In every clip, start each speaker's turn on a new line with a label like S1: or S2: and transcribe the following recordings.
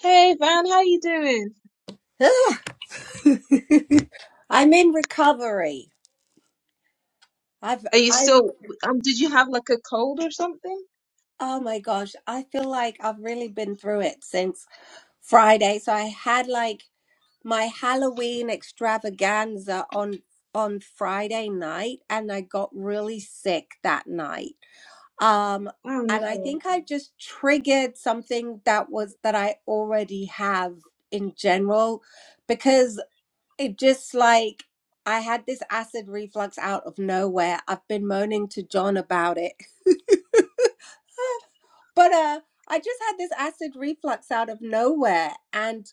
S1: Hey Van, how you doing?
S2: Yeah. I'm in recovery. I've
S1: Are you
S2: I
S1: still, um, did you have like a cold or something?
S2: oh my gosh, I feel like I've really been through it since Friday. So I had like my Halloween extravaganza on on Friday night and I got really sick that night. Um
S1: Oh
S2: and I
S1: no.
S2: think I just triggered something that was that I already have in general because it just like I had this acid reflux out of nowhere. I've been moaning to John about it. but uh I just had this acid reflux out of nowhere and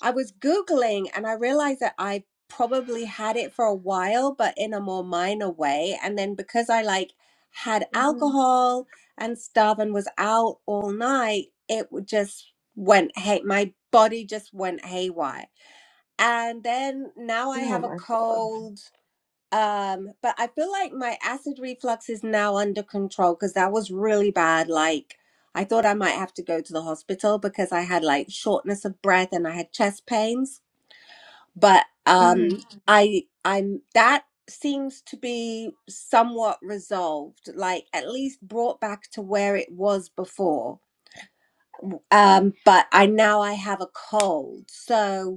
S2: I was googling and I realized that I probably had it for a while but in a more minor way and then because I like had
S1: hmm
S2: alcohol and stuff and was out all night it would just went hey my body just went haywire and then now I
S1: Oh
S2: have a
S1: my God.
S2: cold. Um, but I feel like my acid reflux is now under control because that was really bad. Like I thought I might have to go to the hospital because I had like shortness of breath and I had chest pains. But um,
S1: hmm
S2: I I'm that seems to be somewhat resolved, like at least brought back to where it was before. Um, but I now I have a cold, so.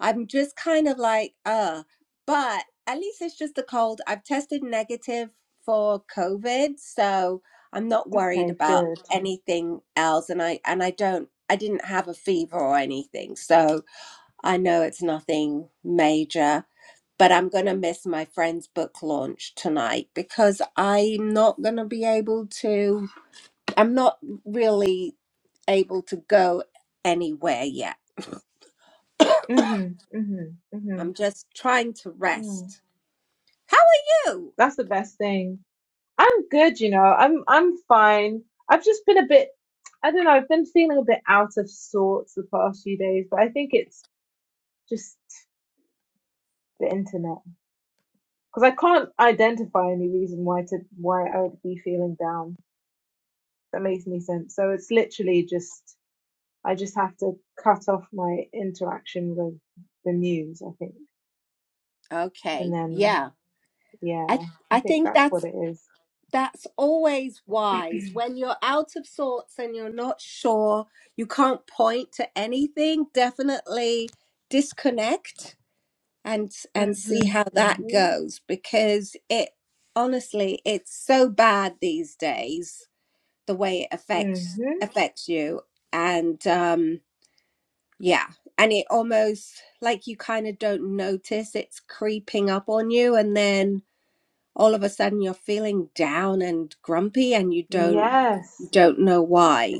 S2: I'm just kind of like, uh, but at least it's just a cold. I've tested negative for COVID, so I'm not worried
S1: Okay,
S2: about
S1: good.
S2: Mhm. anything else. And I and I don't I didn't have a fever or anything, so I know it's nothing major. But I'm gonna miss my friend's book launch tonight because I'm not gonna be able to. I'm not really able to go anywhere yet.
S1: hmm hmm hmm
S2: I'm just trying to
S1: Yeah.
S2: rest. How are you?
S1: That's the best thing. I'm good, you know. I'm I'm fine. I've just been a bit, I don't know, I've been feeling a bit out of sorts the past few days, but I think it's just the internet. Because I can't identify any reason why to why I would be feeling down. that makes any sense. So it's literally just I just have to cut off my interaction with the news, I think, and
S2: Okay.
S1: then
S2: Yeah. I
S1: yeah, I
S2: I
S1: think
S2: think
S1: that's
S2: that's
S1: what it is.
S2: that's always wise when you're out of sorts and you're not sure, you can't point to anything, definitely disconnect and and see
S1: Mhm,
S2: how that
S1: mhm,
S2: goes because it honestly it's so bad these days the way it affects
S1: mhm.
S2: affects you and um yeah and it almost like you kind of don't notice it's creeping up on you and then all of a sudden you're feeling down and grumpy and you don't you
S1: Yes,
S2: don't know why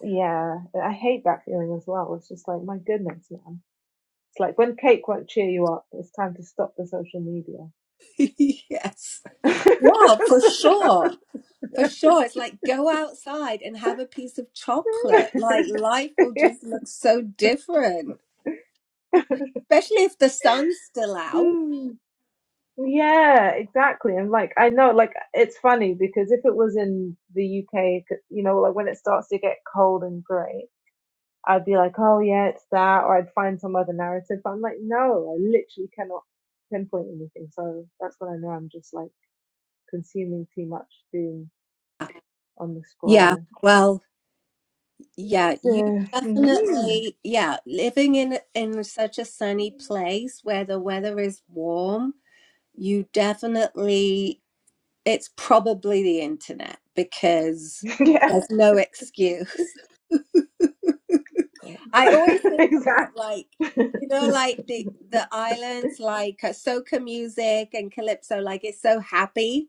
S1: yeah. I hate that feeling as well. It's just like my goodness, man. It's like when cake won't cheer you up, it's time to stop the social media.
S2: yes yeah for
S1: So,
S2: sure for sure it's like go outside and have a piece of chocolate like
S1: no.
S2: life will just look so different especially if the sun's still out
S1: Yeah. Yeah, exactly. And like, I know, like, it's funny because if it was in the UK, you know, like when it starts to get cold and grey, I'd be like, oh yeah, it's that, or I'd find some other narrative. But I'm like, no, I literally cannot pinpoint anything. So that's when I know I'm just like consuming too much doom on the
S2: yeah
S1: scroll.
S2: well yeah you
S1: So, mhm.
S2: definitely yeah living in in such a sunny place where the weather is warm you definitely It's probably the internet because
S1: yeah,
S2: there's no excuse. I always think about
S1: exactly.
S2: like, you know, like the the islands, like uh, soca music and calypso, like it's so happy.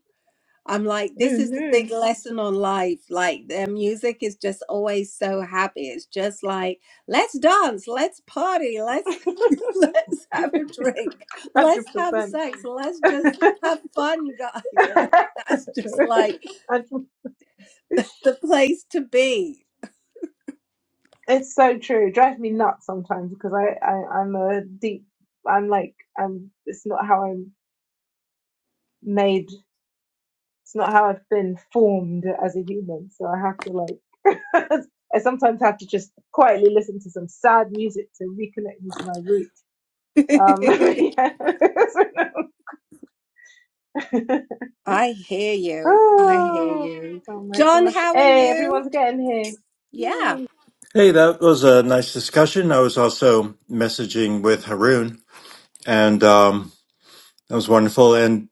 S2: I'm like, this is the
S1: hmm
S2: big lesson on life. Like their music is just always so happy. It's just like, let's dance, let's party, let's let's have a drink, let's have
S1: 100%.
S2: sex, let's just have fun, guys. And that's just like
S1: 100%.
S2: the place to be.
S1: It's so true. It drives me nuts sometimes because I, I I'm a deep. I'm like I'm. It's not how I'm made. It's not how I've been formed as a human. So I have to like. I sometimes have to just quietly listen to some sad music to reconnect me to my roots. Um, yeah.
S2: I hear you. I hear
S1: oh,
S2: you.
S1: oh my
S2: John,
S1: gosh!
S2: how are
S1: Hey,
S2: you?
S1: everyone's getting here.
S2: Yeah.
S1: Yay!
S3: Hey, that was a nice discussion. I was also messaging with Haroon, and um, that was wonderful. And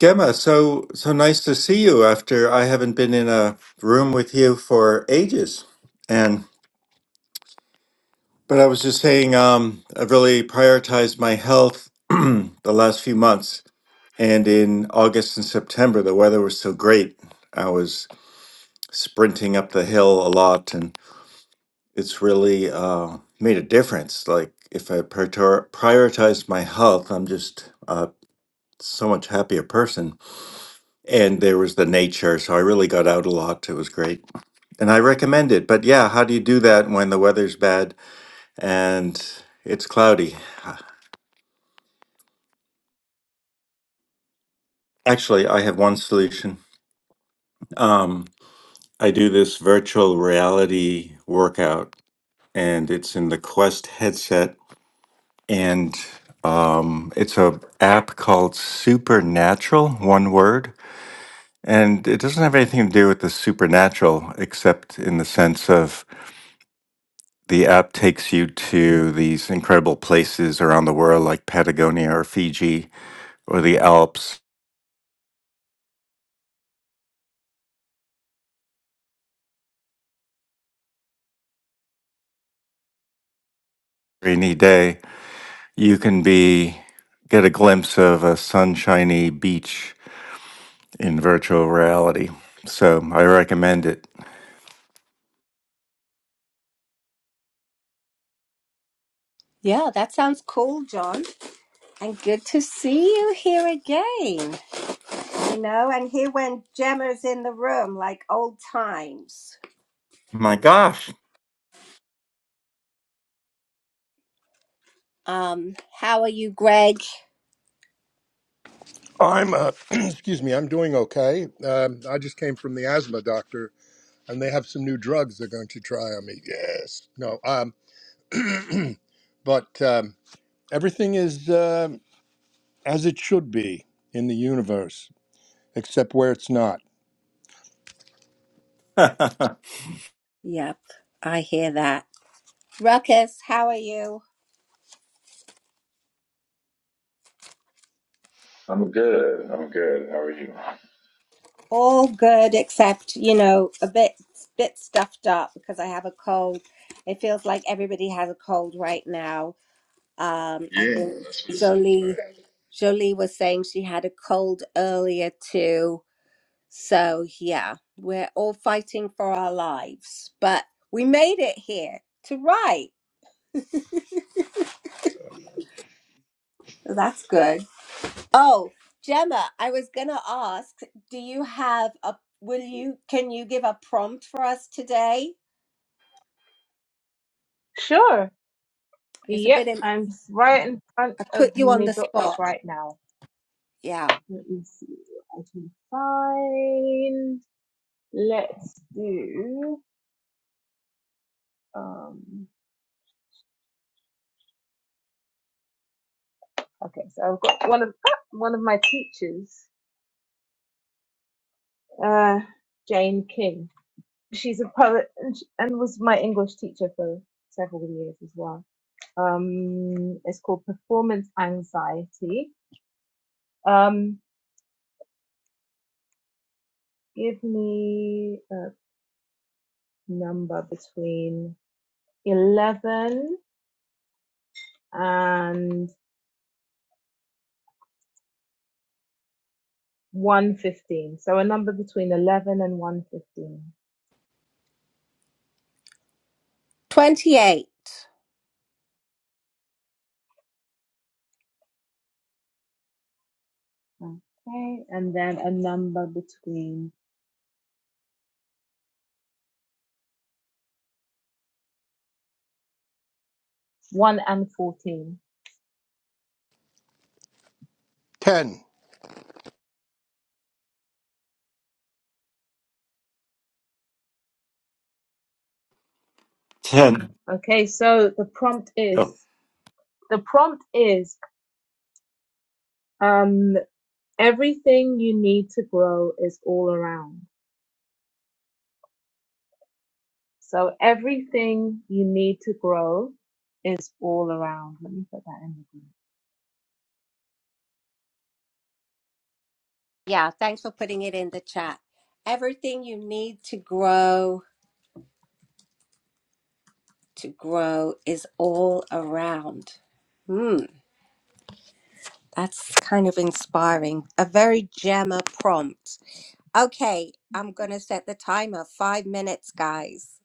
S3: Gemma, so so nice to see you after I haven't been in a room with you for ages. And but I was just saying, um, I've really prioritized my health the last few months. And in August and September, the weather was so great. I was sprinting up the hill a lot and. it's really uh, made a difference. Like if I prior- prioritized my health, I'm just uh, so much happier person. And there was the nature, so I really got out a lot. It was great, and I recommend it. But yeah, how do you do that when the weather's bad and it's cloudy? Actually, I have one solution. Um, I do this virtual reality workout, and it's in the Quest headset and um, it's a app called Supernatural, one word, and it doesn't have anything to do with the supernatural, except in the sense of the app takes you to these incredible places around the world, like Patagonia or Fiji or the Alps. Rainy day, you can be get a glimpse of a sunshiny beach in virtual reality. So I recommend it.
S2: Yeah, that sounds cool, John. And good to see you here again. You know, and here when Gemma's in the room like old times.
S3: My gosh,
S2: Um, how are you, Greg?
S4: I'm, uh, excuse me, I'm doing okay. Um, I just came from the asthma doctor, and they have some new drugs they're going to try on me. Yes, no, um, but um, everything is um as it should be in the universe, except where it's not.
S2: Yep, I hear that. Ruckus, how are you?
S5: I'm good. I'm good. How are you?
S2: All good except, you know, a bit bit stuffed up because I have a cold. It feels like everybody has a cold right now. Um, I
S5: Yeah,
S2: think
S5: that's what it seems
S2: Jolie
S5: like.
S2: Jolie was saying she had a cold earlier too. So yeah, we're all fighting for our lives, but we made it here to write. That's good. Oh, Gemma, I was gonna ask, do you have a will you can you give a prompt for us today?
S1: Sure.
S2: It's a
S1: Yep,
S2: bit
S1: I'm right in front
S2: I
S1: of
S2: put you on
S1: my
S2: the
S1: books
S2: spot.
S1: right now.
S2: Yeah.
S1: Let me see what I can find. Let's do. Um, okay, so I've got one of ah, one of my teachers, uh, Jane King. She's a poet and, sh and was my English teacher for several years as well. Um, it's called Performance Anxiety. Um, give me a number between eleven and 115. So a number between 11 and 115.
S2: 28.
S1: Okay. And then a number between 1 and 14.
S4: Ten.
S3: ten.
S1: Okay. So the prompt
S3: oh,
S1: is, the prompt is, um, everything you need to grow is all around. So everything you need to grow is all around. Let me put that in the group.
S2: Yeah. Thanks for putting it in the chat. Everything you need to grow, to grow is all around. Hmm. That's kind of inspiring. A very Gemma prompt. Okay. I'm going to set the timer. Five minutes, guys.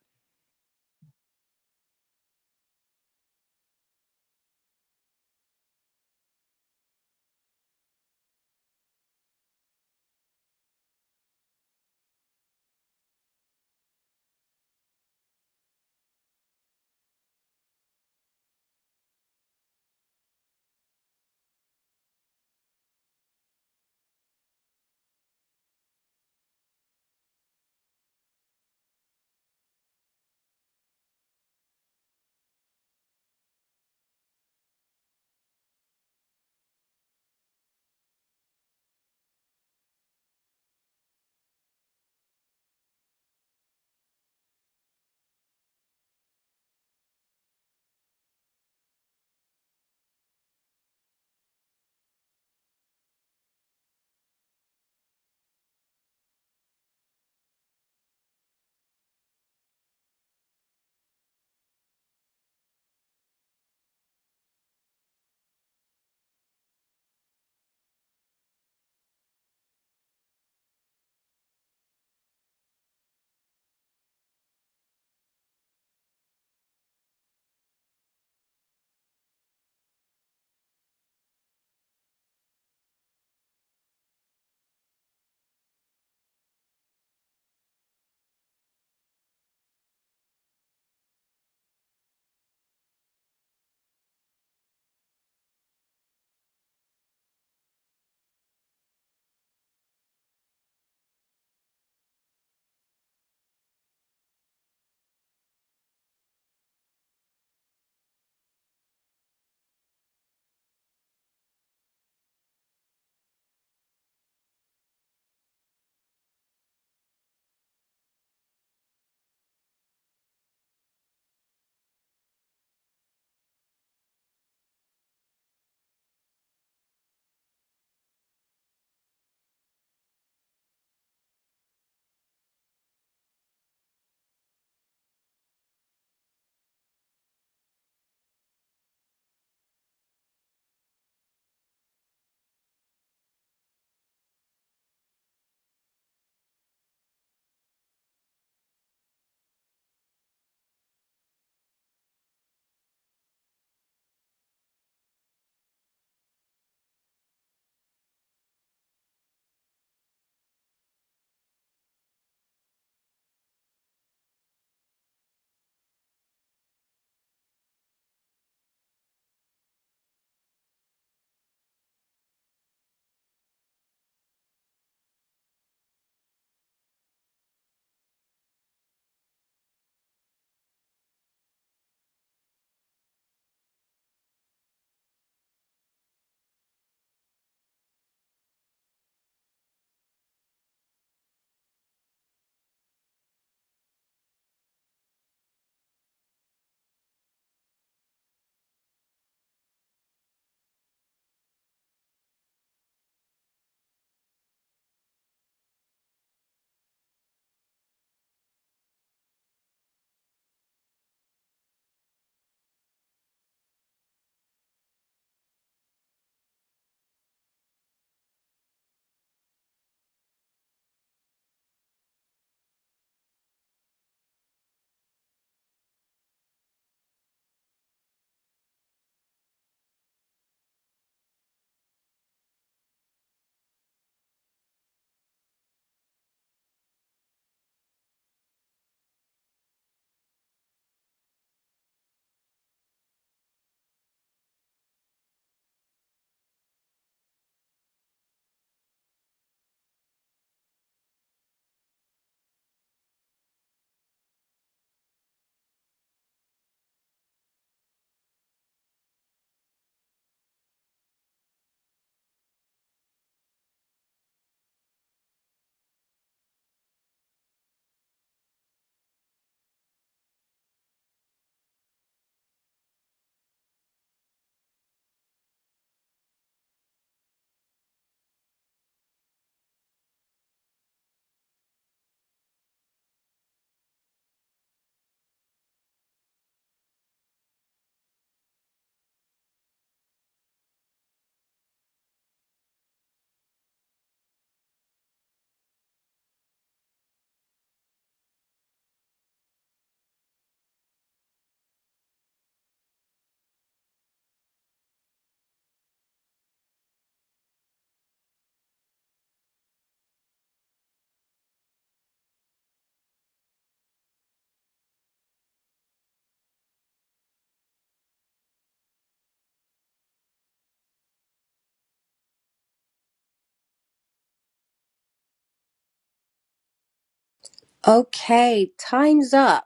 S2: Okay. Time's up.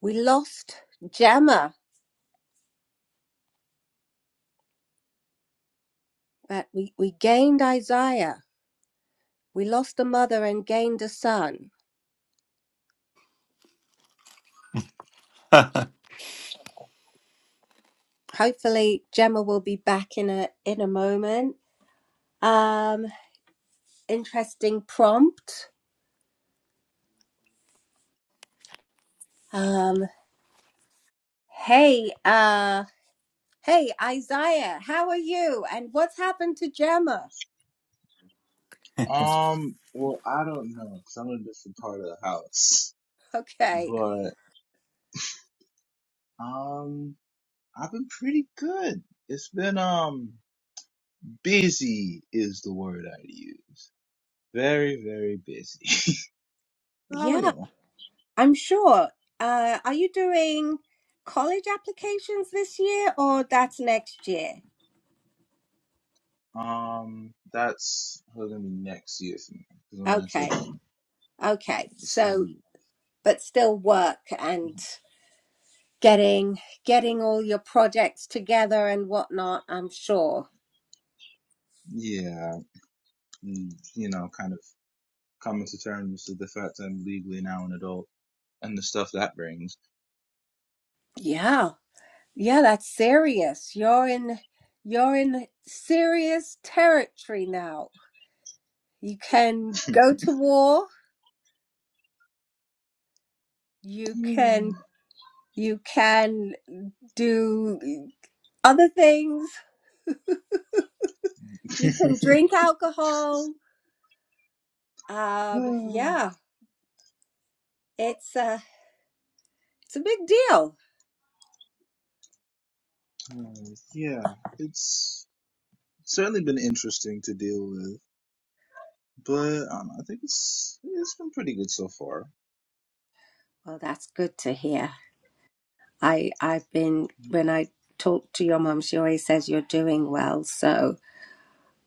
S2: We lost Gemma, but we, we gained Isaiah. We lost a mother and gained a son. hopefully Gemma will be back in a in a moment. Um, interesting prompt. Um, hey, uh, hey Isaiah, how are you? And what's happened to Gemma?
S6: Um, well, I don't know, cause I'm in a different part of the house.
S2: Okay,
S6: But um, I've been pretty good. It's been um, busy is the word I'd use. Very, very busy. How are
S2: yeah,
S6: you?
S2: I'm sure. Uh, are you doing college applications this year or that's next year?
S6: Um, that's gonna be next year for me, cause I'm gonna take.
S2: Okay, okay.
S6: It's gonna
S2: So,
S6: be
S2: but still work and getting getting all your projects together and whatnot. I'm sure.
S6: yeah, mm, you know, kind of coming to terms with the fact that I'm legally now an adult and the stuff that brings.
S2: Yeah. Yeah, that's serious. You're in you're in serious territory now. You can go to war. You can you can do eh, other things. You can drink alcohol. Um, yeah, it's a it's a big deal.
S6: Uh, yeah, it's certainly been interesting to deal with, but um, I think it's it's been pretty good so far.
S2: Well, that's good to hear. I I've been when I talk to your mom, she always says you're doing well, so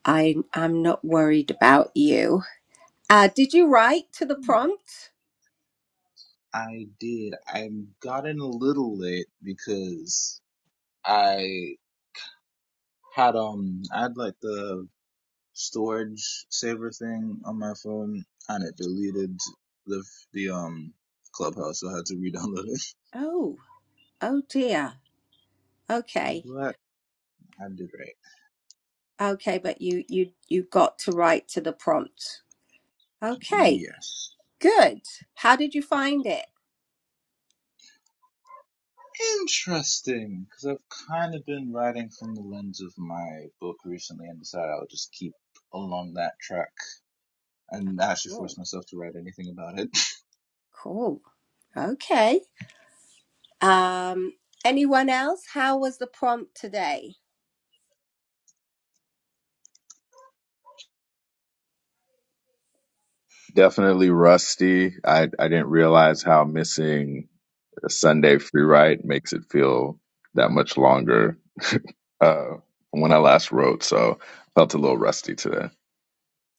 S2: I I'm not worried about you. Uh, did you write to the prompt?
S6: I did. I got in a little late because I had um I had like the storage saver thing on my phone and it deleted the the um clubhouse, so I had to re-download it.
S2: Oh, oh dear. Okay,
S6: But I did right.
S2: okay, but you you you got to write to the prompt. Okay,
S6: Yes.
S2: good. How did you find it?
S6: Interesting, because I've kind of been writing from the lens of my book recently and decided I'll just keep along that track and
S2: Oh,
S6: actually force
S2: cool,
S6: myself to write anything about it.
S2: cool. Okay. Um, anyone else? How was the prompt today?
S5: Definitely rusty. I, I didn't realize how missing a Sunday free ride makes it feel that much longer uh, when I last wrote. So felt a little rusty today.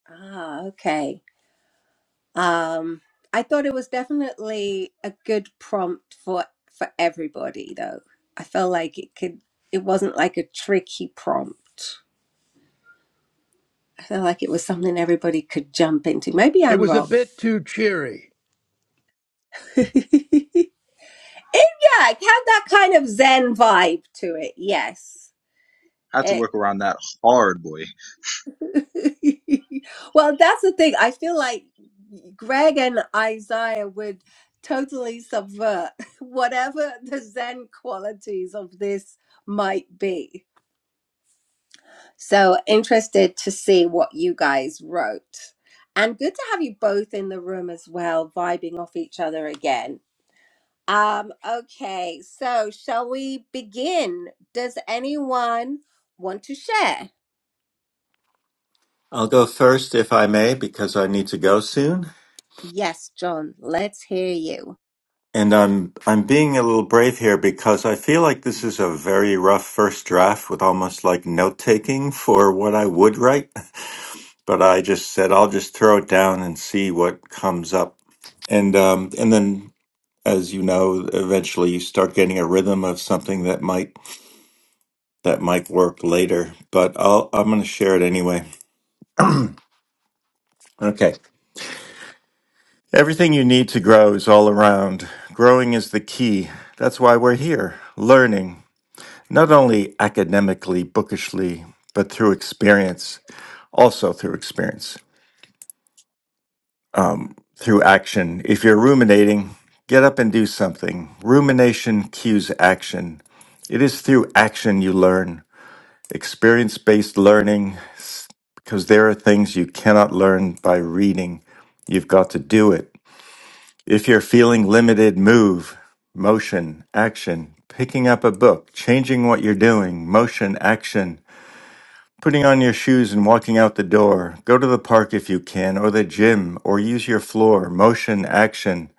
S2: Ah, okay. Um, I thought it was definitely a good prompt for for everybody, though. I felt like it could. It wasn't like a tricky prompt. felt like it was something everybody could jump into. Maybe
S4: It
S2: I'm
S4: was a
S2: wrong.
S4: bit too cheery.
S2: it, yeah, it had that kind of Zen vibe to it. Yes.
S6: I Had to
S2: It-
S6: work around that hard, boy.
S2: well, that's the thing. I feel like Greg and Isaiah would totally subvert whatever the Zen qualities of this might be. So interested to see what you guys wrote. And good to have you both in the room as well, vibing off each other again. Um, okay, so shall we begin? Does anyone want to share?
S3: I'll go first if I may because I need to go soon.
S2: Yes, John, let's hear you.
S3: And I'm I'm being a little brave here because I feel like this is a very rough first draft with almost like note taking for what I would write. But I just said I'll just throw it down and see what comes up. And um and then as you know, eventually you start getting a rhythm of something that might that might work later. But I'll I'm gonna share it anyway. Okay. Everything you need to grow is all around. Growing is the key. That's why we're here, learning, not only academically, bookishly, but through experience, also through experience, through action. If you're ruminating, get up and do something. Rumination cues action. It is through action you learn, experience based learning, s- because there are things you cannot learn by reading. You've got to do it. If you're feeling limited, move, motion, action, picking up a book, changing what you're doing, motion, action, putting on your shoes and walking out the door. Go to the park if you can, or the gym, or use your floor, motion, action.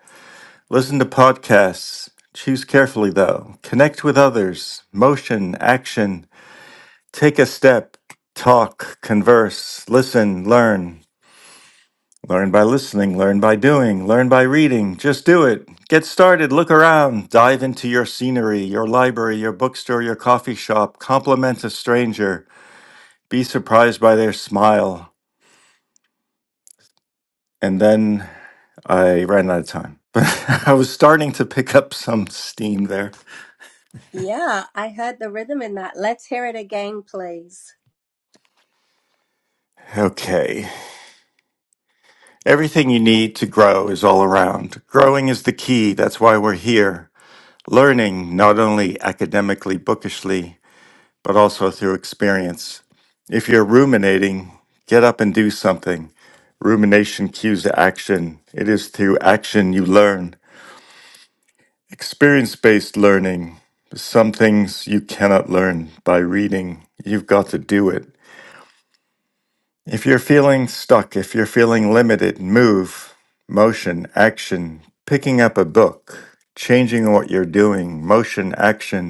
S3: Listen to podcasts. Choose carefully, though. Connect with others, motion, action. Take a step, talk, converse, listen, learn. Learn by listening, learn by doing, learn by reading. Just do it. Get started, look around, dive into your scenery, your library, your bookstore, your coffee shop, compliment a stranger, be surprised by their smile. And then I ran out of time. But I was starting to pick up some steam there.
S2: Yeah, I heard the rhythm in that. Let's hear it again, please.
S3: Okay. Everything you need to grow is all around. Growing is the key. That's why we're here. Learning, not only academically, bookishly, but also through experience. If you're ruminating, get up and do something. Rumination cues to action. It is through action you learn. Experience based learning. Some things you cannot learn by reading. You've got to do it. If you're feeling stuck, if you're feeling limited, move, motion, action, picking up a book, changing what you're doing, motion, action,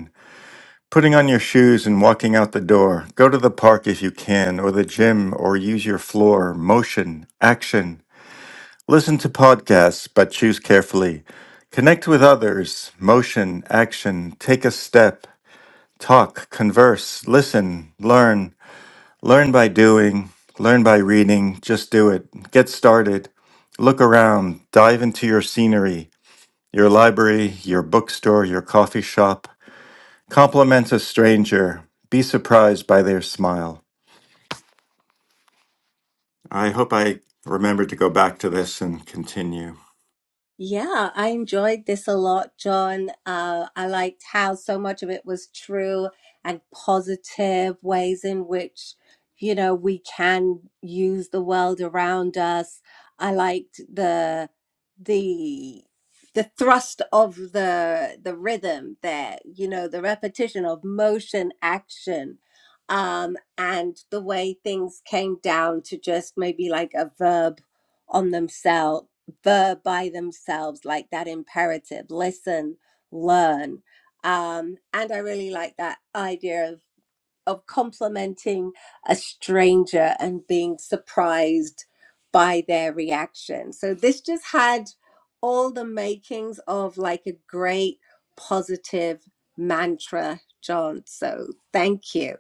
S3: Putting on your shoes and walking out the door. Go to the park if you can, or the gym, or use your floor. Motion, action. Listen to podcasts, but choose carefully. Connect with others. Motion, action. Take a step. Talk, converse, listen, learn. Learn by doing, learn by reading. Just do it. Get started. Look around. Dive into your scenery, your library, your bookstore, your coffee shop. Compliment a stranger. Be surprised by their smile. I hope I remember to go back to this and continue.
S2: Yeah, I enjoyed this a lot, John. Uh, I liked how so much of it was true and positive ways in which, you know, we can use the world around us. I liked the the the thrust of the the rhythm there, you know, the repetition of motion, action, um, and the way things came down to just maybe like a verb on themselves verb by themselves, like that imperative listen, learn. Um, and I really like that idea of, of complimenting a stranger and being surprised by their reaction. So this just had all the makings of like a great positive mantra, John. So thank you.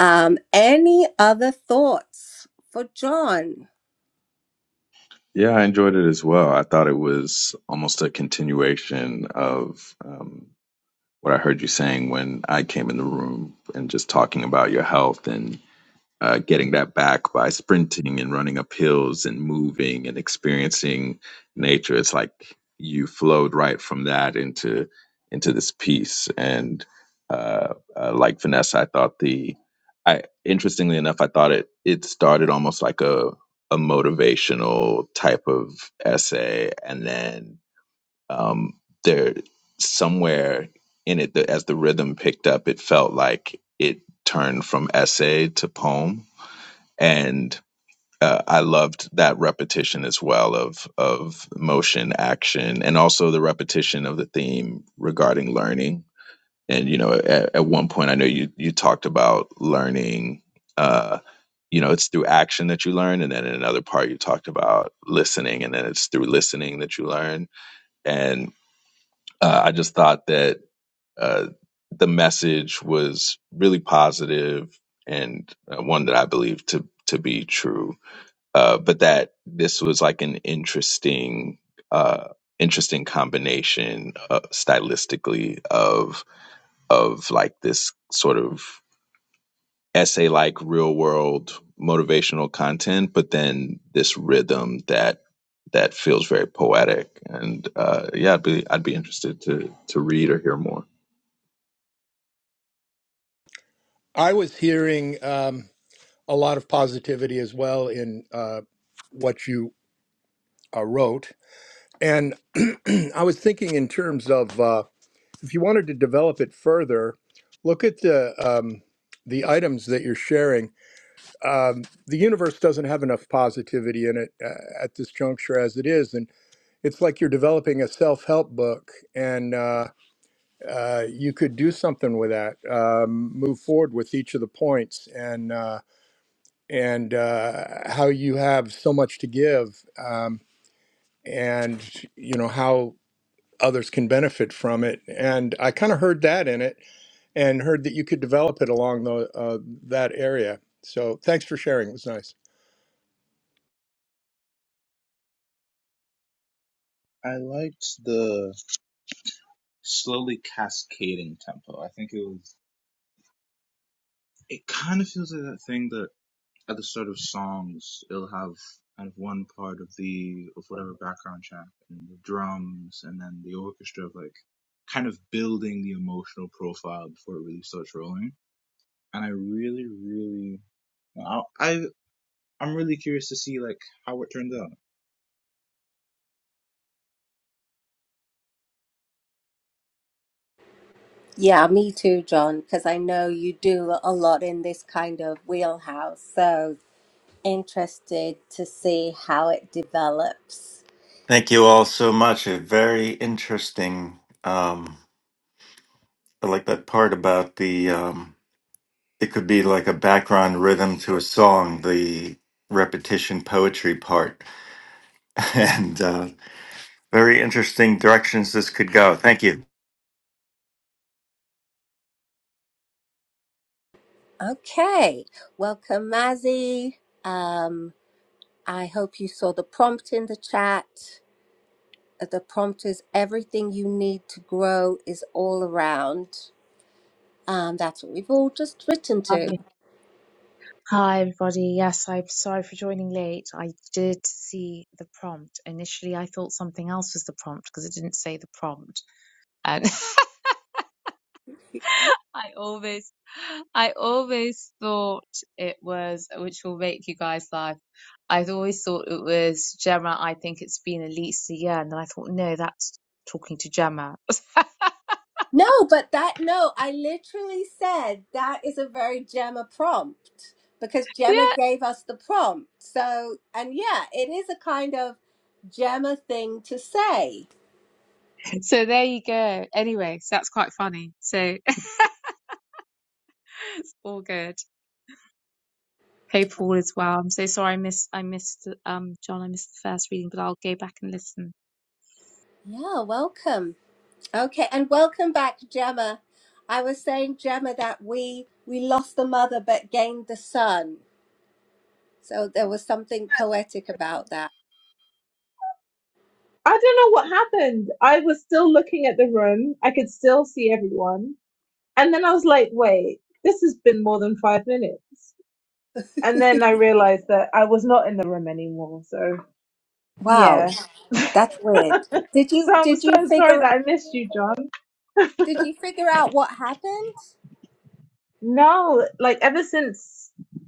S2: Um, any other thoughts for John?
S5: Yeah, I enjoyed it as well. I thought it was almost a continuation of um, what I heard you saying when I came in the room and just talking about your health and. uh, getting that back by sprinting and running up hills and moving and experiencing nature. It's like you flowed right from that into into this piece. And uh, uh, like Vanessa, I thought the I interestingly enough, I thought it it started almost like a a motivational type of essay, and then um, there somewhere in it, the, as the rhythm picked up, it felt like it turned from essay to poem and uh, I loved that repetition as well of of motion, action, and also the repetition of the theme regarding learning. And you know, at, at one point, I know you you talked about learning. Uh, you know, it's through action that you learn, and then in another part, you talked about listening, and then it's through listening that you learn. And uh, I just thought that uh, the message was really positive and uh, one that I believe to to be true uh, but that this was like an interesting uh, interesting combination uh, stylistically of of like this sort of essay like real world motivational content, but then this rhythm that that feels very poetic. And uh, yeah, I'd be I'd be interested to to read or hear more.
S4: I was hearing um, a lot of positivity as well in uh, what you uh, wrote, and I was thinking in terms of. uh, if you wanted to develop it further, look at the um, the items that you're sharing. Um, the universe doesn't have enough positivity in it uh, at this juncture as it is, and it's like you're developing a self-help book, and uh, uh, you could do something with that. Um, move forward with each of the points, and uh, and uh, how you have so much to give, um, and you know how others can benefit from it. And I kind of heard that in it and heard that you could develop it along the, uh, that area. So thanks for sharing. It was nice.
S6: I liked the slowly cascading tempo. I think it was, it kind of feels like that thing that at the start of songs, it'll have kind of one part of the of whatever background track and the drums, and then the orchestra of like kind of building the emotional profile before it really starts rolling. And I really, really, I, I I'm really curious to see like how it turns out.
S2: Yeah, me too, John, because I know you do a lot in this kind of wheelhouse. So interested to see how it develops.
S3: Thank you all so much. A very interesting. Um, I like that part about the. Um, it could be like a background rhythm to a song. The repetition poetry part, and uh, very interesting directions this could go. Thank you.
S2: Okay, welcome, Mazzy. Um, I hope you saw the prompt in the chat. Uh, The prompt is everything you need to grow is all around. Um, that's what we've all just written
S7: Hi,
S2: to.
S7: hi everybody. Yes, I'm sorry for joining late. I did see the prompt. Initially, I thought something else was the prompt because it didn't say the prompt. And I always, I always thought it was, which will make you guys laugh. I have always thought it was Gemma. I think it's been at least a year. And then I thought, no, that's talking to Gemma.
S2: No, but that no, I literally said that is a very Gemma prompt because Gemma
S7: Yeah.
S2: gave us the prompt. So, and yeah, it is a kind of Gemma thing to say.
S7: So there you go. Anyway, so that's quite funny. So it's all good. Hopeful as well. I'm so sorry I missed I missed um John, I missed the first reading, but I'll go back and listen.
S2: Yeah, welcome. Okay, and welcome back, Gemma. I was saying, Gemma, that we we lost the mother but gained the son. So there was something poetic about that.
S1: I don't know what happened. I was still looking at the room. I could still see everyone. And then I was like, wait, this has been more than five minutes. And then I realized that I was not in the room anymore. So,
S2: Wow,
S1: yeah.
S2: that's weird. Did you
S1: So I'm
S2: did you
S1: so sorry
S2: figure
S1: that I missed you, John.
S2: did you figure out what happened?
S1: No, like ever since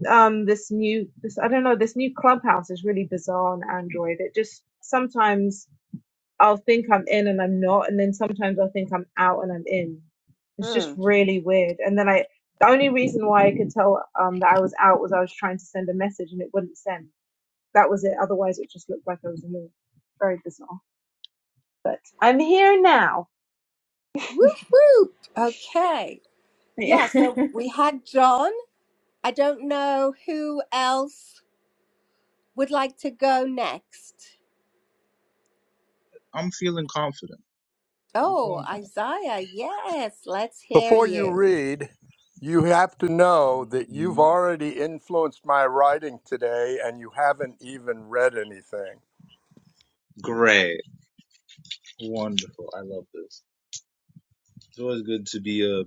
S1: um this new this I don't know, this new clubhouse is really bizarre on Android. It just sometimes I'll think I'm in and I'm not, and then sometimes I'll think I'm out and I'm in. It's just
S2: Hmm.
S1: really weird. And then I the only reason why I could tell um that I was out was I was trying to send a message and it wouldn't send. that was it. Otherwise, it just looked like I was in a very bizarre. But I'm here now.
S2: Whoop whoop. Okay. Yeah,
S1: Yeah.
S2: so we had John. I don't know who else would like to go next.
S6: I'm feeling confident. I'm
S2: Oh,
S6: feeling confident.
S2: Isaiah, yes, let's hear
S4: Before you
S2: you.
S4: read, you have to know that you've
S6: Mm,
S4: already influenced my writing today and you haven't even read anything.
S6: Great, wonderful. I love this. It's always good to be a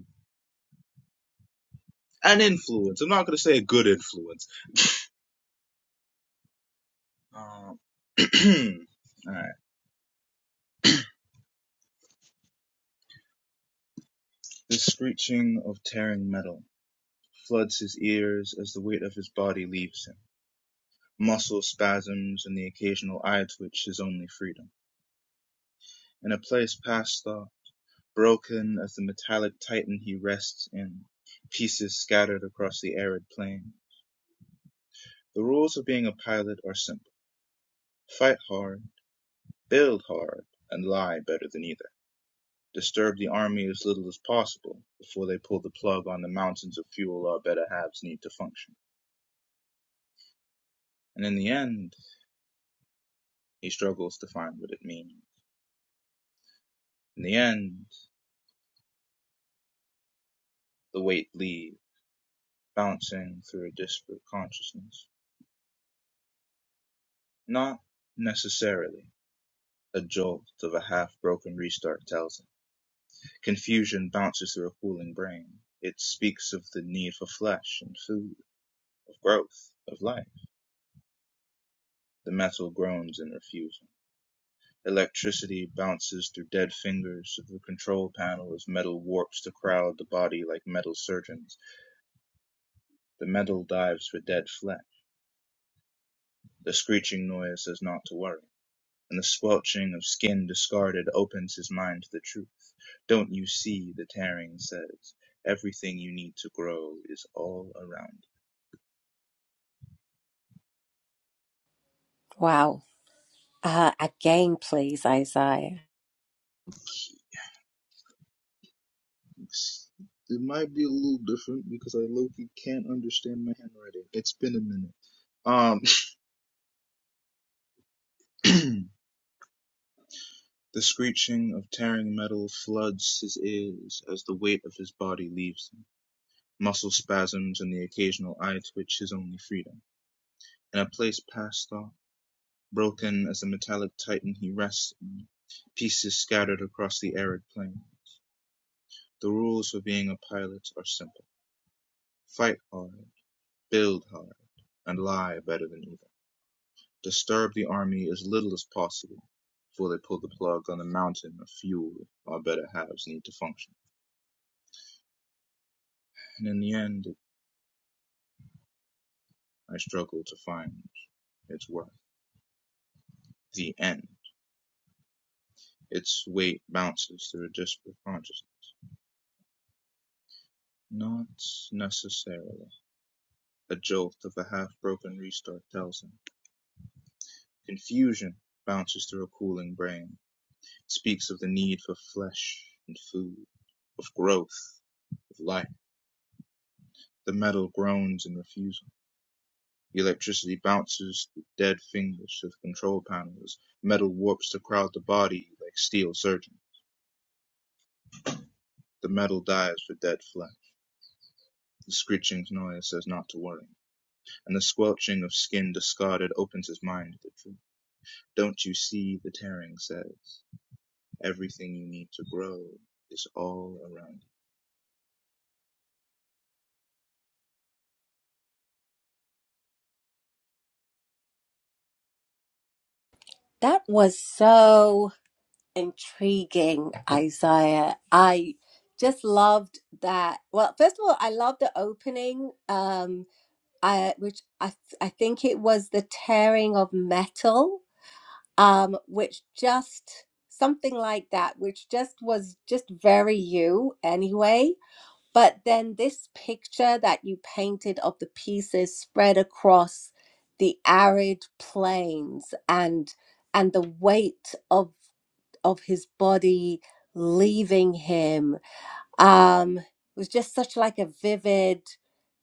S6: an influence. I'm not gonna say a good influence. Um, All right. The screeching of tearing metal floods his ears as the weight of his body leaves him. Muscle spasms and the occasional eye twitch his only freedom. In a place past thought, broken as the metallic titan he rests in, pieces scattered across the arid plain. The rules of being a pilot are simple. Fight hard, build hard, and lie better than either. Disturb the army as little as possible before they pull the plug on the mountains of fuel our better halves need to function. And in the end, He struggles to find what it means. In the end, the weight leaves, bouncing through a disparate consciousness. Not necessarily, a jolt of a half-broken restart tells him. Confusion bounces through a cooling brain. It speaks of the need for flesh and food, of growth, of life. The metal groans in refusal. Electricity bounces through dead fingers of the control panel as metal warps to crowd the body like metal surgeons. The metal dives for dead flesh. The screeching noise says not to worry, and the squelching of skin discarded opens his mind to the truth. Don't you see, the tearing says, everything you need to grow is all around you.
S2: Wow. Uh, again, please, Isaiah.
S6: It's- It might be a little different because I low-key can't understand my handwriting. It's been a minute. Um, The screeching of tearing metal floods his ears as the weight of his body leaves him. Muscle spasms and the occasional eye twitch his only freedom. In a place past thought. Broken as a metallic titan he rests in, pieces scattered across the arid plain. The rules for being a pilot are simple. Fight hard, build hard, and lie better than either. Disturb the army as little as possible before they pull the plug on the mountain of fuel our better halves need to function. And in the end, I struggle to find its worth. The end. Its weight bounces through a disparate consciousness. Not necessarily. A jolt of a half-broken restart tells him. Confusion bounces through a cooling brain. It speaks of the need for flesh and food, of growth, of life. The metal groans in refusal. The electricity bounces through dead fingers to the control panels. Metal warps to crowd the body like steel surgeon. The metal dives for dead flesh. The screeching noise says not to worry, and the squelching of skin discarded opens his mind to the truth. Don't you see, the tearing says. Everything you need to grow is all around you.
S2: That was so intriguing, Isaiah. I just loved that. Well, first of all, I loved the opening, um, I, which I, I think it was the tearing of metal um, which just something like that, which just was just very you anyway. But then this picture that you painted of the pieces spread across the arid plains and and the weight of of his body leaving him um was just such like a vivid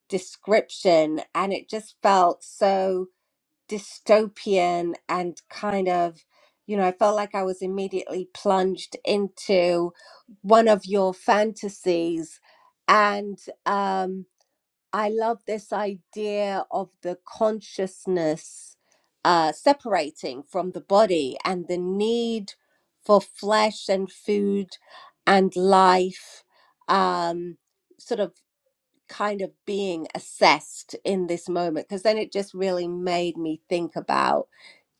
S2: description and it just felt so dystopian and kind of you know i felt like i was immediately plunged into one of your fantasies and um i love this idea of the consciousness uh separating from the body and the need for flesh and food and life um sort of kind of being assessed in this moment because then it just really made me think about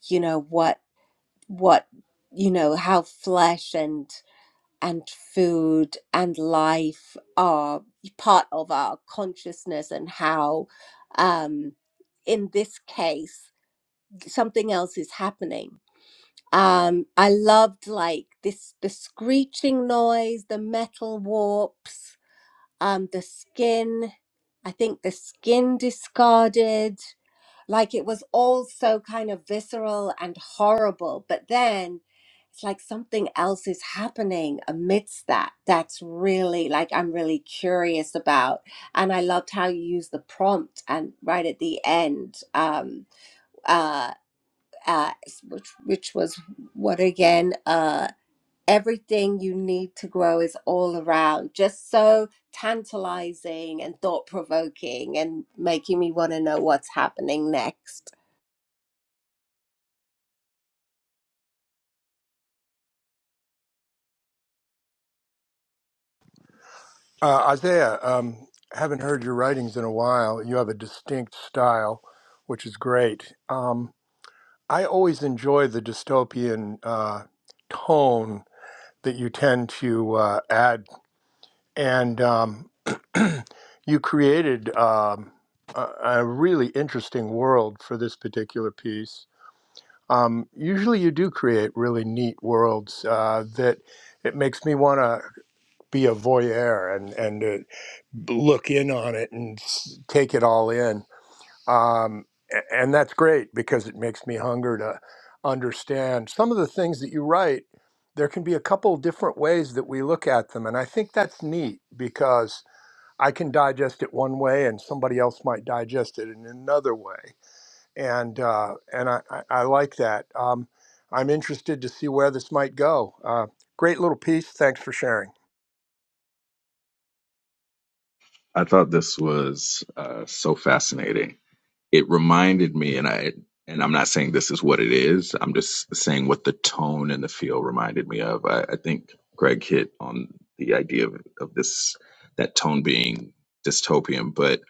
S2: you know what what you know how flesh and and food and life are part of our consciousness and how um in this case something else is happening um i loved like this the screeching noise the metal warps um, the skin, I think the skin discarded, like it was all so kind of visceral and horrible. But then it's like something else is happening amidst that. That's really like I'm really curious about. And I loved how you used the prompt and right at the end, um, uh, uh, which, which was what again? Uh everything you need to grow is all around just so tantalizing and thought provoking and making me want to know what's happening next
S4: Uh, Isaiah, um, haven't heard your writings in a while. You have a distinct style, which is great. Um, I always enjoy the dystopian uh, tone that you tend to uh, add and um, you created um, a, a really interesting world for this particular piece. Um, usually, you do create really neat worlds uh, that it makes me want to be a voyeur and and uh, look in on it and s- take it all in. Um, a- and that's great because it makes me hunger to understand some of the things that you write. There can be a couple different ways that we look at them, and I think that's neat because I can digest it one way, and somebody else might digest it in another way, and uh, and I, I, I like that. Um, I'm interested to see where this might go. Uh, great little piece. Thanks for sharing.
S5: I thought this was uh, so fascinating it reminded me and i and i'm not saying this is what it is i'm just saying what the tone and the feel reminded me of i, I think greg hit on the idea of, of this that tone being dystopian but it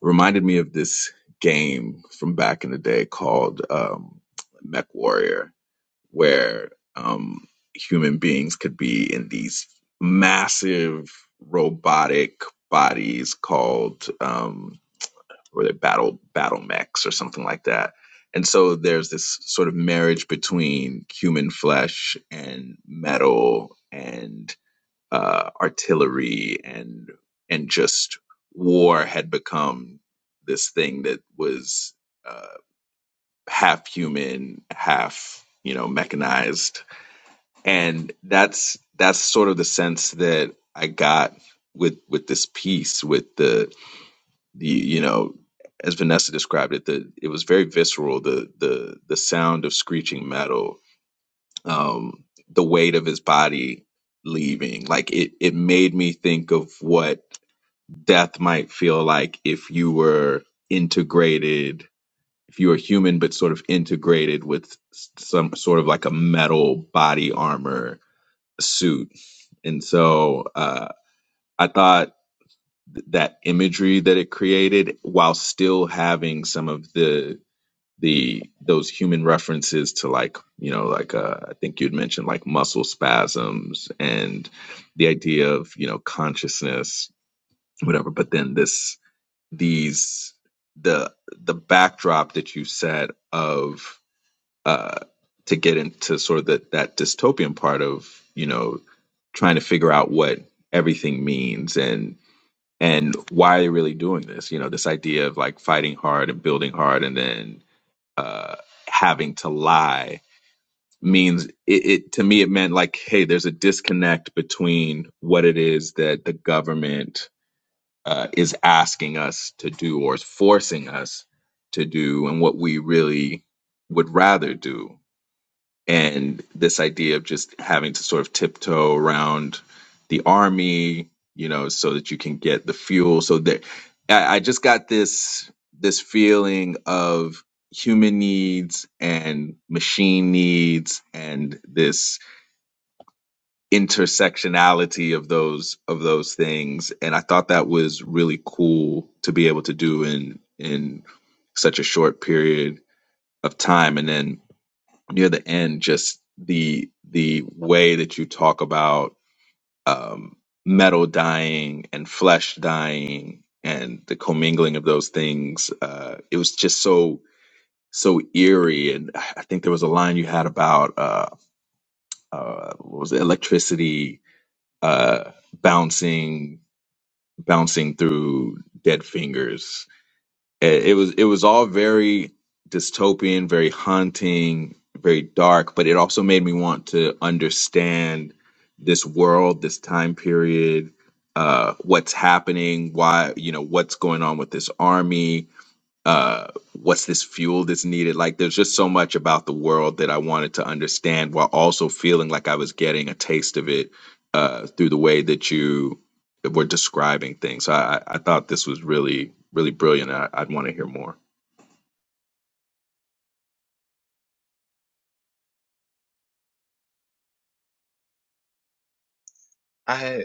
S5: reminded me of this game from back in the day called um, mech warrior where um, human beings could be in these massive robotic bodies called um, or they're battle battle mechs or something like that. And so there's this sort of marriage between human flesh and metal and uh, artillery and and just war had become this thing that was uh, half human, half you know mechanized, and that's that's sort of the sense that I got with with this piece with the you, you know as Vanessa described it the it was very visceral the the the sound of screeching metal um the weight of his body leaving like it it made me think of what death might feel like if you were integrated if you were human but sort of integrated with s- some sort of like a metal body armor suit and so uh I thought th- that imagery that it created while still having some of the the those human references to like you know like uh, i think you'd mentioned like muscle spasms and the idea of you know consciousness whatever but then this these the the backdrop that you set of uh to get into sort of that that dystopian part of you know trying to figure out what everything means and and why are they really doing this? You know, this idea of like fighting hard and building hard and then uh, having to lie means it, it to me it meant like hey there's a disconnect between what it is that the government uh, is asking us to do or is forcing us to do and what we really would rather do and this idea of just having to sort of tiptoe around the army, you know, so that you can get the fuel. So there, I, I just got this this feeling of human needs and machine needs and this intersectionality of those of those things and i thought that was really cool to be able to do in in such a short period of time and then near the end just the the way that you talk about um, metal dying and flesh dying and the commingling of those things uh, it was just so so eerie and i think there was a line you had about uh, uh, what was it electricity uh, bouncing bouncing through dead fingers it it was it was all very dystopian, very haunting, very dark, but it also made me want to understand this world, this time period, uh, what's happening, why you know what's going on with this army, uh what's this fuel that's needed like there's just so much about the world that i wanted to understand while also feeling like i was getting a taste of it uh through the way that you were describing things so i i thought this was really really brilliant I, i'd want to hear more
S6: I had,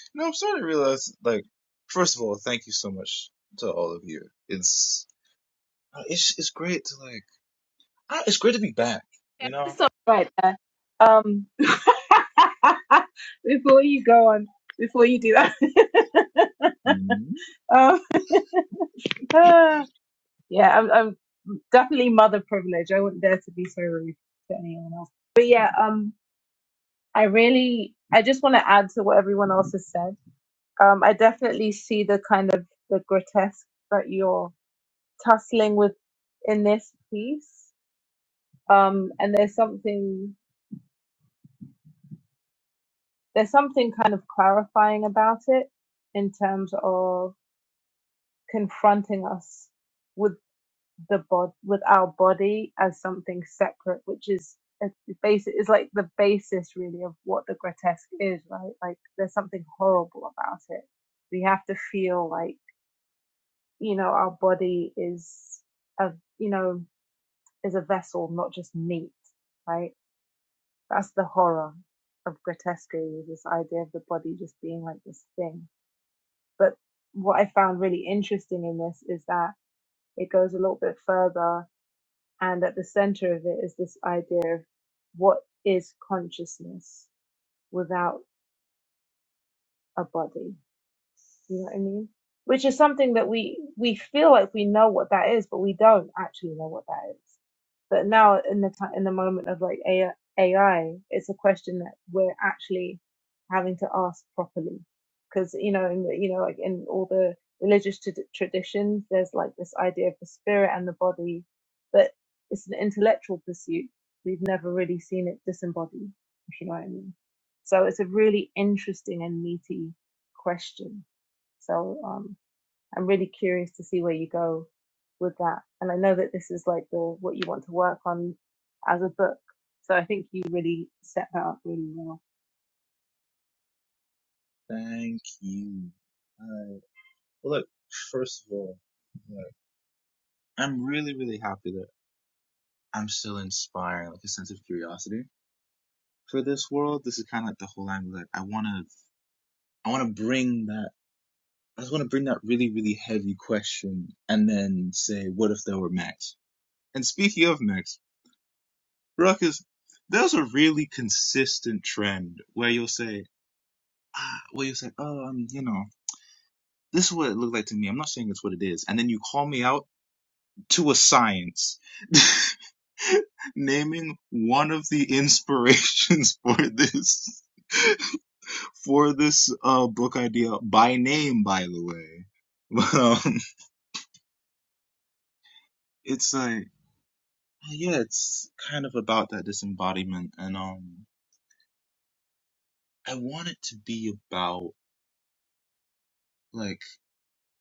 S6: no, I'm starting to realize, like, first of all, thank you so much to all of you. It's, uh, it's, it's great to, like, ah, it's great to be back, you know?
S1: So right there. Um, before you go on, before you do that,
S6: Mhm.
S1: um, ah, yeah, I'm, I'm definitely mother privileged. I wouldn't dare to be so rude to anyone else. But yeah, um, I really, I just want to add to what everyone else has said. Um, I definitely see the kind of the grotesque that you're tussling with in this piece. Um, and there's something there's something kind of clarifying about it in terms of confronting us with the bod with our body as something separate, which is a basic is like the basis really of what the grotesque is, right? Like there's something horrible about it. We have to feel like, you know, our body is a you know, is a vessel, not just meat, right? That's the horror of grotesco this idea of the body just being like this thing. But what I found really interesting in this is that it goes a little bit further, and at the center of it is this idea of what is consciousness without a body You know what I mean? Which is something that we we feel like we know what that is, but we don't actually know what that is. But now in the time in the moment of like AI, it's a question that we're actually having to ask properly, because you know, in the, you know, like in all the religious t- traditions, there's like this idea of the spirit and the body, but it's an intellectual pursuit. We've never really seen it disembodied, if you know what I mean. So it's a really interesting and meaty question so um, I'm really curious to see where you go with that. And I know that this is like the what you want to work on as a book. So I think you really set that up really well.
S6: Thank you. Uh, well, look, first of all, like, I'm really, really happy that I'm still inspiring, like, a sense of curiosity for this world. This is kind of like the whole angle. Like, I want to, I want to bring that I just want to bring that really, really heavy question and then say, what if there were Max? And speaking of Max, Ruckus, there's a really consistent trend where you'll say, ah, where you'll say, oh, um, you know, this is what it looked like to me. I'm not saying it's what it is. And then you call me out to a science, naming one of the inspirations for this, for this, uh, book idea by name, by the way. But, um, it's like, Uh, yeah, it's kind of about that disembodiment, and um, I want it to be about like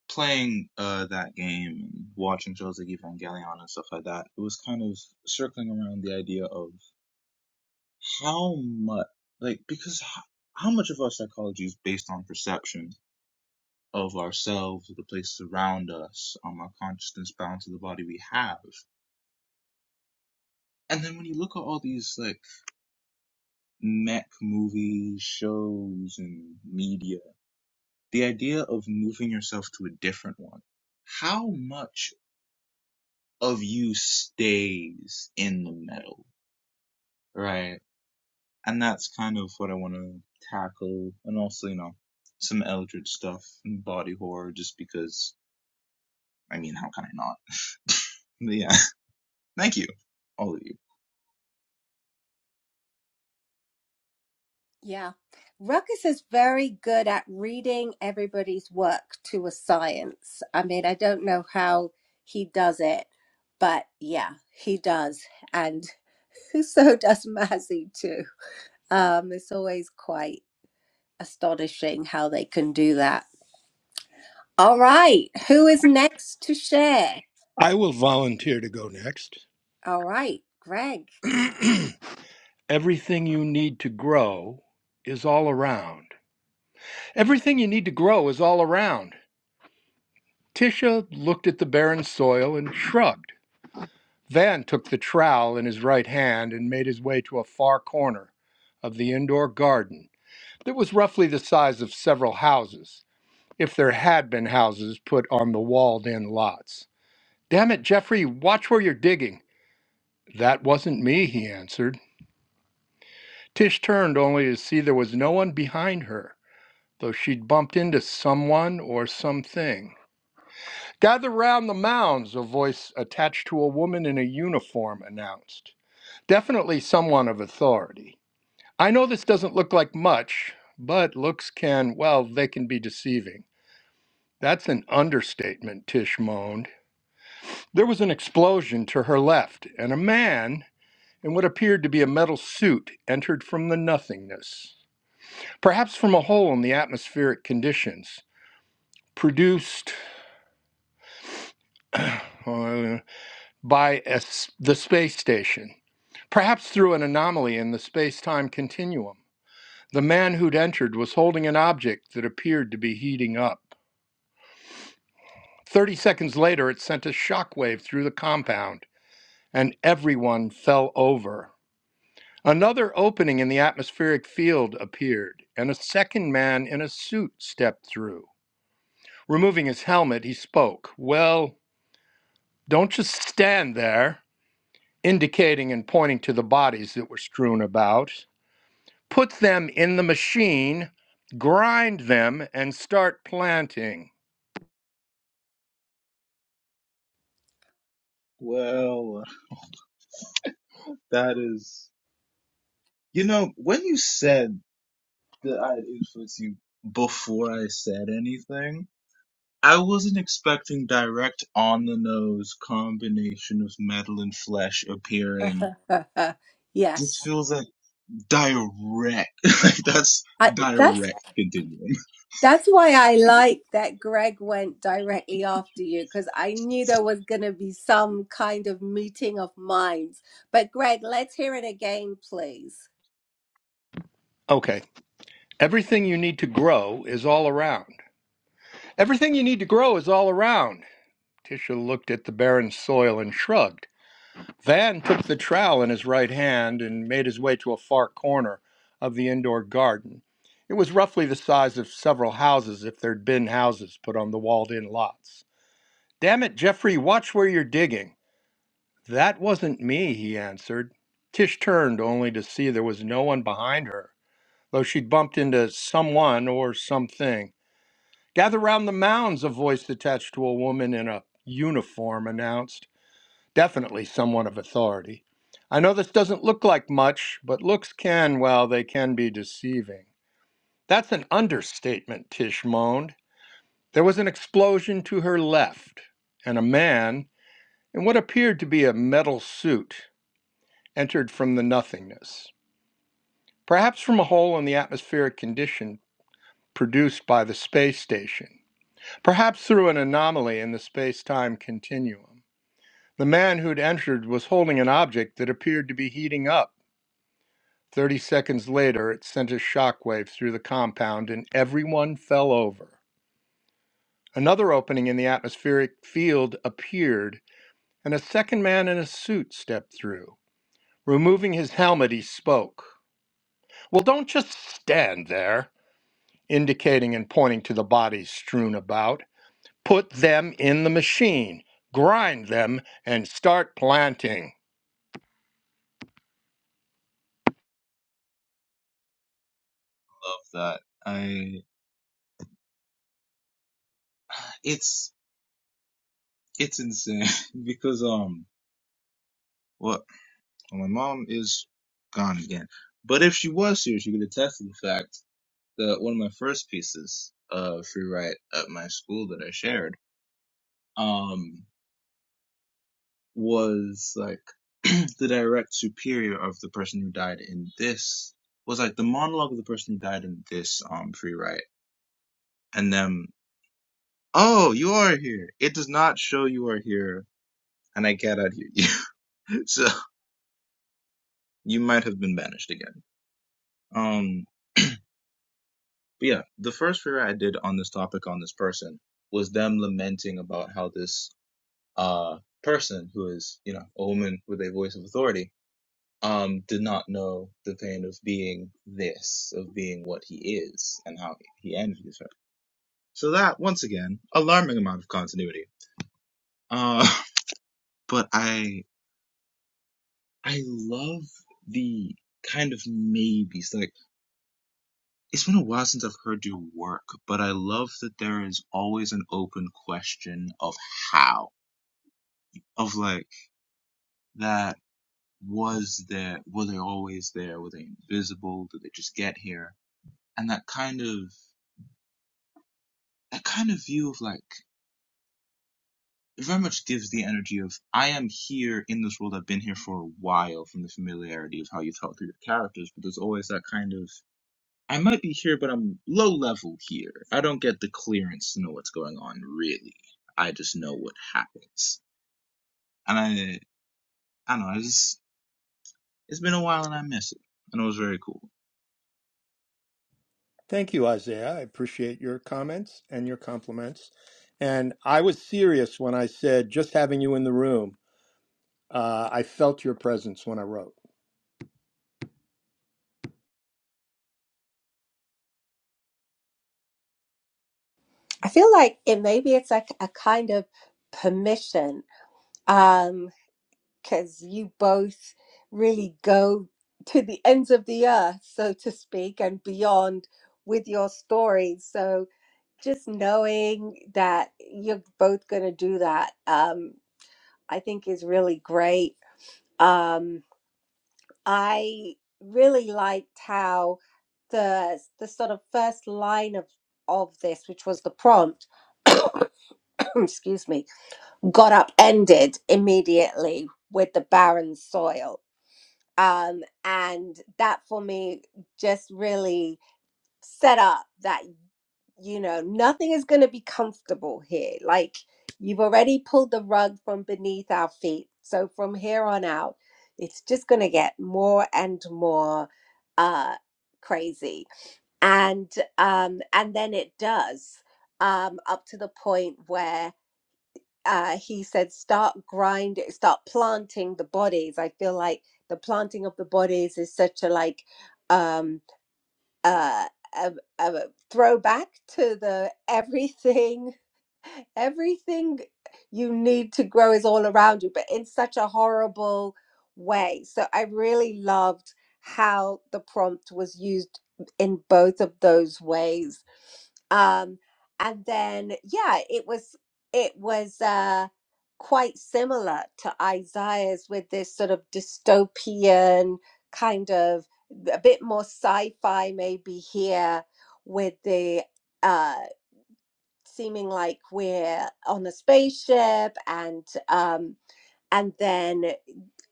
S6: playing uh that game and watching shows like Evangelion and stuff like that. It was kind of circling around the idea of how much, like, because how, how much of our psychology is based on perception of ourselves, of the places around us, um, our consciousness bound to the body we have. And then when you look at all these like mech movies, shows, and media the idea of moving yourself to a different one, how much of you stays in the metal, right? And that's kind of what I want to tackle, and also, you know, some Eldritch stuff and body horror, just because, I mean, how can I not? yeah, thank you, all of you.
S2: yeah ruckus is very good at reading everybody's work to a science i mean i don't know how he does it but yeah he does and so does mazzy too um it's always quite astonishing how they can do that All right. Who is next to share?
S4: I will volunteer to go next.
S2: All right, Greg.
S4: Everything you need to grow is all around. Everything you need to grow is all around. Tisha looked at the barren soil and shrugged. Van took the trowel in his right hand and made his way to a far corner of the indoor garden that was roughly the size of several houses, if there had been houses put on the walled in lots. Damn it, Jeffrey, watch where you're digging. That wasn't me, he answered. Tish turned only to see there was no one behind her, though she'd bumped into someone or something. Gather round the mounds, a voice attached to a woman in a uniform announced. Definitely someone of authority. I know this doesn't look like much, but looks can, well, they can be deceiving. That's an understatement, Tish moaned. There was an explosion to her left, and a man in what appeared to be a metal suit entered from the nothingness, perhaps from a hole in the atmospheric conditions produced uh, by a s the space station, perhaps through an anomaly in the space time continuum. The man who'd entered was holding an object that appeared to be heating up. Thirty seconds later, it sent a shockwave through the compound, and everyone fell over. Another opening in the atmospheric field appeared, and a second man in a suit stepped through. Removing his helmet, he spoke, Well, don't just stand there, indicating and pointing to the bodies that were strewn about. Put them in the machine, grind them, and start planting.
S6: Well, that is, you know, when you said that I influenced you before I said anything, I wasn't expecting direct on the nose combination of metal and flesh appearing.
S2: yes.
S6: This feels like direct. like that's
S2: I, that's
S6: direct continuum.
S2: that's why I like that Greg went directly after you because I knew there was going to be some kind of meeting of minds. But Greg, let's hear it again, please.
S4: Okay, everything you need to grow is all around. Everything you need to grow is all around. Tisha looked at the barren soil and shrugged. Van took the trowel in his right hand and made his way to a far corner of the indoor garden. It was roughly the size of several houses if there'd been houses put on the walled in lots. Damn it, Jeffrey, watch where you're digging. That wasn't me, he answered. Tish turned only to see there was no one behind her, though she'd bumped into someone or something Gather round the mounds, a voice attached to a woman in a uniform announced, definitely someone of authority. I know this doesn't look like much, but looks can, well, they can be deceiving. That's an understatement, Tish moaned. There was an explosion to her left, and a man, in what appeared to be a metal suit, entered from the nothingness, perhaps from a hole in the atmospheric condition produced by the space station. perhaps through an anomaly in the space time continuum. The man who'd entered was holding an object that appeared to be heating up. Thirty seconds later, it sent a shockwave through the compound and everyone fell over. Another opening in the atmospheric field appeared, and a second man in a suit stepped through. Removing his helmet, he spoke. Well, don't just stand there, indicating and pointing to the bodies strewn about. Put them in the machine, grind them, and start planting.
S6: Love that. I it's it's insane because um what well, my mom is gone again. But if she was here, she could attest to the fact that one of my first pieces of free write at my school that I shared um, was like the direct superior of the person who died in this was like the monologue of the person who died in this um free write and then oh you are here it does not show you are here and I cannot hear you so you might have been banished again um but yeah the first free write I did on this topic on this person was them lamenting about how this uh person who is you know a woman with a voice of authority um, did not know the pain of being this, of being what he is, and how he envies her. So that, once again, alarming amount of continuity. Uh, but I, I love the kind of maybes. Like, it's been a while since I've heard you work, but I love that there is always an open question of how, of like that. Was there, were they always there? Were they invisible? Did they just get here? And that kind of that kind of view of like it very much gives the energy of I am here in this world. I've been here for a while from the familiarity of how you talk through your characters, but there's always that kind of I might be here, but I'm low level here. I don't get the clearance to know what's going on really. I just know what happens, and I I don't know. I just it's been a while and I miss it, and it was very cool.
S4: Thank you, Isaiah. I appreciate your comments and your compliments. And I was serious when I said just having you in the room, uh, I felt your presence when I wrote.
S2: I feel like it maybe it's like a kind of permission Um, because you both really go to the ends of the earth, so to speak, and beyond with your stories. So just knowing that you're both going to do that, um, I think is really great. Um, I really liked how the the sort of first line of of this, which was the prompt, excuse me, got upended immediately with the barren soil um, and that for me just really set up that you know nothing is going to be comfortable here like you've already pulled the rug from beneath our feet so from here on out it's just going to get more and more uh crazy and um and then it does um up to the point where uh, he said, start grinding, start planting the bodies. I feel like the planting of the bodies is such a like um, uh, a, a throwback to the everything, everything you need to grow is all around you, but in such a horrible way. So I really loved how the prompt was used in both of those ways um and then yeah it was it was uh quite similar to isaiah's with this sort of dystopian kind of a bit more sci-fi maybe here with the uh seeming like we're on a spaceship and um and then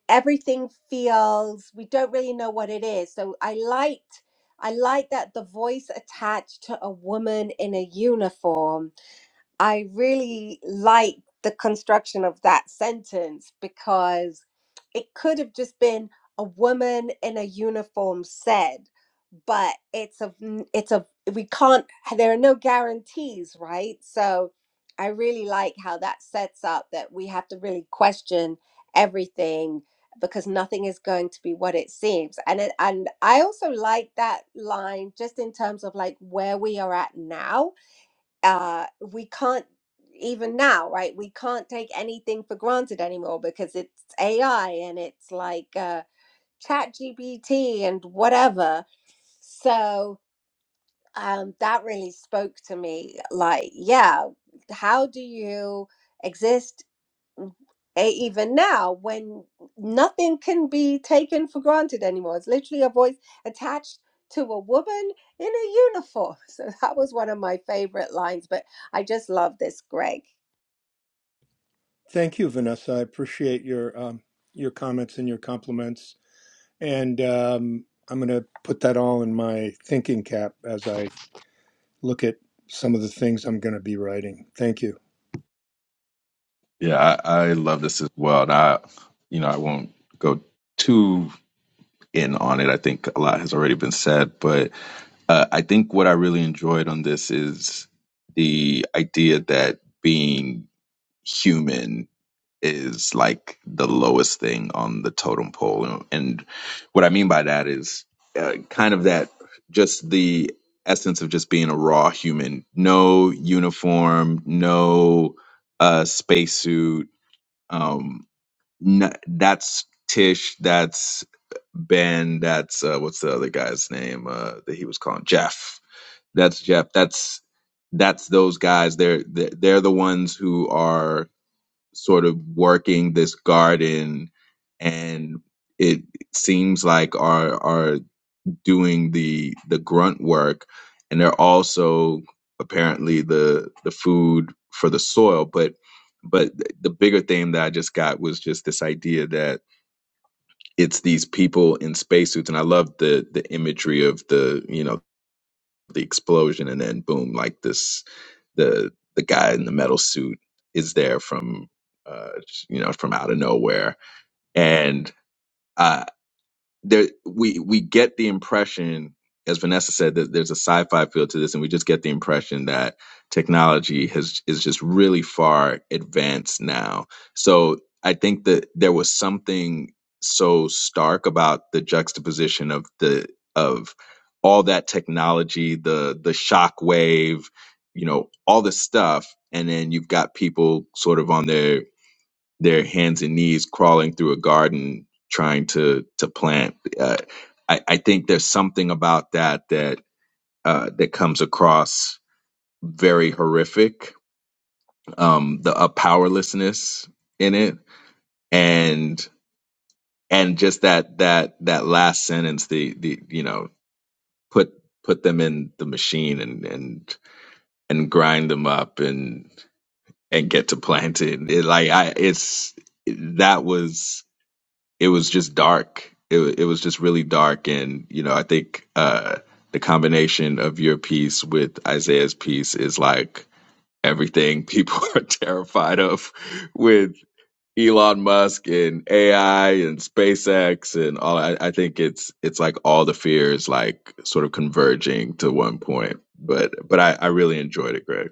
S2: everything feels we don't really know what it is so i liked i like that the voice attached to a woman in a uniform I really like the construction of that sentence because it could have just been a woman in a uniform said, but it's a it's a we can't there are no guarantees, right? So I really like how that sets up that we have to really question everything because nothing is going to be what it seems. And it, and I also like that line just in terms of like where we are at now uh, we can't even now, right? We can't take anything for granted anymore because it's AI and it's like uh, Chat GPT and whatever. So um, that really spoke to me. Like, yeah, how do you exist? And even now, when nothing can be taken for granted anymore, it's literally a voice attached to a woman in a uniform. So that was one of my favorite lines, but I just love this, Greg.
S4: Thank you, Vanessa. I appreciate your um, your comments and your compliments, and um, I'm going to put that all in my thinking cap as I look at some of the things I'm going to be writing. Thank you.
S5: Yeah, I, I love
S7: just
S5: this as well. And I, you know, I won't go too in on it. I think a lot has already been said, but uh, I think what I really enjoyed on this is the idea that being human is like the lowest thing on the totem pole. And, what I mean by that is uh, kind of that just the essence of just being a raw human. No uniform, no uh, spacesuit. Um, n- that's Tish. That's Ben. That's uh, what's the other guy's name uh, that he was calling Jeff. That's Jeff. That's that's those guys. They're they're they're the ones who are sort of working this garden and it seems like are are doing the the grunt work and they're also apparently the the food for the soil but but the bigger theme that I just got was just this idea that it's these people in spacesuits and I love the the imagery of the you know the explosion and then boom like this the the guy in the metal suit is there from uh, you know, from out of nowhere and uh, there we we get the impression, as Vanessa said, that there's a sci-fi feel to this, and we just get the impression that technology has is just really far advanced now. So I think that there was something so stark about the juxtaposition of the of all that technology, the the shock wave, you know, all this stuff, and then you've got people sort of on their their hands and knees crawling through a garden trying to to plant. Uh, I, I think there's something about that that uh, that comes across very horrific. Um, the a powerlessness in it, and and just that that that last sentence, the the you know put put them in the machine and and and grind them up and and get to planting. It, like I, it's that was it was just dark. It it was just really dark, and you know, I think uh, the combination of your piece with Isaiah's piece is like everything people are terrified of with Elon Musk and AI and SpaceX and all. I, I think it's it's like all the fears like sort of converging to one point. But but I, I really enjoyed it, Greg.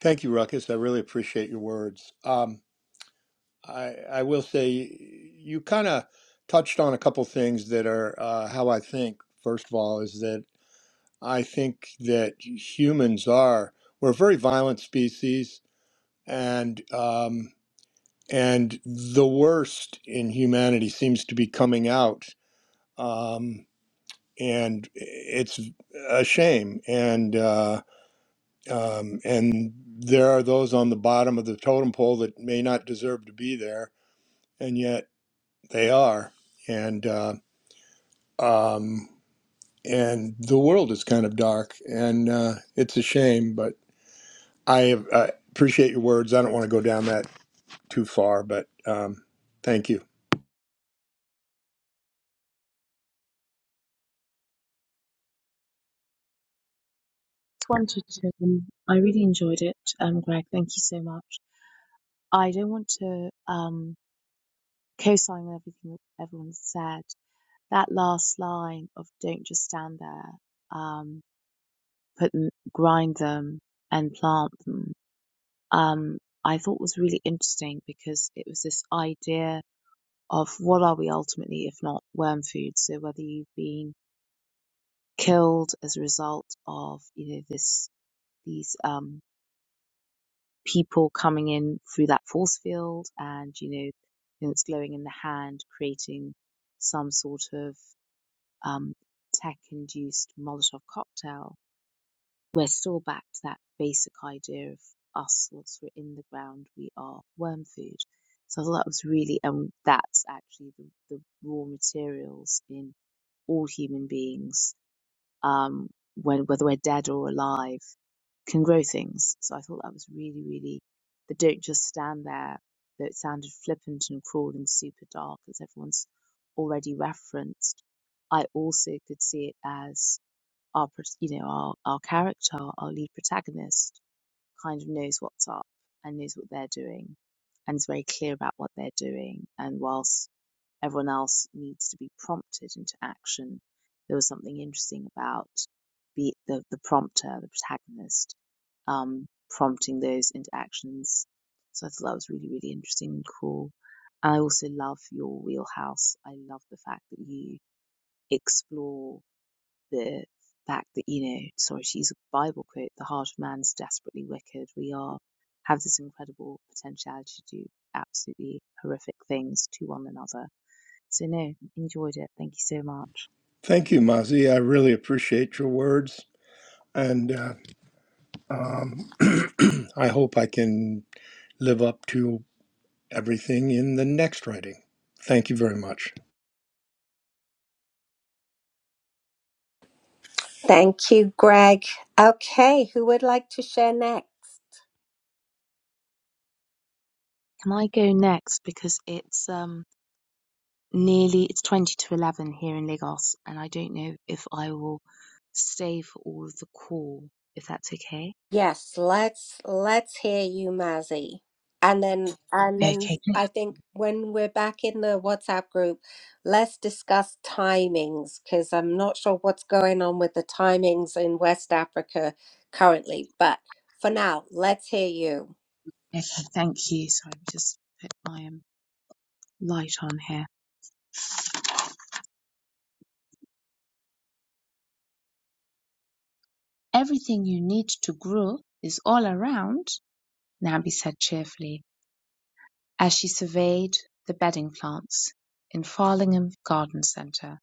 S4: Thank you, Ruckus. I really appreciate your words. Um, I, I will say you kind of touched on a couple things that are uh, how I think. First of all, is that I think that humans are we're a very violent species. and um, and the worst in humanity seems to be coming out, um, and it's a shame. And uh, um, and there are those on the bottom of the totem pole that may not deserve to be there, and yet they are. And uh, um, and the world is kind of dark, and uh, it's a shame. But I have, I appreciate your words. I don't want to go down that too far, but um, thank you.
S7: wanted to. Um, I really enjoyed it, um, Greg. Thank you so much. I don't want to um, co-sign with everything that everyone said. That last line of "Don't just stand there, um, put them, grind them, and plant them," um, I thought was really interesting because it was this idea of what are we ultimately if not worm food. So whether you've been killed as a result of you know this these um people coming in through that force field and you know and it's glowing in the hand creating some sort of um tech induced molotov cocktail we're still back to that basic idea of us once we're in the ground we are worm food so i thought that was really and um, that's actually the, the raw materials in all human beings um, when whether we're dead or alive, can grow things. So I thought that was really, really They don't just stand there, though it sounded flippant and cruel and super dark, as everyone's already referenced. I also could see it as our, pro- you know, our, our character, our lead protagonist kind of knows what's up and knows what they're doing and is very clear about what they're doing. And whilst everyone else needs to be prompted into action. There was something interesting about be the, the prompter, the protagonist, um, prompting those into actions. So I thought that was really, really interesting and cool. And I also love your wheelhouse. I love the fact that you explore the fact that, you know, sorry to use a Bible quote, the heart of man's desperately wicked. We are have this incredible potentiality to do absolutely horrific things to one another so no, enjoyed it. Thank you so much.
S4: Thank you, Mazi. I really appreciate your words, and uh, um, I hope I can live up to everything in the next writing. Thank you very much.
S2: Thank you, Greg. Okay, who would like to share next?
S7: Can I go next because it's um nearly it's twenty to eleven here in Lagos, and I don't know if I will stay for all of the call if that's okay.
S2: Yes, let's let's hear you, Mazzy. And then and
S7: Okay,
S2: then I think when we're back in the WhatsApp group, let's discuss timings because I'm not sure what's going on with the timings in West Africa currently. But for now, let's hear you.
S7: okay, thank you. So I've just put my um, light on here. Everything you need to grow is all around. Nabi said cheerfully as she surveyed the bedding plants in Farlingham Garden Centre.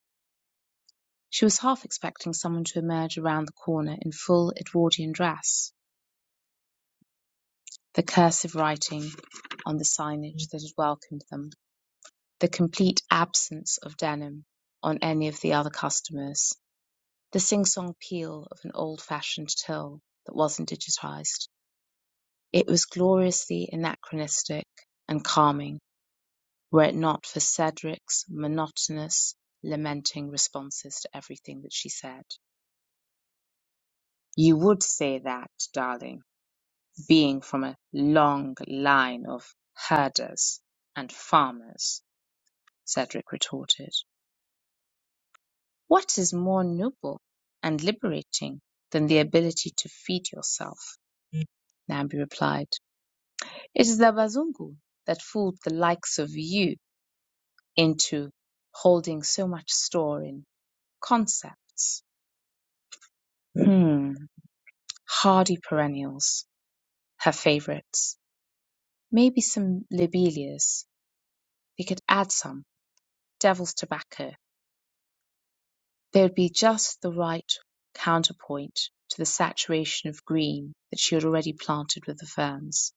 S7: She was half expecting someone to emerge around the corner in full Edwardian dress, the cursive writing on the signage that had welcomed them, the complete absence of denim on any of the other customers, the sing-song peal of an old-fashioned till that wasn't digitized. It was gloriously anachronistic and calming, were it not for Cedric's monotonous, lamenting responses to everything that she said. "You would say that, darling. being from a long line of herders and farmers, Cedric retorted. What is more noble and liberating than the ability to feed yourself? Nambi replied. It is the Bazungu that fooled the likes of you into holding so much store in concepts. Hmm, hardy perennials, her favorites. Maybe some lobelias. They could add some devil's tobacco There would be just the right counterpoint to the saturation of green that she had already planted with the ferns.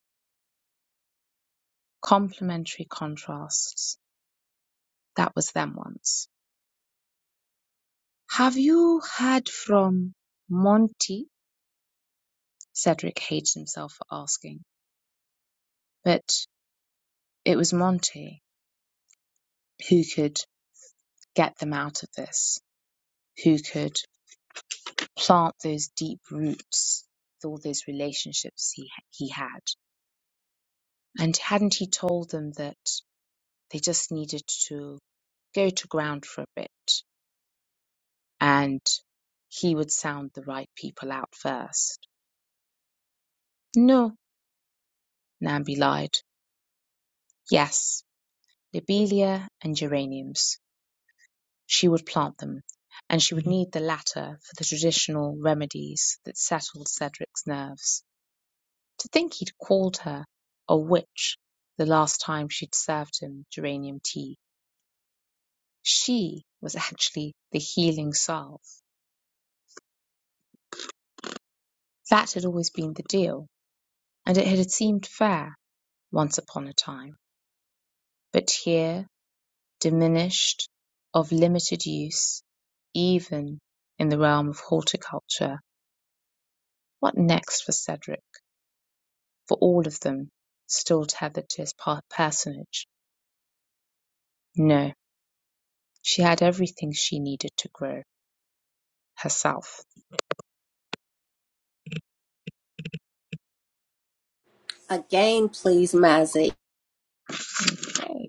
S7: Complementary contrasts. That was them once. Have you heard from Monty? Cedric hated himself for asking. But it was Monty who could get them out of this, who could plant those deep roots with all those relationships he, he had. And hadn't he told them that They just needed to go to ground for a bit and he would sound the right people out first. No, Nambi lied. Yes, lobelia and geraniums. She would plant them, and she would need the latter for the traditional remedies that settled Cedric's nerves. To think he'd called her a witch the last time she'd served him geranium tea. She was actually the healing salve. That had always been the deal. and it had seemed fair once upon a time, but here diminished, of limited use, even in the realm of horticulture. What next for Cedric? For all of them, still tethered to his personage? No, she had everything she needed to grow herself.
S2: Again, please, Mazzy.
S7: Okay.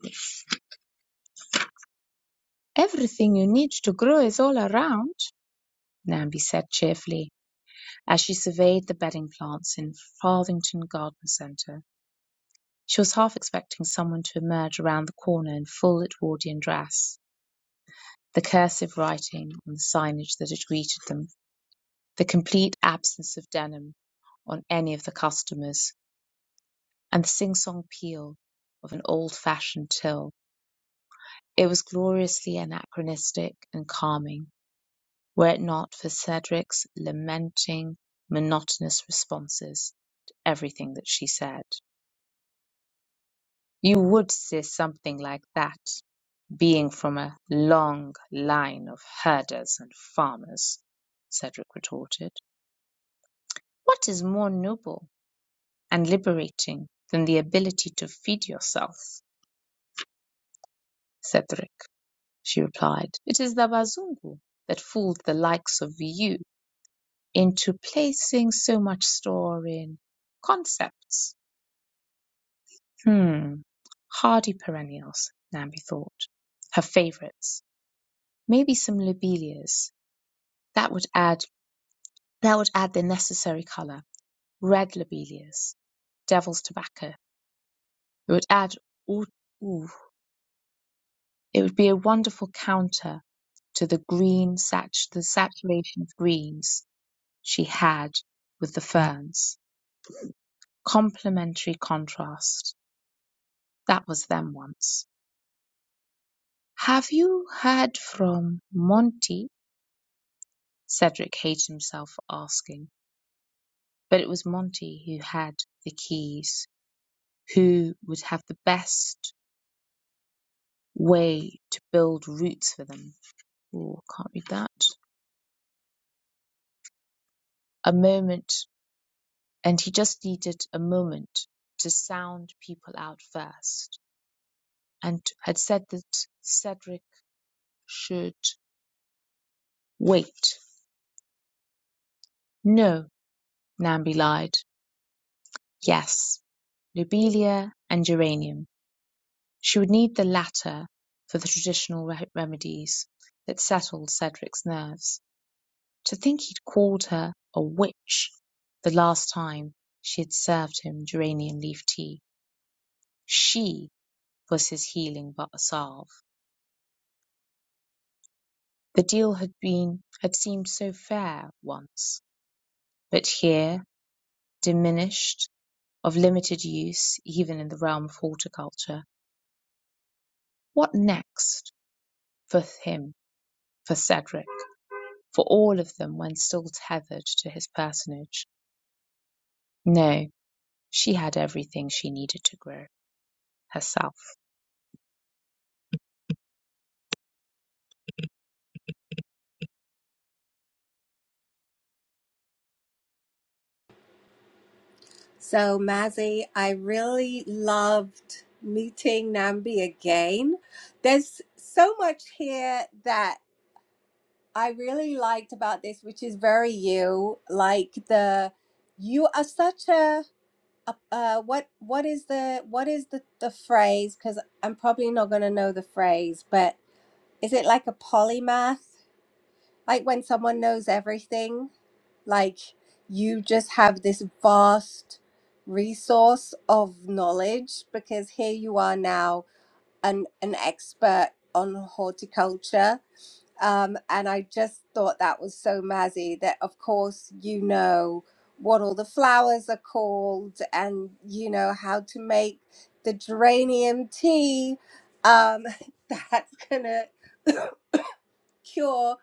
S7: Everything you need to grow is all around, Nambi said cheerfully as she surveyed the bedding plants in Farthington Garden Centre. She was half expecting someone to emerge around the corner in full Edwardian dress, the cursive writing on the signage that had greeted them, the complete absence of denim on any of the customers, and the sing-song peal of an old-fashioned till. It was gloriously anachronistic and calming, were it not for Cedric's lamenting, monotonous responses to everything that she said. You would say something like that, being from a long line of herders and farmers, Cedric retorted. What is more noble and liberating than the ability to feed yourself, Cedric? She replied. It is the Bazungu that fooled the likes of you into placing so much store in concepts. Hmm. Hardy perennials, Nambi thought. Her favorites. Maybe some lobelias That would add that would add the necessary color. Red lobelias, devil's tobacco. It would add ooh, ooh, it would be a wonderful counter to the green sat the saturation of greens she had with the ferns. Complementary contrast. That was them once. Have you heard from Monty? Cedric hated himself for asking, but it was Monty who had the keys, who would have the best way to build roots for them. Oh, can't read that. A moment, and he just needed a moment to sound people out first, and had said that Cedric should wait. No, Nambi lied. Yes, lobelia and geranium. She would need the latter for the traditional re- remedies that settled Cedric's nerves To think he'd called her a witch the last time she had served him geranium leaf tea. She was his healing ba- salve. The deal had been had seemed so fair once, but here, diminished, of limited use even in the realm of horticulture. What next? For him, for Cedric, for all of them when still tethered to his personage. No, she had everything she needed to grow herself.
S2: So Mazzy, I really loved meeting Nambi again. There's so much here that I really liked about this, which is very you, like the you are such a, a uh, what what is the what is the the phrase? Because I'm probably not going to know the phrase, but is it like a polymath? Like when someone knows everything, like you just have this vast resource of knowledge. Because here you are now, an an expert on horticulture um, and I just thought that was so mazzy that, of course, you know what all the flowers are called and you know how to make the geranium tea um, that's gonna cure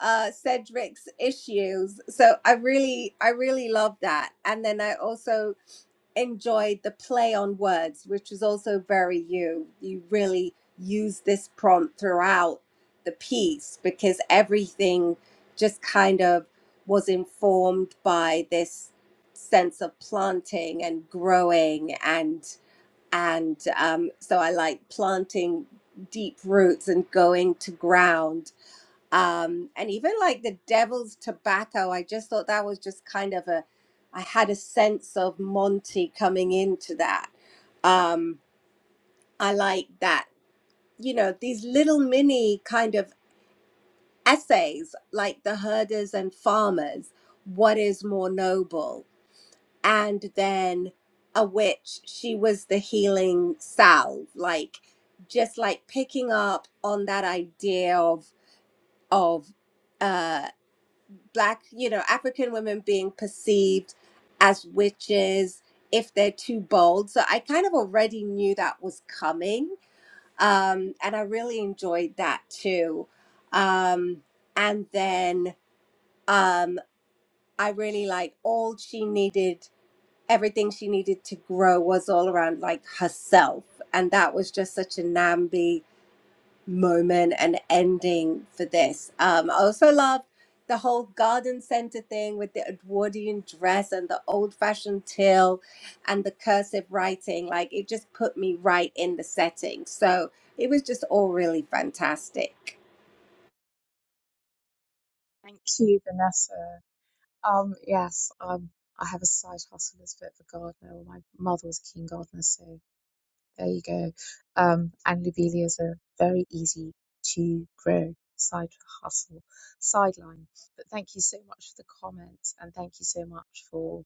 S2: uh, Cedric's issues. So I really, I really love that. And then I also enjoyed the play on words, which was also very you. You really use this prompt throughout the piece because everything just kind of was informed by this sense of planting and growing and and um, so I like planting deep roots and going to ground um and even like the devil's tobacco i just thought that was just kind of a i had a sense of monty coming into that um i like that you know these little mini kind of essays like the herders and farmers what is more noble and then a witch she was the healing salve like just like picking up on that idea of of uh, black, you know, African women being perceived as witches if they're too bold. So I kind of already knew that was coming. Um, and I really enjoyed that too. Um, and then um, I really like all she needed, everything she needed to grow was all around like herself. And that was just such a namby moment and ending for this. Um, I also love the whole garden center thing with the Edwardian dress and the old fashioned till and the cursive writing. Like it just put me right in the setting. So it was just all really fantastic.
S7: Thank you, Vanessa. Um, yes, um, I have a side hustle as a bit of a gardener. Well, My mother was a keen gardener, so there you go. Um, and lobelias are very easy to grow. Side hustle, sideline. But thank you so much for the comments, and thank you so much for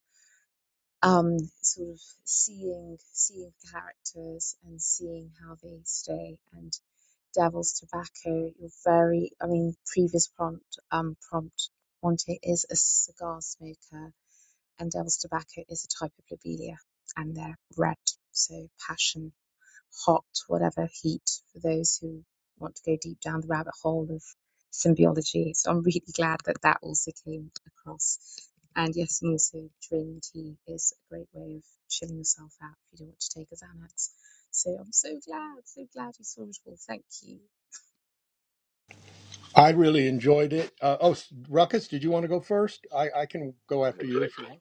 S7: um, sort of seeing seeing characters and seeing how they stay. And Devil's Tobacco, you're very, I mean, previous prompt um, prompt Monte is a cigar smoker, and Devil's Tobacco is a type of lobelia, and they're red, so passion hot, whatever heat for those who want to go deep down the rabbit hole of symbiology. So I'm really glad that that also came across. And yes, and also drinking tea is a great way of chilling yourself out if you don't want to take a Xanax. So I'm so glad, so glad you saw it all. Thank you.
S4: I really enjoyed it. Uh, oh, s- Ruckus, did you want to go first? I, I can go after you if you want.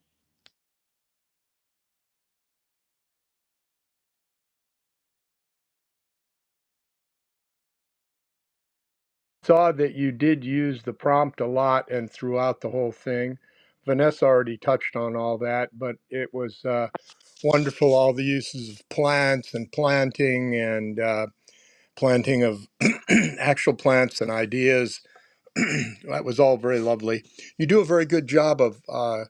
S4: Saw that you did use the prompt a lot and throughout the whole thing. Vanessa already touched on all that, but it was uh, wonderful all the uses of plants and planting and. planting of actual plants and ideas. that was all very lovely. You do a very good job of uh,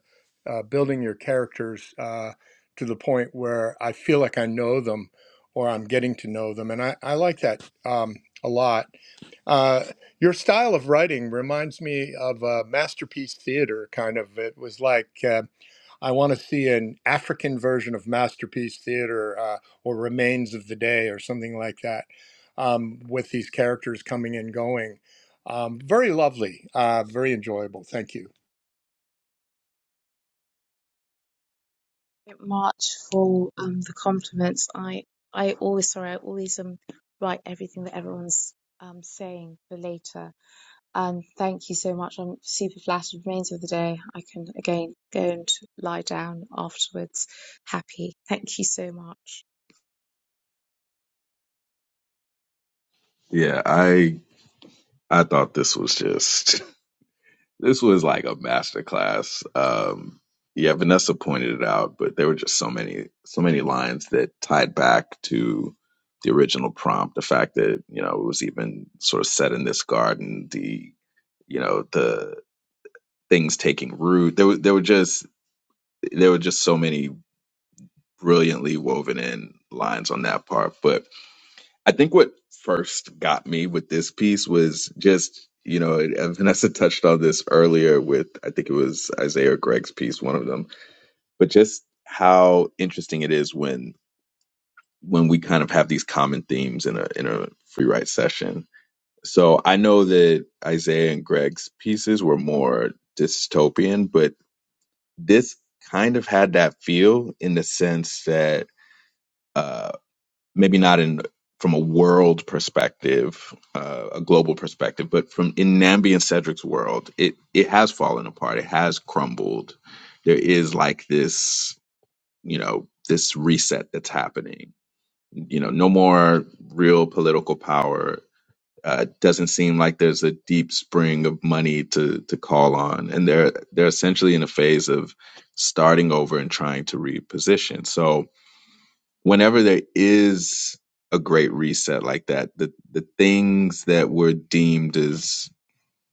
S4: uh, building your characters uh, to the point where I feel like I know them or I'm getting to know them. And I, I like that um, a lot. Uh, your style of writing reminds me of uh, masterpiece theater, kind of. It was like, uh, I want to see an African version of Masterpiece Theater uh, or Remains of the Day or something like that um, with these characters coming and going. Um, very lovely, uh, very enjoyable. Thank you.
S7: Thank Much for um, the compliments. I I always sorry, I always um write everything that everyone's um saying for later And thank you so much. I'm super flattered. It Remains of the day. I can again go and lie down afterwards, happy. Thank you so much.
S5: Yeah, I I thought this was just This was like a masterclass. Um, yeah, Vanessa pointed it out, but there were just so many, so many lines that tied back to the original prompt. The fact that you know it was even sort of set in this garden. The you know the things taking root. There were there were just there were just so many brilliantly woven in lines on that part, but I think what first got me with this piece was just, you know, and Vanessa touched on this earlier with, I think it was Isaiah or Greg's piece, one of them, but just how interesting it is when when we kind of have these common themes in a in a free write session. So I know that Isaiah and Greg's pieces were more dystopian, but this kind of had that feel in the sense that uh, maybe not in from a world perspective, uh, a global perspective, but from in Nambi and Cedric's world, it it has fallen apart. It has crumbled. There is like this, you know, this reset that's happening. You know, no more real political power. Uh, doesn't seem like there's a deep spring of money to to call on, and they're they're essentially in a phase of starting over and trying to reposition. So whenever there is a great reset like that, the the things that were deemed as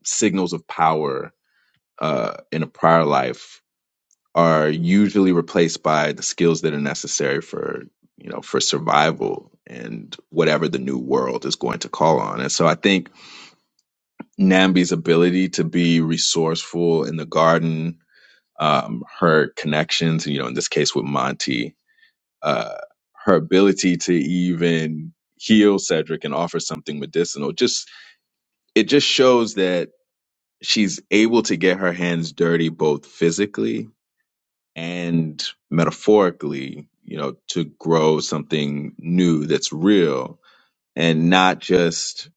S5: signals of power uh, in a prior life are usually replaced by the skills that are necessary for you know for survival and whatever the new world is going to call on. And so I think Nambi's ability to be resourceful in the garden, um, her connections, you know, in this case with Monty, uh, her ability to even heal Cedric and offer something medicinal just it just shows that she's able to get her hands dirty both physically and metaphorically you know to grow something new that's real and not just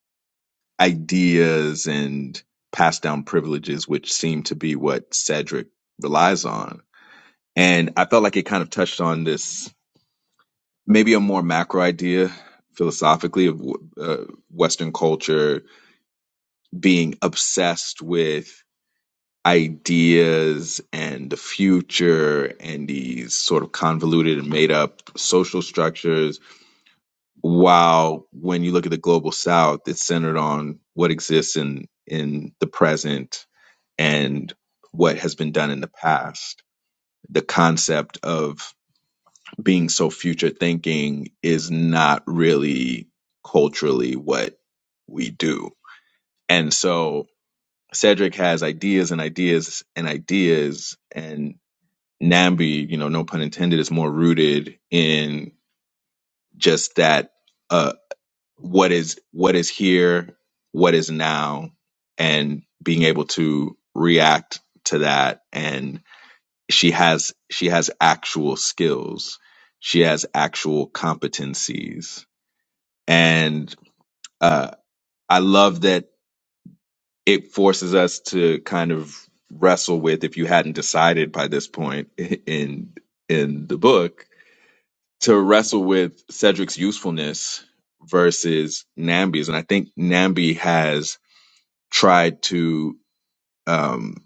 S5: ideas and passed down privileges which seem to be what Cedric relies on and I felt like it kind of touched on this maybe a more macro idea philosophically of uh, Western culture being obsessed with ideas and the future and these sort of convoluted and made up social structures. While when you look at the global South, it's centered on what exists in, in the present and what has been done in the past. The concept of being so future thinking is not really culturally what we do. And so Cedric has ideas and ideas and ideas and Nambi, you know, no pun intended, is more rooted in just that uh what is what is here, what is now, and being able to react to that and she has she has actual skills she has actual competencies And uh, I love that it forces us to kind of wrestle with, if you hadn't decided by this point in in the book, to wrestle with Cedric's usefulness versus Nambi's. And I think Nambi has tried to, um,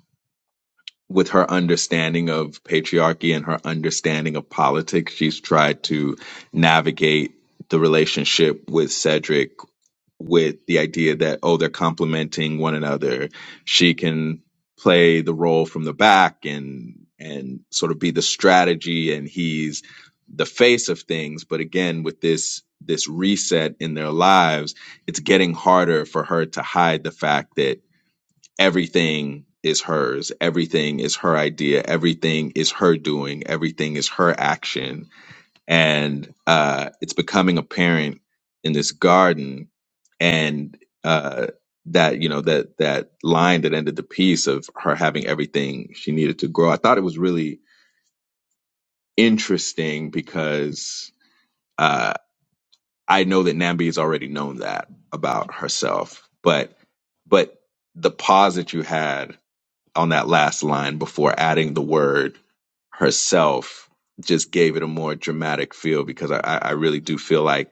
S5: with her understanding of patriarchy and her understanding of politics, she's tried to navigate the relationship with Cedric with the idea that oh they're complementing one another she can play the role from the back and and sort of be the strategy and he's the face of things but again with this this reset in their lives it's getting harder for her to hide the fact that everything is hers everything is her idea everything is her doing everything is her action and uh, it's becoming apparent in this garden and uh, that you know that that line that ended the piece of her having everything she needed to grow i thought it was really interesting because uh, i know that nambi has already known that about herself but but the pause that you had on that last line before adding the word herself just gave it a more dramatic feel because i i I really do feel like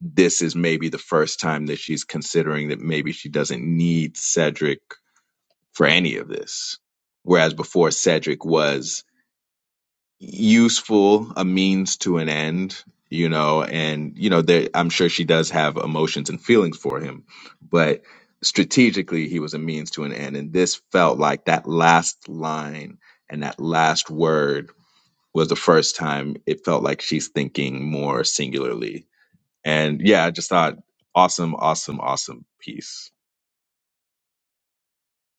S5: this is maybe the first time that she's considering that maybe she doesn't need Cedric for any of this. Whereas before, Cedric was useful, a means to an end, you know, and, you know, there, I'm sure she does have emotions and feelings for him, but strategically, he was a means to an end. And this felt like that last line and that last word was the first time it felt like she's thinking more singularly and yeah, I just thought awesome, awesome, awesome piece.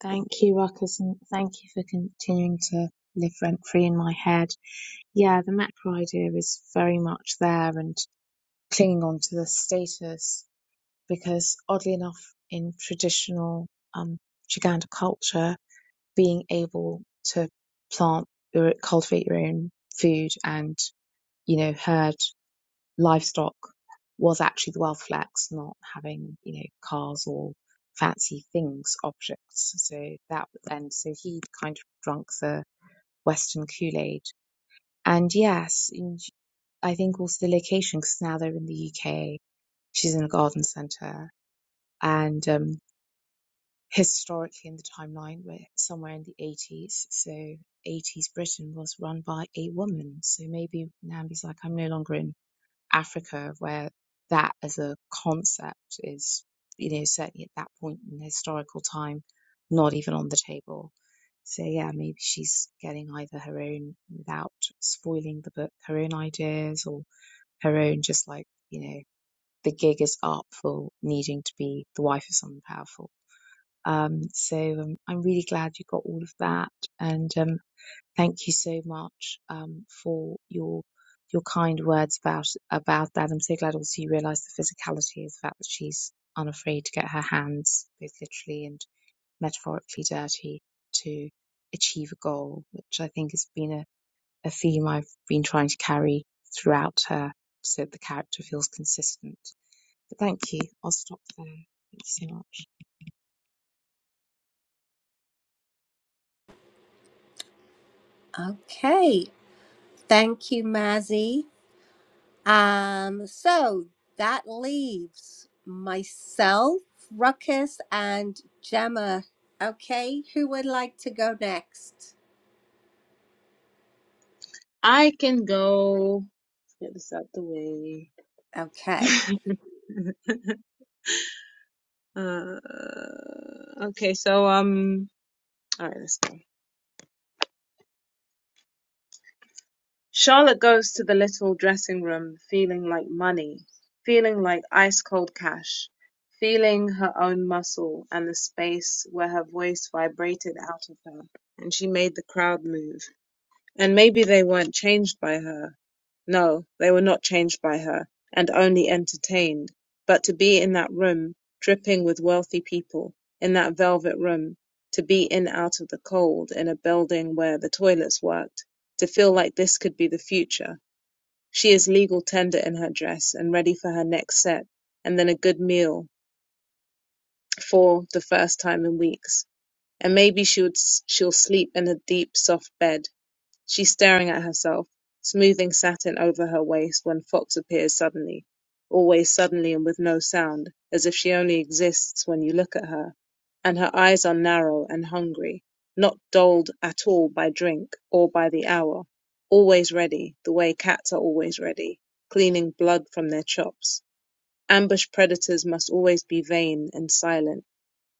S7: Thank you, Ruckus, and thank you for continuing to live rent free in my head. Yeah, the macro idea is very much there and clinging on to the status because, oddly enough, in traditional um, Chaganda culture, being able to plant or cultivate your own food and, you know, herd livestock was actually the wealth flex, not having, you know, cars or fancy things, objects. So that, and so he kind of drunk the Western Kool-Aid. And yes, in- I think also the location, because now they're in the UK, she's in a garden centre, and um, historically in the timeline, we're somewhere in the 80s. So 80s Britain was run by a woman. So maybe Nambi's like, I'm no longer in Africa, where that as a concept is, you know, certainly at that point in historical time, not even on the table. So yeah, maybe she's getting either her own without spoiling the book, her own ideas or her own just like, you know, the gig is up for needing to be the wife of someone powerful. Um, so um, I'm really glad you got all of that. And um, Thank you so much um, for your your kind words about about that. I'm so glad also you realised the physicality of the fact that she's unafraid to get her hands both literally and metaphorically dirty to achieve a goal, which I think has been a, a theme I've been trying to carry throughout her so that the character feels consistent. But thank you. I'll stop there. Thank you so much.
S2: Okay. Thank you, Mazzy. Um, so that leaves myself, Ruckus, and Gemma. Okay. Who would like to go next?
S1: I can go get this out the way.
S2: Okay.
S1: uh, okay, so um, all right, let's go. Charlotte goes to the little dressing room feeling like money, feeling like ice cold cash, feeling her own muscle and the space where her voice vibrated out of her and she made the crowd move. And maybe they weren't changed by her, no, they were not changed by her, and only entertained. But to be in that room, dripping with wealthy people, in that velvet room, to be in out of the cold in a building where the toilets worked, to feel like this could be the future. She is legal tender in her dress and ready for her next set, and then a good meal for the first time in weeks. And maybe she would, she'll sleep in a deep, soft bed She's staring at herself, smoothing satin over her waist when Fox appears suddenly, always suddenly and with no sound, as if she only exists when you look at her, and her eyes are narrow and hungry, not dulled at all by drink or by the hour, always ready, the way cats are always ready, cleaning blood from their chops. Ambush predators must always be vain and silent.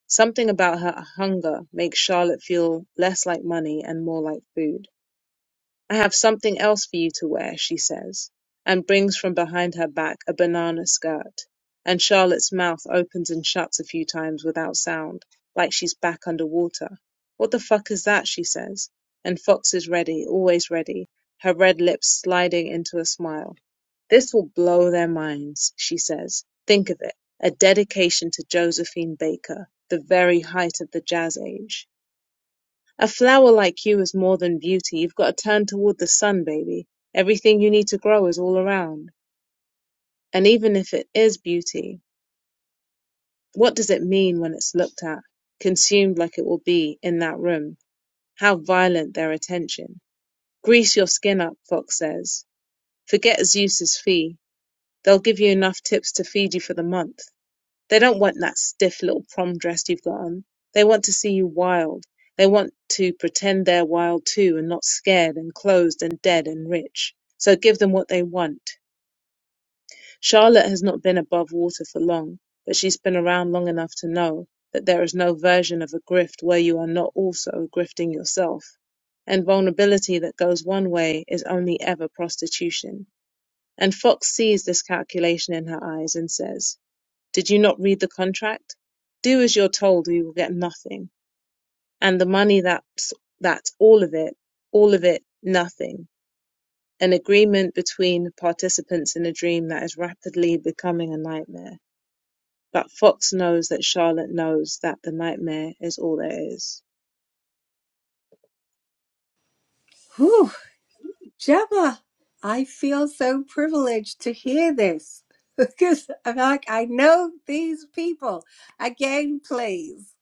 S1: Something about her hunger makes Charlotte feel less like money and more like food. "I have something else for you to wear," she says, and brings from behind her back a banana skirt, and Charlotte's mouth opens and shuts a few times without sound, like she's back under water. "What the fuck is that?" she says, and Fox is ready, always ready, her red lips sliding into a smile. "This will blow their minds," she says. "Think of it, a dedication to Josephine Baker, the very height of the Jazz Age. A flower like you is more than beauty. You've got to turn toward the sun, baby. Everything you need to grow is all around. And even if it is beauty, what does it mean when it's looked at, consumed like it will be in that room? How violent their attention. Grease your skin up, Fox says. Forget Zeus's fee. They'll give you enough tips to feed you for the month. They don't want that stiff little prom dress you've got on. They want to see you wild. They want to pretend they're wild too and not scared and closed and dead and rich. So give them what they want. Charlotte has not been above water for long, but she's been around long enough to know that there is no version of a grift where you are not also grifting yourself. And vulnerability that goes one way is only ever prostitution. And Fox sees this calculation in her eyes and says, did you not read the contract? Do as you're told, or you will get nothing. And the money that's that's all of it, all of it, nothing. An agreement between participants in a dream that is rapidly becoming a nightmare. But Fox knows that Charlotte knows that the nightmare is all there is.
S2: Whew, Gemma, I feel so privileged to hear this because I'm like, I know these people. Again, please.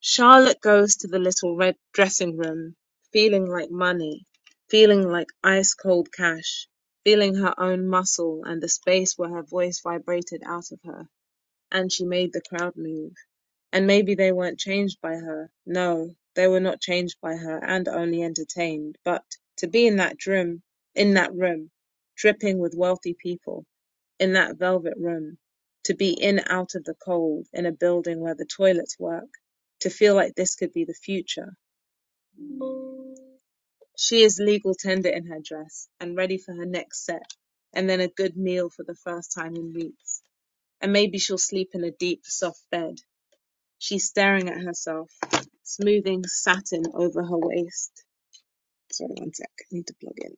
S1: Charlotte goes to the little red dressing room, feeling like money, feeling like ice cold cash, feeling her own muscle and the space where her voice vibrated out of her. And she made the crowd move. And maybe they weren't changed by her. No, they were not changed by her and only entertained. But to be in that room, in that room, dripping with wealthy people, in that velvet room, to be in out of the cold in a building where the toilets work, to feel like this could be the future. She is legal tender in her dress and ready for her next set, and then a good meal for the first time in weeks. And maybe she'll sleep in a deep, soft bed, She's staring at herself, smoothing satin over her waist. Sorry, one sec. I need to plug in.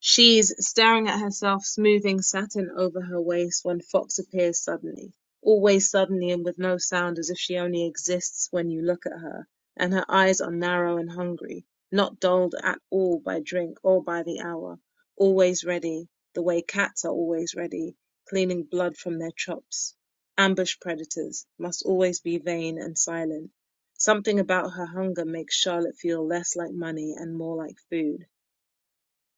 S1: She's staring at herself, smoothing satin over her waist, when Fox appears suddenly. Always suddenly and with no sound, as if she only exists when you look at her, and her eyes are narrow and hungry, not dulled at all by drink or by the hour. Always ready, the way cats are always ready, cleaning blood from their chops. Ambush predators must always be vain and silent. Something about her hunger makes Charlotte feel less like money and more like food.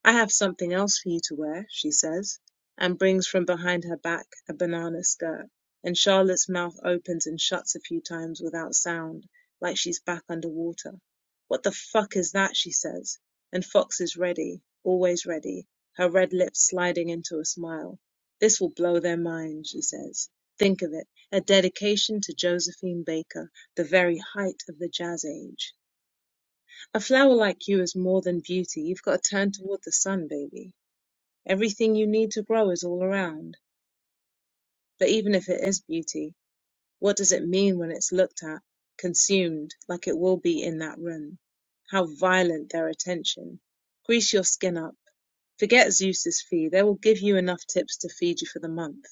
S1: "I have something else for you to wear," she says, and brings from behind her back a banana skirt, and Charlotte's mouth opens and shuts a few times without sound, like she's back under water. "What the fuck is that?" she says, and Fox is ready, always ready, her red lips sliding into a smile. "This will blow their minds," she says. "Think of it, a dedication to Josephine Baker, the very height of the Jazz Age. A flower like you is more than beauty. You've got to turn toward the sun, baby. Everything you need to grow is all around. But even if it is beauty, what does it mean when it's looked at, consumed, like it will be in that room? How violent their attention! Grease your skin up. Forget Zeus's fee. They will give you enough tips to feed you for the month.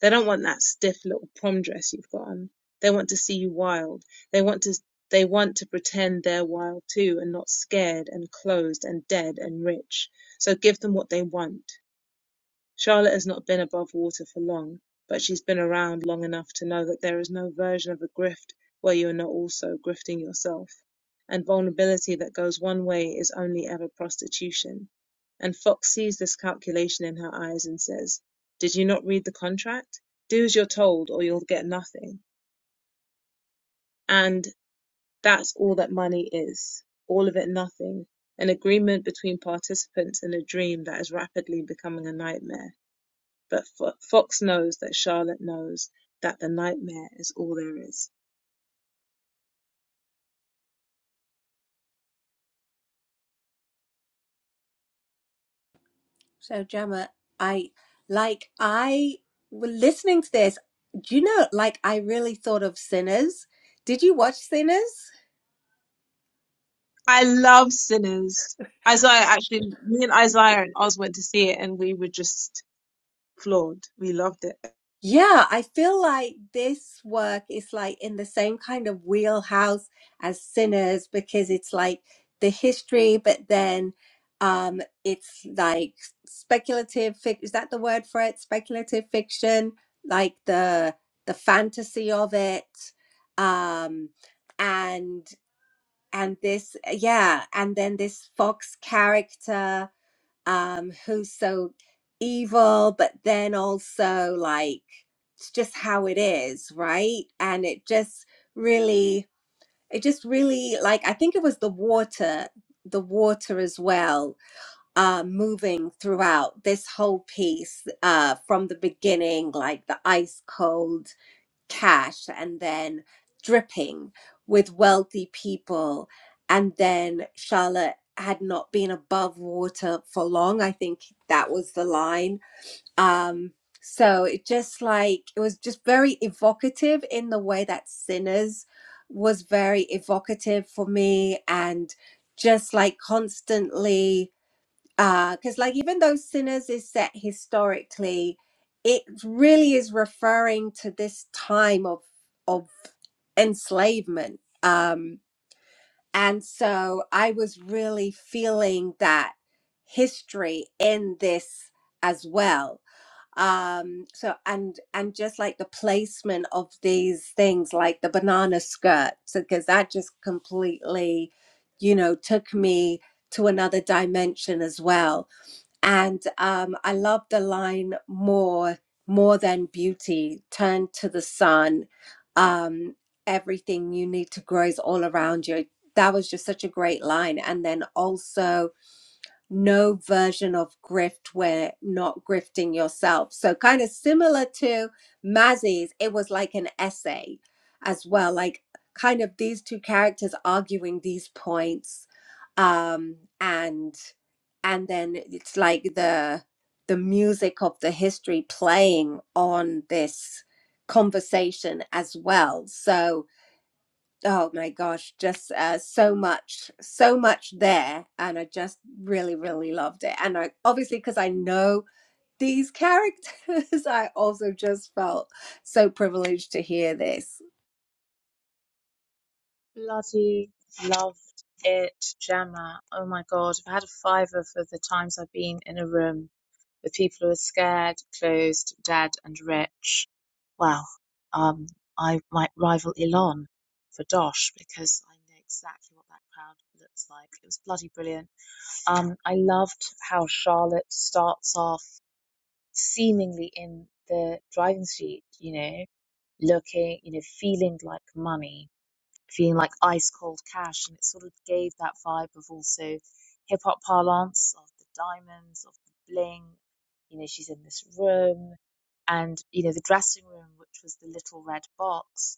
S1: They don't want that stiff little prom dress you've got on. They want to see you wild. They want to they want to pretend they're wild too and not scared and closed and dead and rich. So give them what they want. Charlotte has not been above water for long, but she's been around long enough to know that there is no version of a grift where you are not also grifting yourself, and vulnerability that goes one way is only ever prostitution. And Fox sees this calculation in her eyes and says, Did you not read the contract? Do as you're told, or you'll get nothing. And that's all that money is all of it nothing, an agreement between participants in a dream that is rapidly becoming a nightmare. But Fo- Fox knows that Charlotte knows that the nightmare is all there is.
S2: So, Gemma, I like, I was listening to this. Do you know, like, I really thought of Sinners. Did you watch Sinners?
S1: I love Sinners. Isaiah actually, me and Isaiah and Oz went to see it, and we were just floored. We loved it.
S2: Yeah, I feel like this work is like in the same kind of wheelhouse as Sinners because it's like the history, but then um it's like speculative fic is that the word for it? Speculative fiction, like the the fantasy of it. Um and and this yeah, and then this Fox character um, who's so evil, but then also like it's just how it is, right? And it just really, it just really like I think it was the water, the water as well, uh, moving throughout this whole piece uh, from the beginning, like the ice cold cash and then dripping with wealthy people. And then Charlotte had not been above water for long. I think that was the line. Um, so it just like, it was just very evocative in the way that Sinners was very evocative for me and just like constantly because like even though sinners is set historically it really is referring to this time of of enslavement um and so i was really feeling that history in this as well um so and and just like the placement of these things like the banana skirt because that just completely you know took me to another dimension as well and um, I love the line more more than beauty. Turn to the sun. Um, everything you need to grow is all around you. That was just such a great line. And then also no version of grift where not grifting yourself. So, kind of similar to Mazzy's, it was like an essay as well, like kind of these two characters arguing these points. Um, and and then it's like the the music of the history playing on this conversation as well. So, Oh my gosh, just uh, so much, so much there. And I just really, really loved it. And I obviously, because I know these characters, I also just felt so privileged to hear this.
S7: Bloody loved it, Gemma. Oh my God. I've had a fiver for the times I've been in a room with people who are scared, closed, dead, and rich, well, um, I might rival Elon for Dosh because I know exactly what that crowd looks like. It was bloody brilliant. Um, I loved how Charlotte starts off seemingly in the driving seat, you know, looking, you know, feeling like money feeling like ice cold cash. And it sort of gave that vibe of also hip hop parlance of the diamonds, of the bling. You know, she's in this room. And, you know, the dressing room, which was the little red box,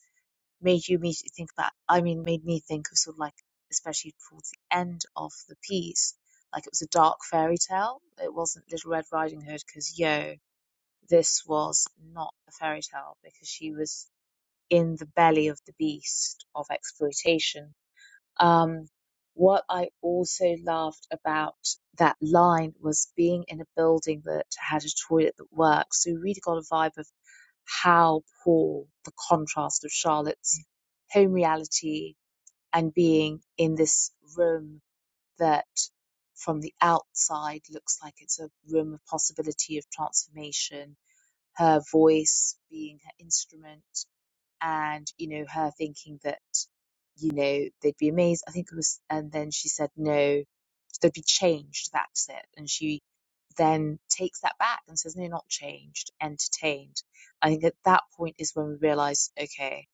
S7: made you immediately think about, I mean, made me think of sort of like, especially towards the end of the piece, like it was a dark fairy tale. It wasn't Little Red Riding Hood because, yo, this was not a fairy tale because she was in the belly of the beast of exploitation um, what I also loved about that line was being in a building that had a toilet that worked. So you really got a vibe of how poor the contrast of Charlotte's home reality and being in this room that from the outside looks like it's a room of possibility of transformation, her voice being her instrument, and you know her thinking that you know they'd be amazed i think it was and then she said no they'd be changed that's it and she then takes that back and says no not changed entertained i think at that point is when we realize okay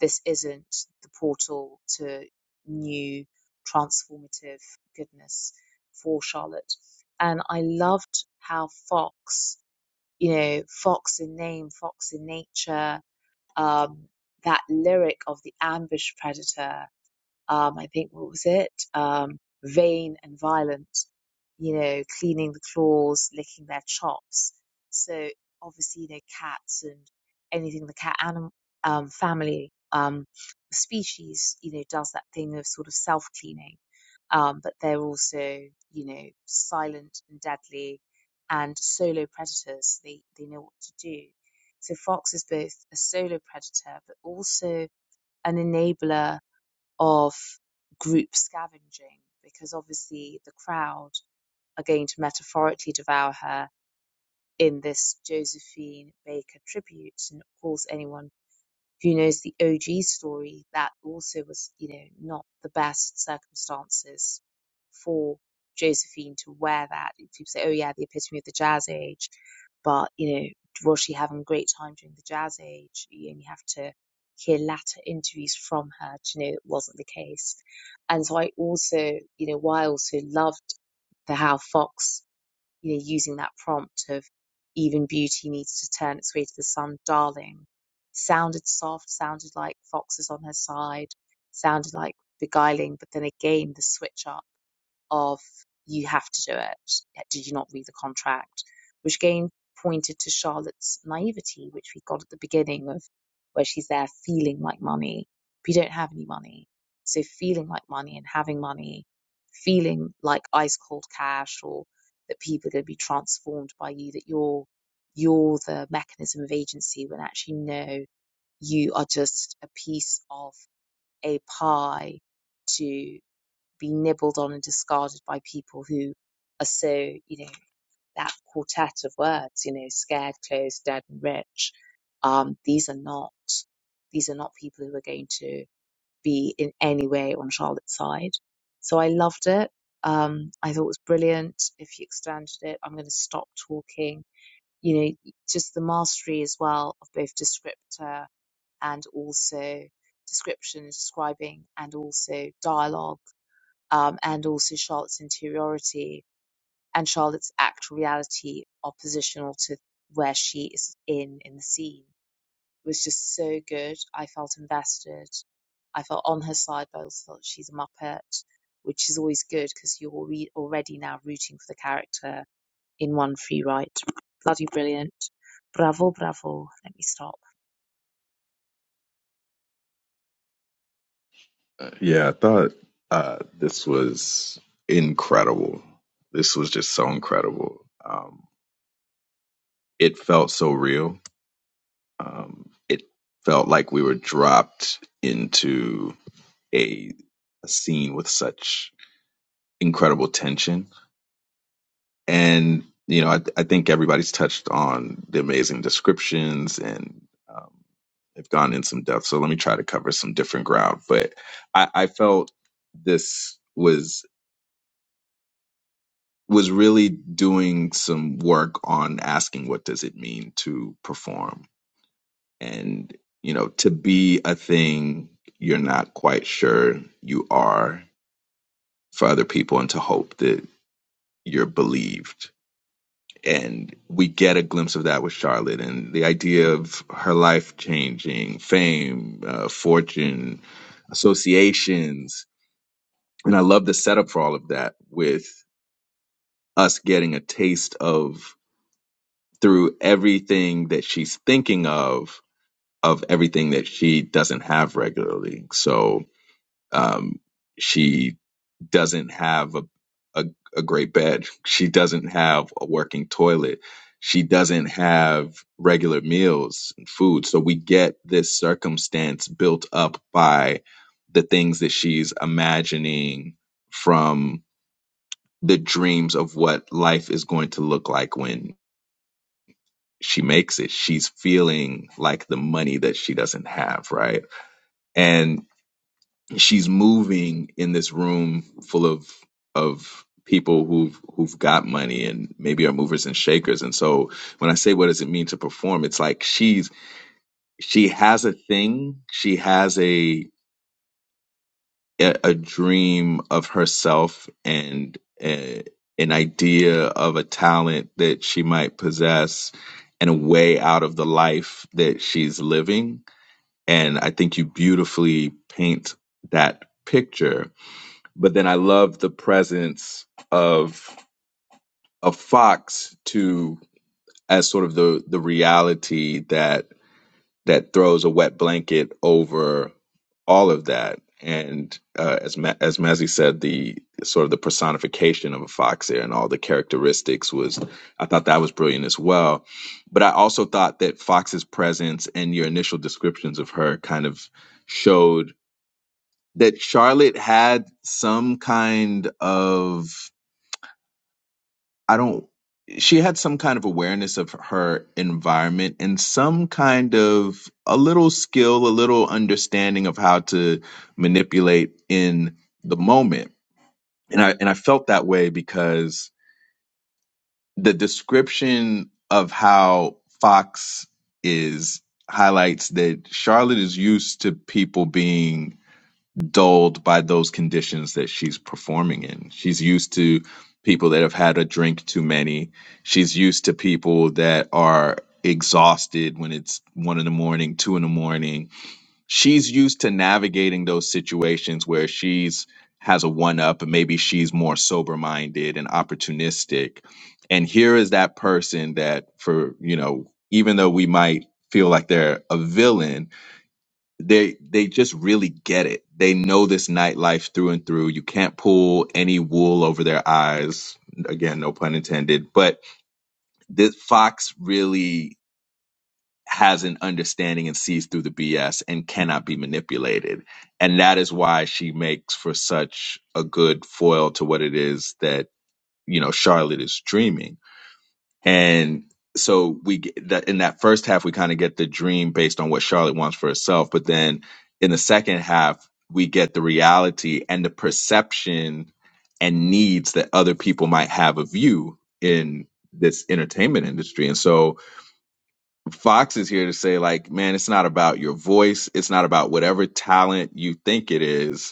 S7: this isn't the portal to new transformative goodness for charlotte and i loved how fox you know fox in name fox in nature um, that lyric of the ambush predator um, I think what was it? Um, vain and violent, you know, cleaning the claws, licking their chops. So obviously, you know, cats and anything the cat animal um, family um, species, you know, does that thing of sort of self cleaning. Um, but they're also, you know, silent and deadly and solo predators. They they know what to do. So fox is both a solo predator but also an enabler of group scavenging because obviously the crowd are going to metaphorically devour her in this Josephine Baker tribute. And of course, anyone who knows the OG story, that also was, you know, not the best circumstances for Josephine to wear that. People say, oh yeah, the epitome of the jazz age, but you know, was she having a great time during the jazz age? You only have to hear latter interviews from her to know it wasn't the case. And so I also, you know, why I also loved the Hal Fox you know, using that prompt of even beauty needs to turn its way to the sun, darling, sounded soft, sounded like foxes on her side, sounded like beguiling, but then again the switch up of you have to do it. Yeah, Did you not read the contract? Which again pointed to Charlotte's naivety, which we got at the beginning of where she's there feeling like money. But you don't have any money. So feeling like money and having money, feeling like ice cold cash or that people are going to be transformed by you, that you're you're the mechanism of agency when actually no, you are just a piece of a pie to be nibbled on and discarded by people who are so, you know, that quartet of words, you know, scared, closed, dead, and rich. Um, these are not, these are not people who are going to be in any way on Charlotte's side. So I loved it. Um, I thought it was brilliant. If you extended it, I'm going to stop talking. You know, just the mastery as well of both descriptor and also description, describing, and also dialogue um, and also Charlotte's interiority and Charlotte's act reality are positional to where she is in in the scene. It was just so good. I felt invested. I felt on her side, but I also felt she's a muppet, which is always good because you're alre- already now rooting for the character in one free write. Bloody brilliant. Bravo, bravo. Let me stop.
S5: Uh, yeah, I thought uh, this was incredible. This was just so incredible. Um, it felt so real. Um, it felt like we were dropped into a, a scene with such incredible tension and you know I, I think everybody's touched on the amazing descriptions and um, have gone in some depth so let me try to cover some different ground but I, I felt this was was really doing some work on asking what does it mean to perform and you know to be a thing you're not quite sure you are for other people and to hope that you're believed and we get a glimpse of that with Charlotte and the idea of her life changing, fame, uh, fortune, associations. And I love the setup for all of that with us getting a taste of through everything that she's thinking of, of everything that she doesn't have regularly. So um, she doesn't have a, a a great bed. She doesn't have a working toilet. She doesn't have regular meals and food. So we get this circumstance built up by the things that she's imagining from the dreams of what life is going to look like when she makes it. She's feeling like the money that she doesn't have, right? And she's moving in this room full of of people who've who've got money and maybe are movers and shakers and so when i say what does it mean to perform it's like she's she has a thing she has a a, a dream of herself and uh an idea of a talent that she might possess and a way out of the life that she's living and i think you beautifully paint that picture but then I love the presence of of Fox to as sort of the the reality that that throws a wet blanket over all of that. And uh, as Ma- as Mazzy said, the sort of the personification of a fox there and all the characteristics was, I thought that was brilliant as well. But I also thought that Fox's presence and your initial descriptions of her kind of showed that Charlotte had some kind of I don't, she had some kind of awareness of her environment and some kind of a little skill, a little understanding of how to manipulate in the moment. And I, and I felt that way because the description of how Fox is highlights that Charlotte is used to people being dulled by those conditions that she's performing in. She's used to people that have had a drink too many. She's used to people that are exhausted when it's one in the morning, two in the morning. She's used to navigating those situations where she's has a one up and maybe she's more sober minded and opportunistic. And here is that person that for, you know, even though we might feel like they're a villain, they they just really get it. They know this nightlife through and through. You can't pull any wool over their eyes. Again, no pun intended. But this Fox really has an understanding and sees through the BS and cannot be manipulated. And that is why she makes for such a good foil to what it is that, you know, Charlotte is dreaming and so we get that in that first half, we kind of get the dream based on what Charlotte wants for herself. But then in the second half, we get the reality and the perception and needs that other people might have of you in this entertainment industry. And so Fox is here to say, like, man, it's not about your voice. It's not about whatever talent you think it is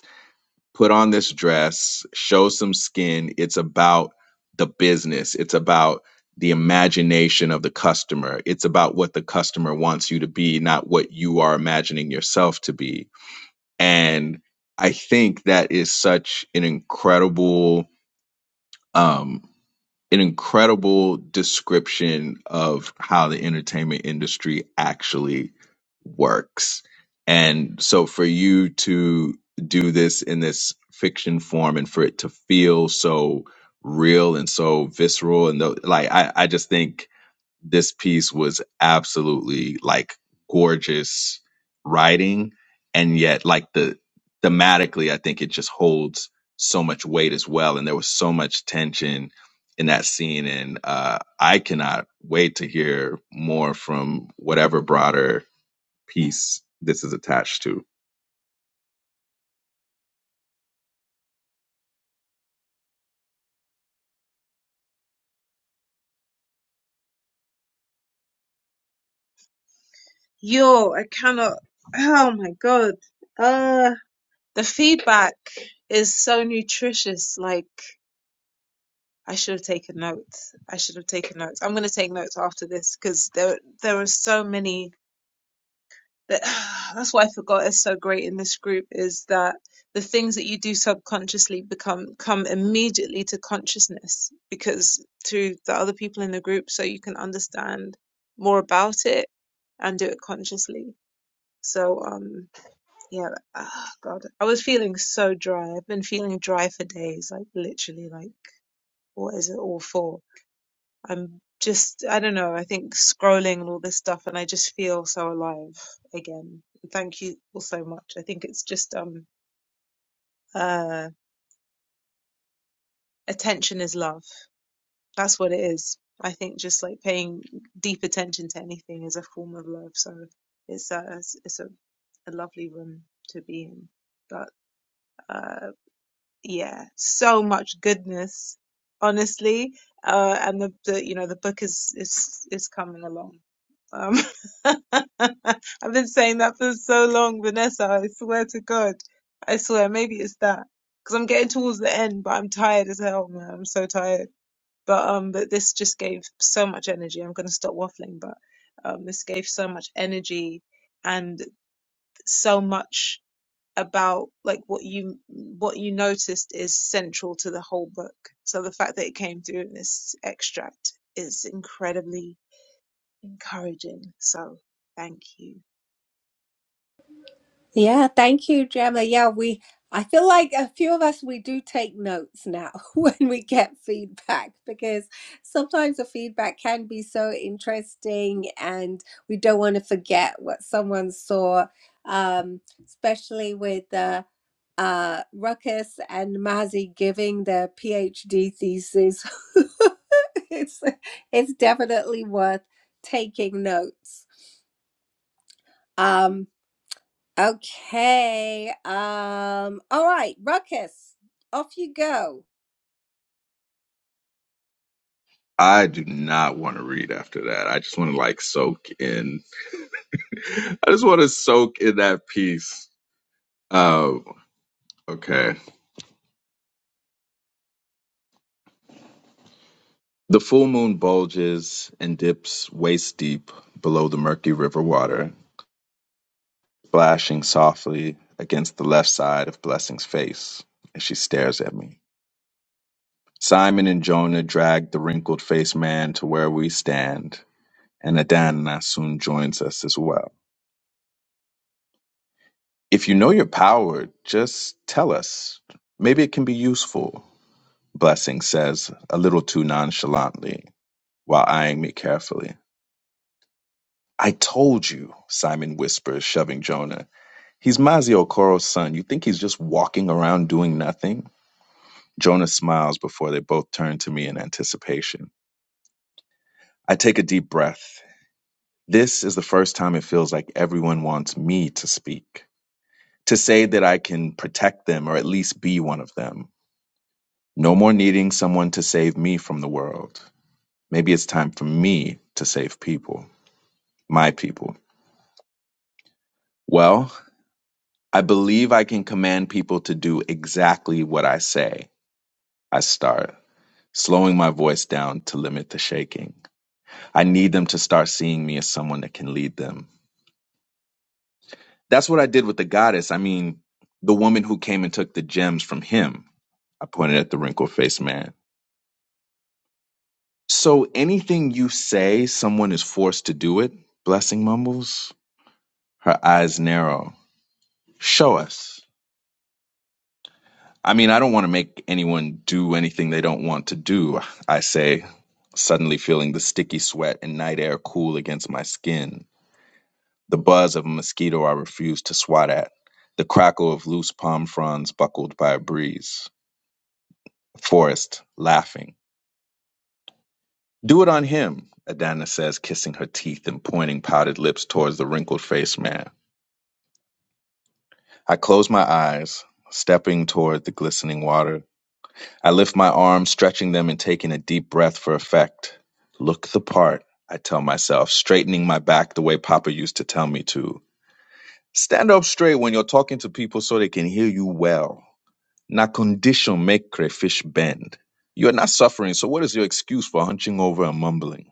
S5: put on this dress, show some skin. It's about the business, it's about the imagination of the customer, it's about what the customer wants you to be, not what you are imagining yourself to be. And I think that is such an incredible um an incredible description of how the entertainment industry actually works. And so for you to do this in this fiction form and for it to feel so real and so visceral and tho- like I, I just think this piece was absolutely like gorgeous writing and yet like the thematically i think it just holds so much weight as well and there was so much tension in that scene and uh i cannot wait to hear more from whatever broader piece this is attached to
S1: Yo, I cannot. Oh my god. Uh, the feedback is so nutritious. Like I should have taken notes. I should have taken notes. I'm gonna take notes after this because there there are so many that that's what I forgot is so great in this group is that the things that you do subconsciously become come immediately to consciousness because through the other people in the group so you can understand more about it and do it consciously. So um yeah, ah God, I was feeling so dry. I've been feeling dry for days, like literally like what is it all for? I'm just, I don't know, I think scrolling and all this stuff, and I just feel so alive again. Thank you all so much. I think it's just, um, uh, attention is love. That's what it is. I think just like paying deep attention to anything is a form of love. So it's, uh, it's, it's a, a lovely room to be in. But, uh, yeah, so much goodness, honestly. Uh, and the, the, you know, the book is, is, is coming along Um, I've been saying that for so long, Vanessa. I swear to God. I swear, maybe it's that. Because I'm getting towards the end, but I'm tired as hell, man. I'm so tired. But um, but this just gave so much energy. I'm gonna stop waffling, but um, this gave so much energy and so much about like what you what you noticed is central to the whole book. So the fact that it came through in this extract is incredibly encouraging. So thank you.
S2: Yeah, thank you, Gemma. Yeah, we, I feel like a few of us, we do take notes now when we get feedback because sometimes the feedback can be so interesting and we don't want to forget what someone saw, um, especially with. the. uh, Ruckus and Mazzy giving their PhD thesis. it's it's definitely worth taking notes. Um, okay. Um, all right, Ruckus, off you go.
S5: i do not want to read after that i just want to like soak in i just want to soak in that piece um okay The full moon bulges and dips waist deep below the murky river water, splashing softly against the left side of Blessing's face as she stares at me. Simon and Jonah drag the wrinkled faced man to where we stand, and Adana soon joins us as well. If you know your power, just tell us. Maybe it can be useful, Blessing says, a little too nonchalantly, while eyeing me carefully. I told you, Simon whispers, shoving Jonah He's Mazio Okoro's son. You think he's just walking around doing nothing? Jonah smiles before they both turn to me in anticipation. I take a deep breath. This is the first time it feels like everyone wants me to speak, to say that I can protect them or at least be one of them. No more needing someone to save me from the world. Maybe it's time for me to save people, my people. Well, I believe I can command people to do exactly what I say. I start. slowing my voice down to limit the shaking. I need them to start seeing me as someone that can lead them. That's what I did with the goddess. I mean, the woman who came and took the gems from him. I pointed at the wrinkled faced man. So anything you say, someone is forced to do it? Blessing mumbles. Her eyes narrow. Show us. I mean, I don't want to make anyone do anything they don't want to do, I say, suddenly feeling the sticky sweat and night air cool against my skin. the buzz of a mosquito I refused to swat at, the crackle of loose palm fronds buckled by a breeze, the forest laughing. Do it on him, Adana says, kissing her teeth and pointing pouted lips towards the wrinkled faced man. I close my eyes, stepping toward the glistening water. I lift my arms, stretching them and taking a deep breath for effect. Look the part, I tell myself, straightening my back the way Papa used to tell me to. Stand up straight when you're talking to people so they can hear you well. Now condition make crayfish bend. You are not suffering, so what is your excuse for hunching over and mumbling?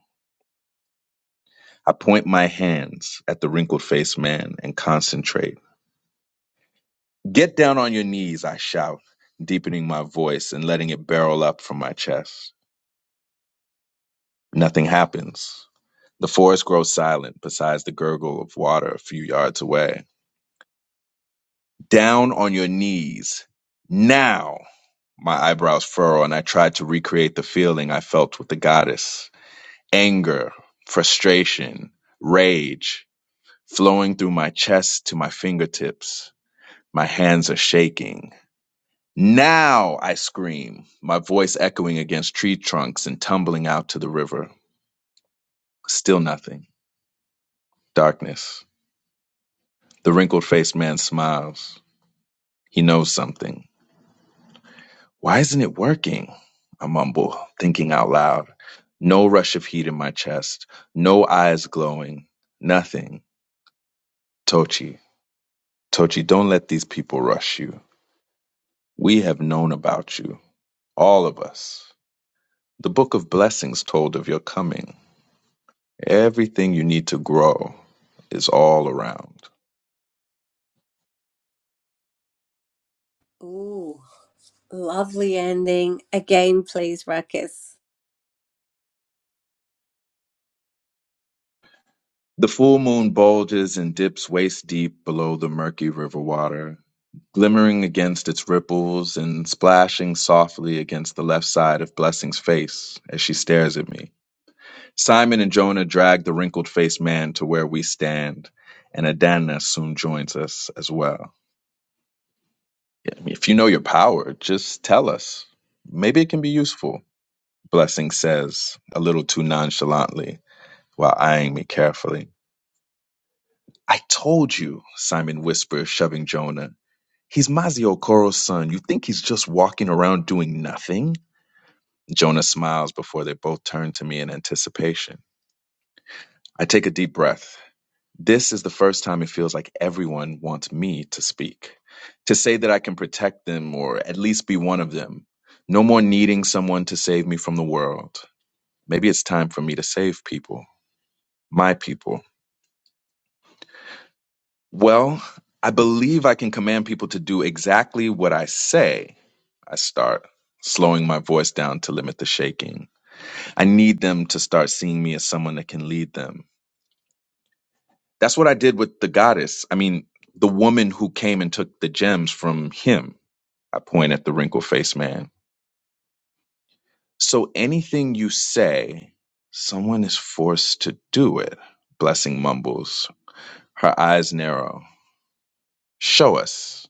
S5: I point my hands at the wrinkled faced man and concentrate. Get down on your knees, I shout, deepening my voice and letting it barrel up from my chest. Nothing happens. The forest grows silent besides the gurgle of water a few yards away. Down on your knees. Now! My eyebrows furrow and I try to recreate the feeling I felt with the goddess. anger, frustration, rage flowing through my chest to my fingertips. My hands are shaking. Now I scream, my voice echoing against tree trunks and tumbling out to the river. Still nothing. Darkness. The wrinkled faced man smiles. He knows something. Why isn't it working? I mumble, thinking out loud. No rush of heat in my chest, no eyes glowing, nothing. Tochi. Tochi, don't let these people rush you. We have known about you, all of us. The book of blessings told of your coming. Everything you need to grow is all around.
S2: Ooh, lovely ending. Again, please, Ruckus.
S5: The full moon bulges and dips waist deep below the murky river water, glimmering against its ripples and splashing softly against the left side of Blessing's face as she stares at me. Simon and Jonah drag the wrinkled faced man to where we stand, and Adana soon joins us as well. Yeah, I mean, if you know your power, just tell us. Maybe it can be useful. Blessing says, a little too nonchalantly, while eyeing me carefully. I told you, Simon whispers, shoving Jonah. He's Mazio Koro's son. You think he's just walking around doing nothing? Jonah smiles before they both turn to me in anticipation. I take a deep breath. This is the first time it feels like everyone wants me to speak, to say that I can protect them or at least be one of them. No more needing someone to save me from the world. Maybe it's time for me to save people, my people. Well, I believe I can command people to do exactly what I say. I start slowing my voice down to limit the shaking. I need them to start seeing me as someone that can lead them. That's what I did with the goddess. I mean, the woman who came and took the gems from him. I point at the wrinkled faced man. So anything you say, someone is forced to do it. Blessing mumbles, her eyes narrow. Show us.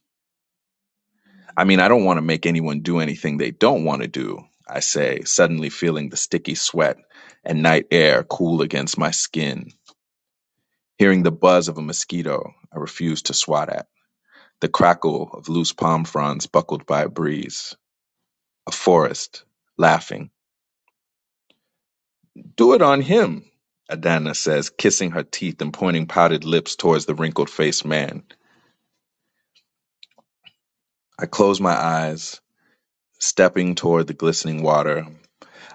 S5: I mean, I don't want to make anyone do anything they don't want to do, I say, suddenly feeling the sticky sweat and night air cool against my skin. Hearing the buzz of a mosquito I refuse to swat at, the crackle of loose palm fronds buckled by a breeze, a forest laughing Do it on him, Adana says, kissing her teeth and pointing pouted lips towards the wrinkled faced man. I close my eyes, stepping toward the glistening water.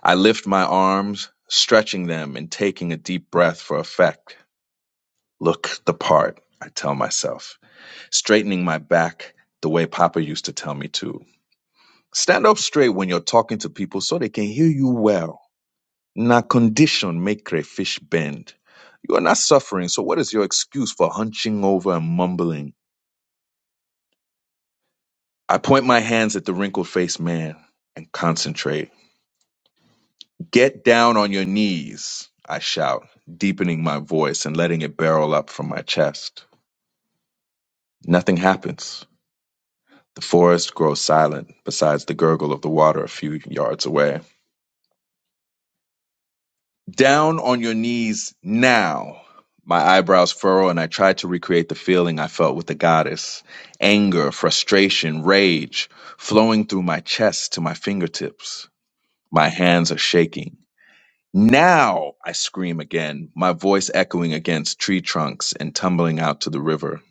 S5: I lift my arms, stretching them and taking a deep breath for effect. Look the part, I tell myself, straightening my back the way Papa used to tell me to. Stand up straight when you're talking to people so they can hear you well. Na condition make crayfish bend. You are not suffering, so what is your excuse for hunching over and mumbling? I point my hands at the wrinkled faced man and concentrate. Get down on your knees, I shout, deepening my voice and letting it barrel up from my chest. Nothing happens. The forest grows silent besides the gurgle of the water a few yards away. Down on your knees now. My eyebrows furrow and I try to recreate the feeling I felt with the goddess. Anger, frustration, rage flowing through my chest to my fingertips. My hands are shaking. Now I scream again, my voice echoing against tree trunks and tumbling out to the river.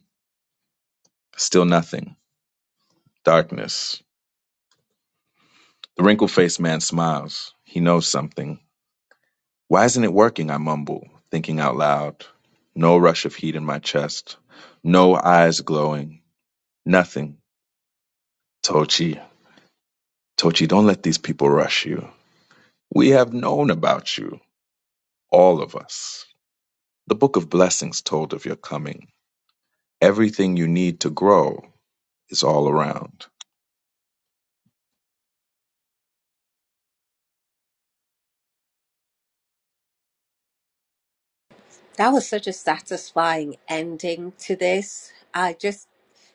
S5: Still nothing. Darkness. The wrinkled faced man smiles. He knows something. Why isn't it working? I mumble, thinking out loud. No rush of heat in my chest. No eyes glowing. Nothing. Tochi, Tochi, don't let these people rush you. We have known about you, all of us. The Book of Blessings told of your coming. Everything you need to grow is all around.
S2: That was such a satisfying ending to this. I just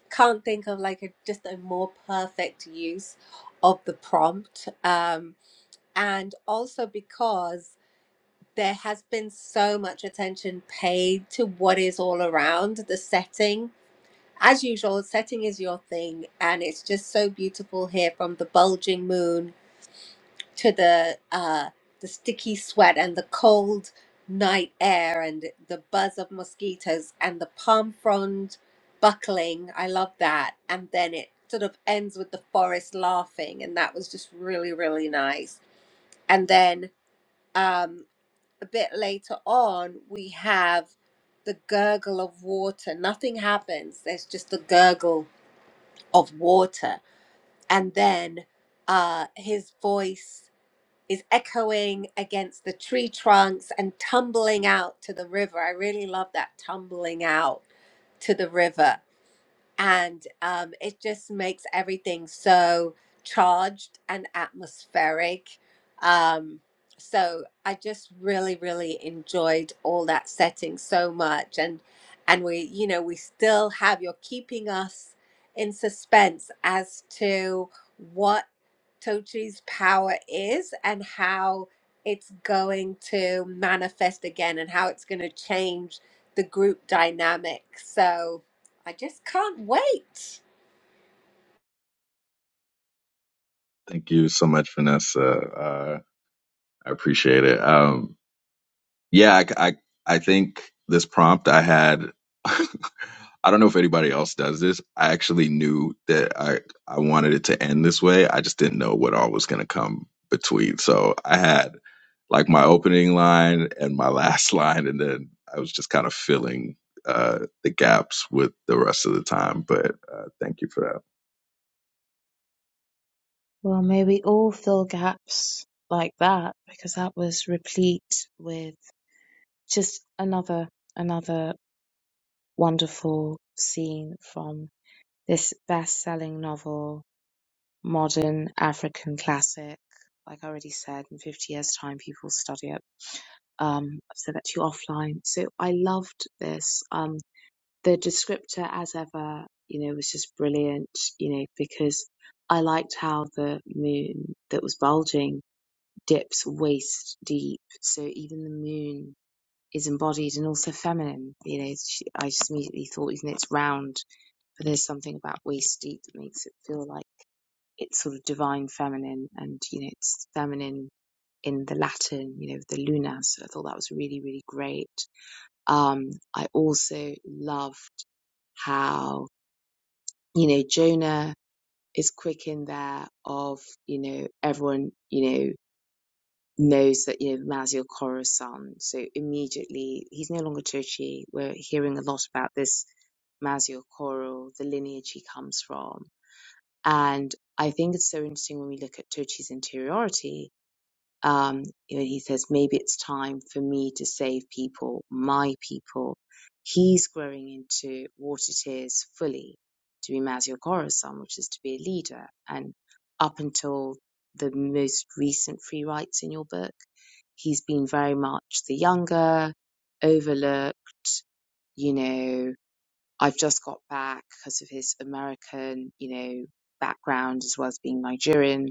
S2: can't think of like a just a more perfect use of the prompt um and also because there has been so much attention paid to what is all around the setting as usual setting is your thing and it's just so beautiful here from the bulging moon to the uh, the sticky sweat and the cold night air and the buzz of mosquitoes and the palm frond buckling. I love that. And then it sort of ends with the forest laughing, and that was just really really nice. And then um, a bit later on, we have the gurgle of water. Nothing happens. There's just the gurgle of water, and then uh, his voice is echoing against the tree trunks and tumbling out to the river. I really love that tumbling out to the river and um, it just makes everything so charged and atmospheric. Um, so I just really, really enjoyed all that setting so much, and and we, you know, we still have you're keeping us in suspense as to what Tochi's power is and how it's going to manifest again and how it's going to change the group dynamic. So I just can't wait.
S5: Thank you so much, Vanessa. Uh, I appreciate it. Um, Yeah, I I I think this prompt I had, I don't know if anybody else does this. I actually knew that I, I wanted it to end this way. I just didn't know what all was going to come between. So I had like my opening line and my last line, and then I was just kind of filling uh, the gaps with the rest of the time. But uh, thank you for that.
S7: Well, may we all fill gaps like that because that was replete with just another another wonderful scene from this best-selling novel, modern African classic. Like I already said, in 50 years' time, people study it. Um, I've said that to you offline. So I loved this. Um, the descriptor, as ever, you know, was just brilliant. You know, because I liked how the moon that was bulging dips waist deep. So even the moon is embodied and also feminine. You know, she, I just immediately thought, even though it's round, but there's something about waist deep that makes it feel like it's sort of divine feminine, and you know, it's feminine in the Latin, you know, the luna. So I thought that was really, really great. Um, I also loved how you know Jonah is quick in there of you know everyone you know knows that you know Mazio Corazon. So immediately he's no longer Tochi. We're hearing a lot about this Mazio Coro, the lineage he comes from. And I think it's so interesting when we look at Tochi's interiority um, and he says, maybe it's time for me to save people, my people. He's growing into what it is fully to be Mazio Corazon, which is to be a leader. And up until the most recent free rights in your book, he's been very much the younger, overlooked, you know, I've just got back because of his American, you know, background as well as being Nigerian.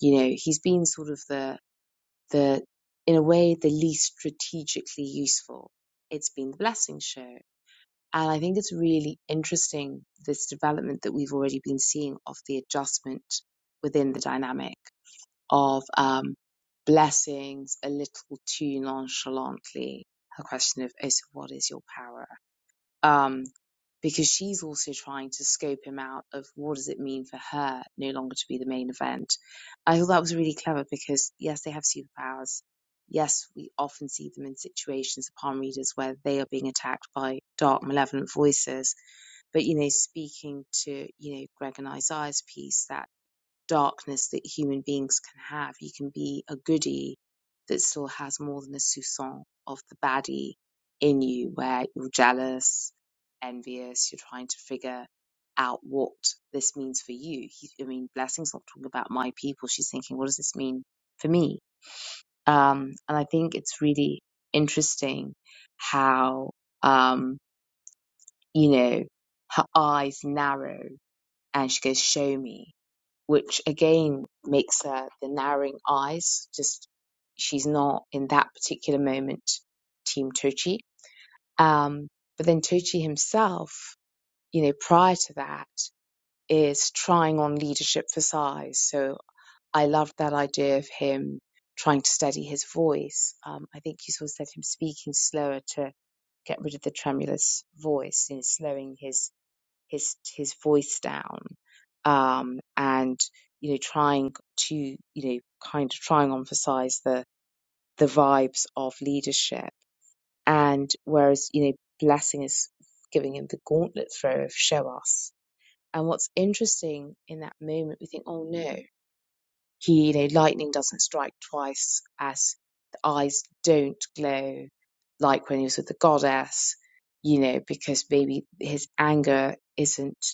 S7: You know, he's been sort of the the in a way the least strategically useful. It's been the blessing show. And I think it's really interesting this development that we've already been seeing of the adjustment within the dynamic of um, blessings a little too nonchalantly. Her question of, oh, so what is your power? um, because she's also trying to scope him out of what does it mean for her no longer to be the main event. I thought that was really clever because yes, they have superpowers. Yes, we often see them in situations, palm readers, where they are being attacked by dark, malevolent voices. But you know, speaking to you know Greg and Isaiah's piece, that darkness that human beings can have. You can be a goody that still has more than a soupçon of the baddie in you, where you're jealous, envious, you're trying to figure out what this means for you. He, I mean, Blessing's not talking about my people. She's thinking, what does this mean for me? Um, and I think it's really interesting how, um, you know, her eyes narrow and she goes, show me which again makes her the narrowing eyes. Just she's not in that particular moment Team Tochi. Um, but then Tochi himself, you know, prior to that, is trying on leadership for size. So I loved that idea of him trying to steady his voice. Um, I think you saw said him speaking slower to get rid of the tremulous voice and you know, slowing his his his voice down um, and you know trying to you know kind of trying to emphasize the the vibes of leadership and whereas you know blessing is giving him the gauntlet throw of show us and what's interesting in that moment we think oh no he, you know, lightning doesn't strike twice, as the eyes don't glow like when he was with the goddess, you know, because maybe his anger isn't,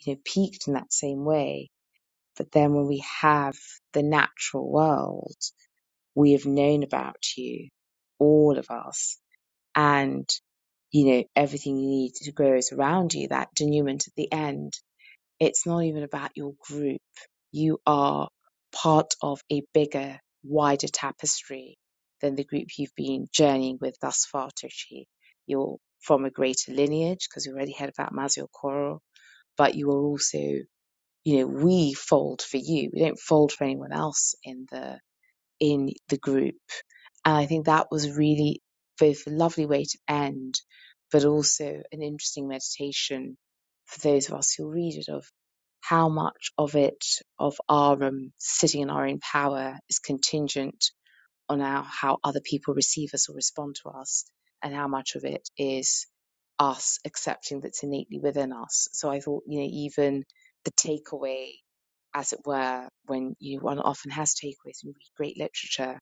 S7: you know, peaked in that same way. But then when we have the natural world, we have known about you, all of us, and you know, everything you need to grow is around you, that denouement at the end it's not even about your group. You are part of a bigger, wider tapestry than the group you've been journeying with thus far to achieve. You're from a greater lineage because we already heard about Mazio Koro, but you are also, you know, we fold for you. We don't fold for anyone else in the in the group and I think that was really both a lovely way to end, but also an interesting meditation for those of us who read it of how much of it, of our um, sitting in our own power, is contingent on our, how other people receive us or respond to us, and how much of it is us accepting that's innately within us. So I thought, you know, even the takeaway, as it were, when you one often has takeaways and read great literature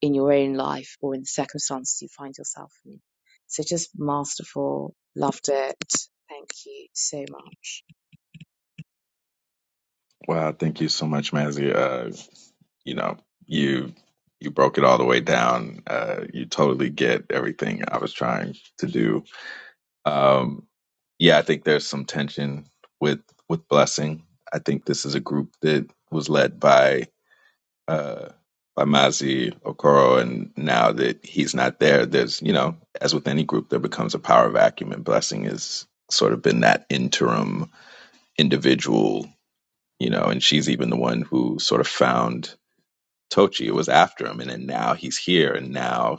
S7: in your own life or in the circumstances you find yourself in. So just masterful. Loved it. Thank you so much.
S5: Wow, thank you so much, Mazzy. Uh, you know you you broke it all the way down uh you totally get everything i was trying to do um yeah i think there's some tension with with blessing i think this is a group that was led by uh by mazi okoro and now that he's not there there's you know as with any group there becomes a power vacuum and blessing has sort of been that interim individual you know and she's even the one who sort of found Tochi was after him, and then now he's here, and now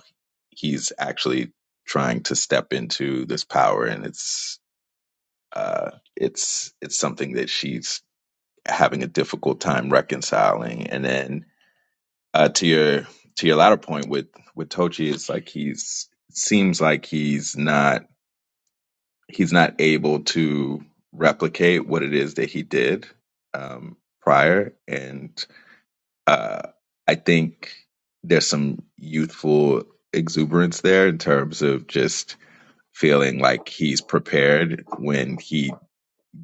S5: he's actually trying to step into this power, and it's uh, it's it's something that she's having a difficult time reconciling. And then uh, to your to your latter point with with Tochi, it's like he's seems like he's not he's not able to replicate what it is that he did um, prior, and Uh, I think there's some youthful exuberance there in terms of just feeling like he's prepared when he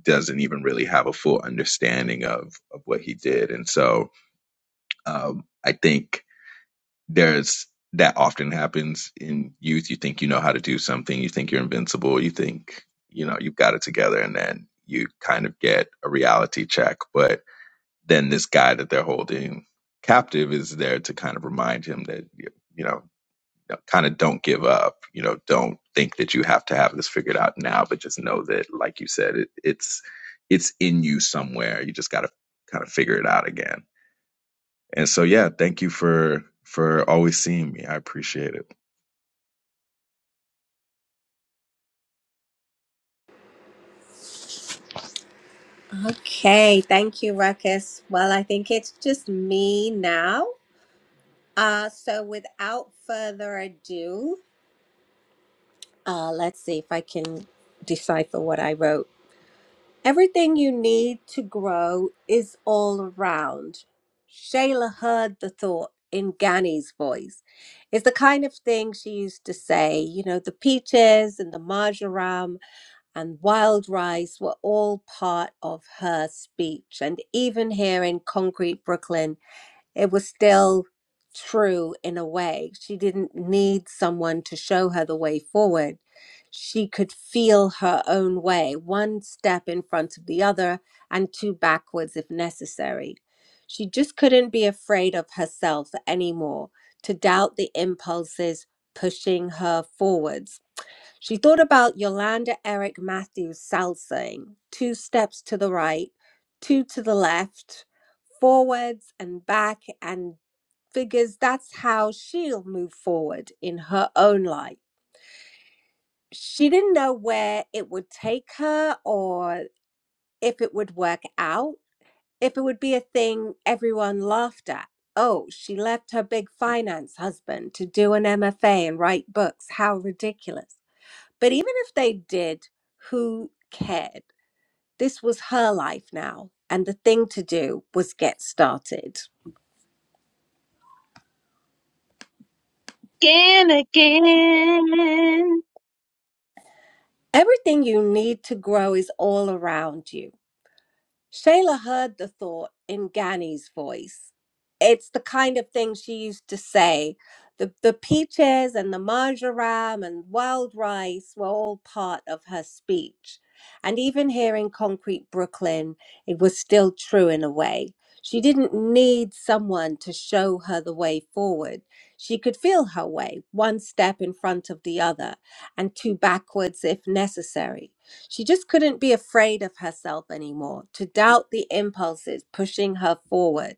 S5: doesn't even really have a full understanding of, of what he did. And so um, I think there's that often happens in youth. You think you know how to do something, you think you're invincible, you think, you know, you've got it together, and then you kind of get a reality check. But then this guy that they're holding captive is there to kind of remind him that you know kind of don't give up you know don't think that you have to have this figured out now but just know that like you said it, it's it's in you somewhere you just got to kind of figure it out again and so yeah thank you for for always seeing me i appreciate it
S2: Okay, thank you, Ruckus. Well, I think it's just me now. Uh, so without further ado, uh, let's see if I can decipher what I wrote. Everything you need to grow is all around. Shayla heard the thought in Gani's voice. It's the kind of thing she used to say, you know, the peaches and the marjoram and wild rice were all part of her speech. And even here in concrete Brooklyn, it was still true in a way. She didn't need someone to show her the way forward. She could feel her own way, one step in front of the other and two backwards if necessary. She just couldn't be afraid of herself anymore, to doubt the impulses pushing her forwards she thought about Yolanda Eric Matthews' salsing, two steps to the right, two to the left, forwards and back, and figures that's how she'll move forward in her own life. She didn't know where it would take her or if it would work out, if it would be a thing everyone laughed at. Oh, she left her big finance husband to do an MFA and write books. How ridiculous. But even if they did, who cared? This was her life now, and the thing to do was get started. Everything you need to grow is all around you. Shayla heard the thought in Gani's voice. It's the kind of thing she used to say. The, the peaches and the marjoram and wild rice were all part of her speech. And even here in concrete Brooklyn, it was still true in a way. She didn't need someone to show her the way forward. She could feel her way, one step in front of the other, and two backwards if necessary. She just couldn't be afraid of herself anymore, to doubt the impulses pushing her forward.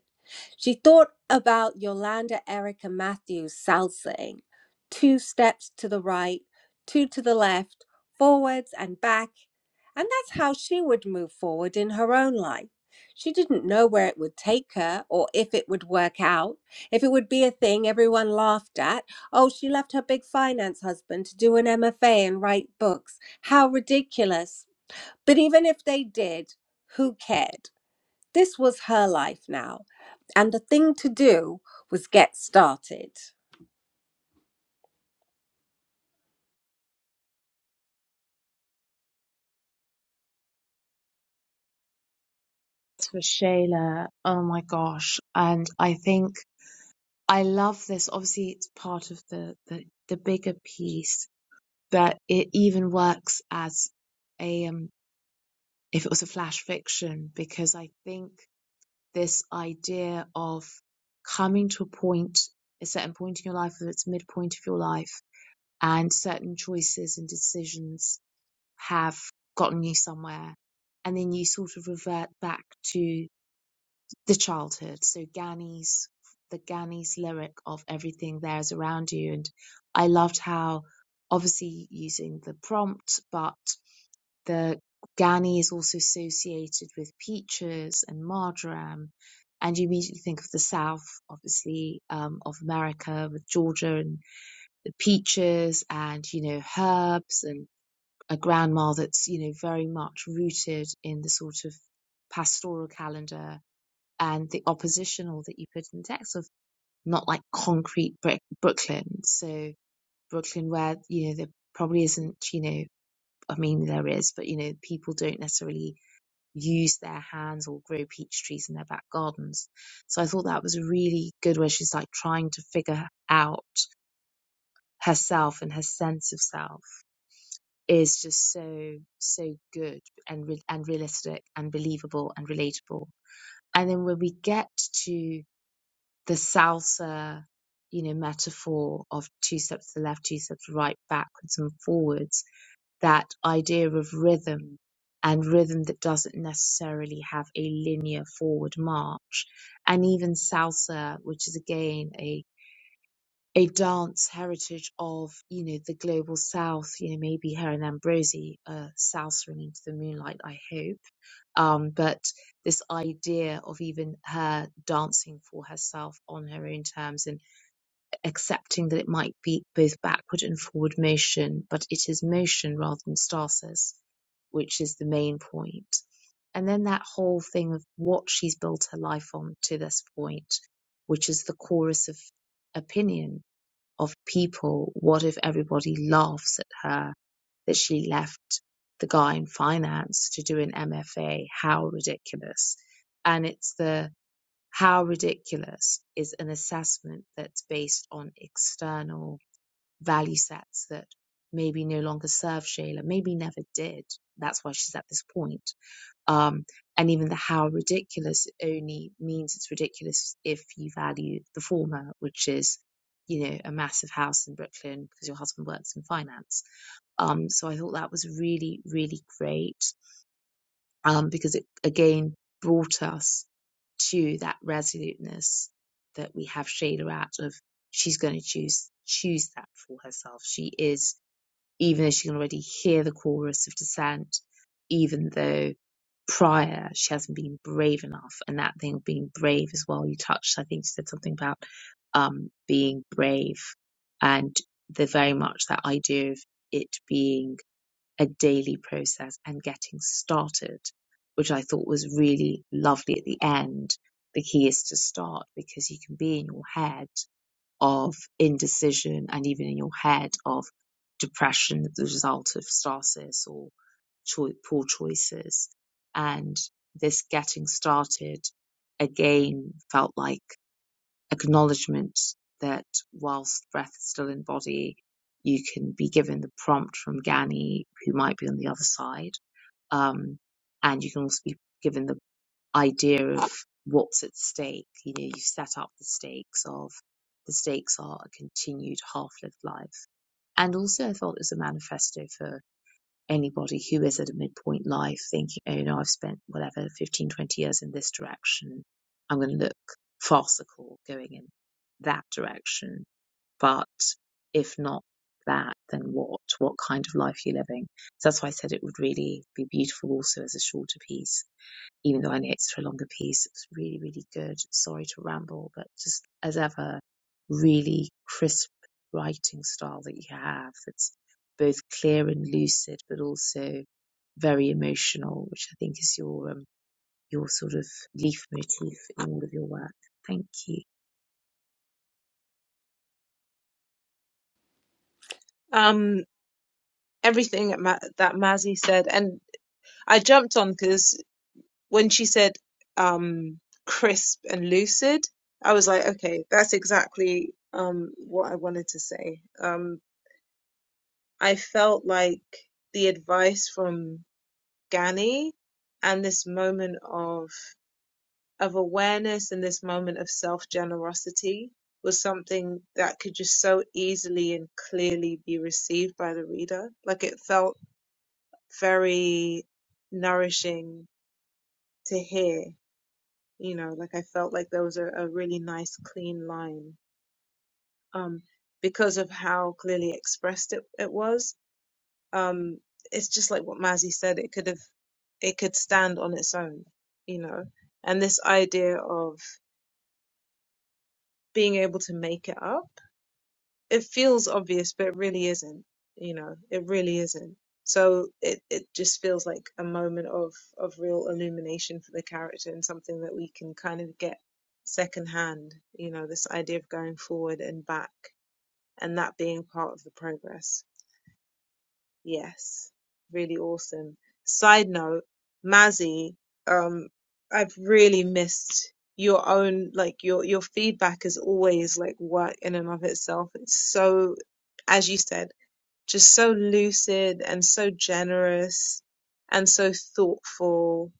S2: She thought about Yolanda Erica Matthews' salsaing two steps to the right, two to the left, forwards and back. And that's how she would move forward in her own life. She didn't know where it would take her or if it would work out, if it would be a thing everyone laughed at. Oh, she left her big finance husband to do an MFA and write books. How ridiculous. But even if they did, who cared? This was her life now, and the thing to do was get started.
S7: For Shayla, oh my gosh. And I think I love this. Obviously, it's part of the, the, the bigger piece, but it even works as a, um, if it was a flash fiction, because I think this idea of coming to a point, a certain point in your life, whether it's midpoint of your life, and certain choices and decisions have gotten you somewhere. And then you sort of revert back to the childhood. So Gani's, the Gani's lyric of everything there is around you. And I loved how obviously using the prompt, but the Gani is also associated with peaches and marjoram. And you immediately think of the South, obviously, um, of America with Georgia and peaches and you know herbs and a grandma that's you know very much rooted in the sort of pastoral calendar and the oppositional that you put in the text of not like concrete brick Brooklyn so Brooklyn where you know there probably isn't you know I mean there is but you know people don't necessarily use their hands or grow peach trees in their back gardens so I thought that was a really good where she's like trying to figure out herself and her sense of self is just so so good and re- and realistic and believable and relatable. And then when we get to the salsa, you know, metaphor of two steps to the left, two steps to the right, backwards and forwards, that idea of rhythm and rhythm that doesn't necessarily have a linear forward march, and even salsa, which is again a a dance heritage of you know the global south you know maybe her and ambrosi uh south swinging to the moonlight i hope um but this idea of even her dancing for herself on her own terms and accepting that it might be both backward and forward motion but it is motion rather than stasis which is the main point point. and then that whole thing of what she's built her life on to this point which is the chorus of opinion of people. What if everybody laughs at her that she left the guy in finance to do an MFA? How ridiculous. And it's the how ridiculous is an assessment that's based on external value sets that maybe no longer serve Shayla, maybe never did. That's why she's at this point. Um, and even the how ridiculous only means it's ridiculous if you value the former, which is, you know, a massive house in Brooklyn because your husband works in finance. Um, so I thought that was really, really great um, because it again brought us to that resoluteness that we have Shayla at of she's going to choose choose that for herself. She is even though she can already hear the chorus of dissent, even though prior she hasn't been brave enough. And that thing of being brave as well, you touched, I think you said something about um, being brave and the very much that idea of it being a daily process and getting started, which I thought was really lovely at the end. The key is to start because you can be in your head of indecision and even in your head of depression, the result of stasis or choi- poor choices. And this getting started again felt like acknowledgement that whilst breath is still in body, you can be given the prompt from Gani, who might be on the other side. Um, and you can also be given the idea of what's at stake. You know, you've set up the stakes of the stakes are a continued half-lived life. And also I felt it was a manifesto for anybody who is at a midpoint life thinking, oh, you know, I've spent whatever 15, 20 years in this direction. I'm going to look farcical going in that direction. But if not that, then what? What kind of life are you living? So that's why I said it would really be beautiful also as a shorter piece even though I know it's for a longer piece. It's really, really good. Sorry to ramble, but just as ever, really crisp writing style that you have. It's both clear and lucid, but also very emotional, which I think is your um, your sort of leaf motif in all of your work. Thank you.
S1: Um, everything that, Ma- that Mazzy said, and I jumped on because when she said um, crisp and lucid, I was like, okay, that's exactly um, what I wanted to say. Um, I felt like the advice from Gani and this moment of of awareness and this moment of self generosity was something that could just so easily and clearly be received by the reader. Like it felt very nourishing to hear, you know, like I felt like there was a, a really nice clean line um, because of how clearly expressed it, it was. Um, it's just like what Mazzy said, it could have, it could stand on its own, you know, and this idea of being able to make it up it feels obvious, but it really isn't. You know, it really isn't. So it, it just feels like a moment of, of real illumination for the character and something that we can kind of get secondhand, you know, this idea of going forward and back and that being part of the progress. Yes, really awesome. Side note, Mazzy, um, I've really missed your own like your your feedback is always like work in and of itself. It's so, as you said, just so lucid and so generous and so thoughtful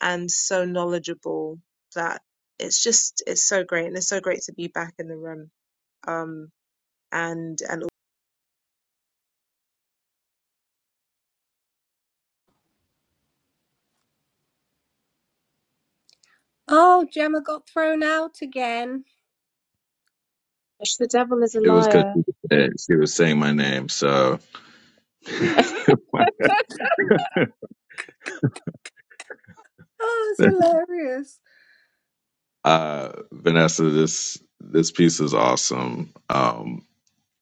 S1: and so knowledgeable that it's just it's so great and it's so great to be back in the room. Um, and and
S2: Oh, Gemma got thrown out again.
S7: The Devil is a
S5: it was because
S7: Liar.
S5: she was saying my name so
S2: Oh, it's hilarious.
S5: uh vanessa this this piece is awesome um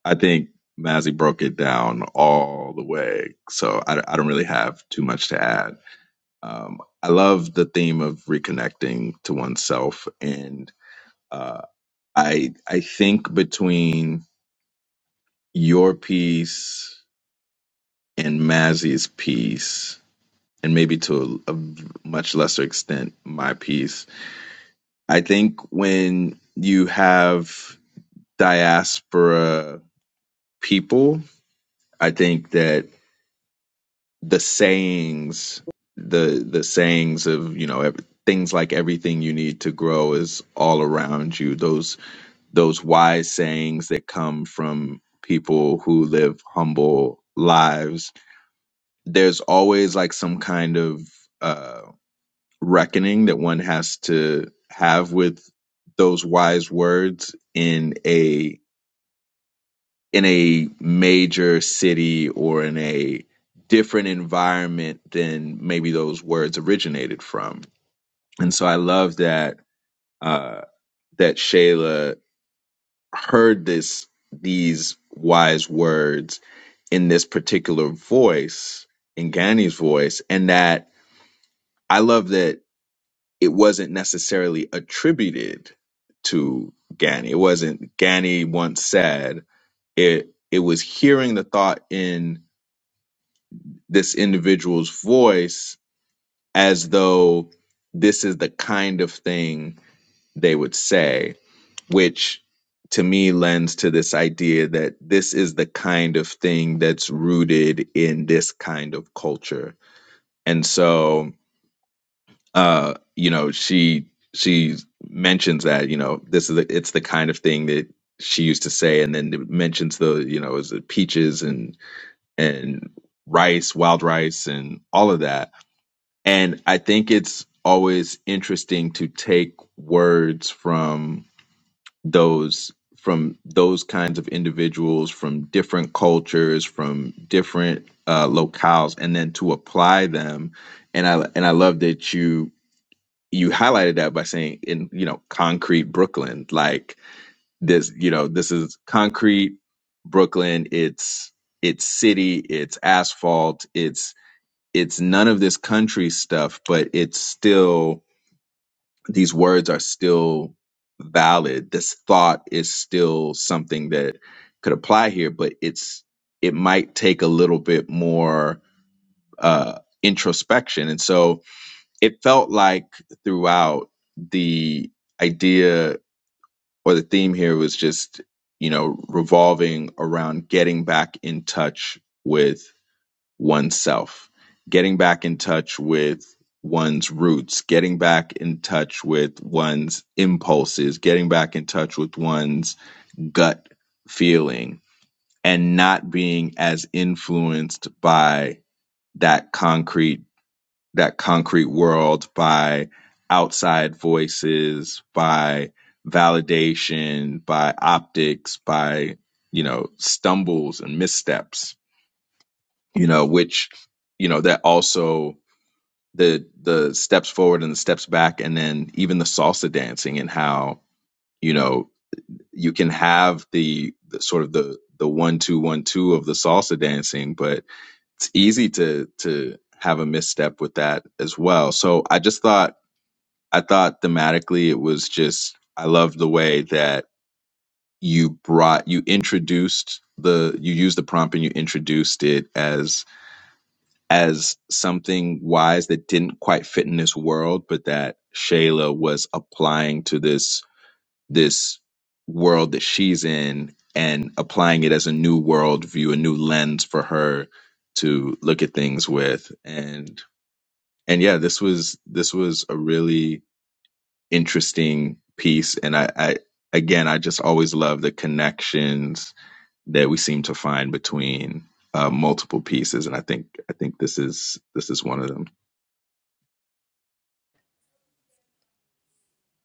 S5: I think Mazzy broke it down all the way, so I, I don't really have too much to add. Um, I love the theme of reconnecting to oneself, and uh, I I think between your piece and Mazzy's piece, and maybe to a, a much lesser extent my piece, I think when you have diaspora people, I think that. the sayings the the sayings of you know ev- things like everything you need to grow is all around you those those wise sayings that come from people who live humble lives there's always like some kind of uh reckoning that one has to have with those wise words in a in a major city or in a different environment than maybe those words originated from. And so I love that uh, that Shayla heard this these wise words in this particular voice, in Gani's voice, and that I love that it wasn't necessarily attributed to Gani. It wasn't Gani once said it. It was hearing the thought in this individual's voice as though this is the kind of thing they would say, which to me lends to this idea that this is the kind of thing that's rooted in this kind of culture. And so, uh, you know, she she mentions that you know this is the, it's the kind of thing that she used to say, and then it mentions the you know is it peaches and and rice, wild rice, and all of that And I think it's always interesting to take words from those from those kinds of individuals from different cultures, from different uh, locales, and then to apply them. And I and I love that you you highlighted that by saying in you know concrete Brooklyn, like this you know this is concrete Brooklyn. It's it's city, it's asphalt, it's it's none of this country stuff, but it's still these words are still valid. This thought is still something that could apply here, but it's it might take a little bit more uh, introspection. And so it felt like throughout the idea or the theme here was just you know revolving around getting back in touch with oneself, getting back in touch with one's roots, getting back in touch with one's impulses, getting back in touch with one's gut feeling, and not being as influenced by that concrete that concrete world by outside voices by validation by optics by you know stumbles and missteps you know which you know that also the the steps forward and the steps back and then even the salsa dancing and how you know you can have the, the sort of the the one two one two of the salsa dancing but it's easy to to have a misstep with that as well so i just thought i thought thematically it was just i love the way that you brought you introduced the you used the prompt and you introduced it as. as something wise that didn't quite fit in this world, but that Shayla was applying to this this world that she's in and applying it as a new worldview, a new lens for her to look at things with. And and yeah, this was this was a really interesting piece. And I, I again I just always love the connections that we seem to find between uh, multiple pieces. And I think I think this is this is one of them.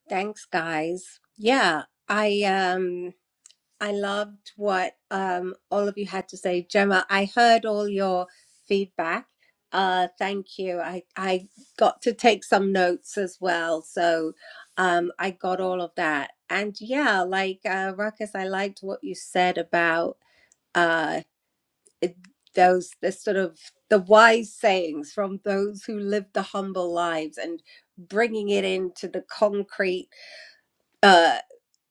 S2: Thanks, guys. Yeah, I um I loved what um all of you had to say. Gemma, I heard all your feedback. Uh thank you. I I got to take some notes as well. So um I got all of that. And yeah, like uh Ruckus, I liked what you said about uh it- those the sort of the wise sayings from those who live the humble lives and bringing it into the concrete uh,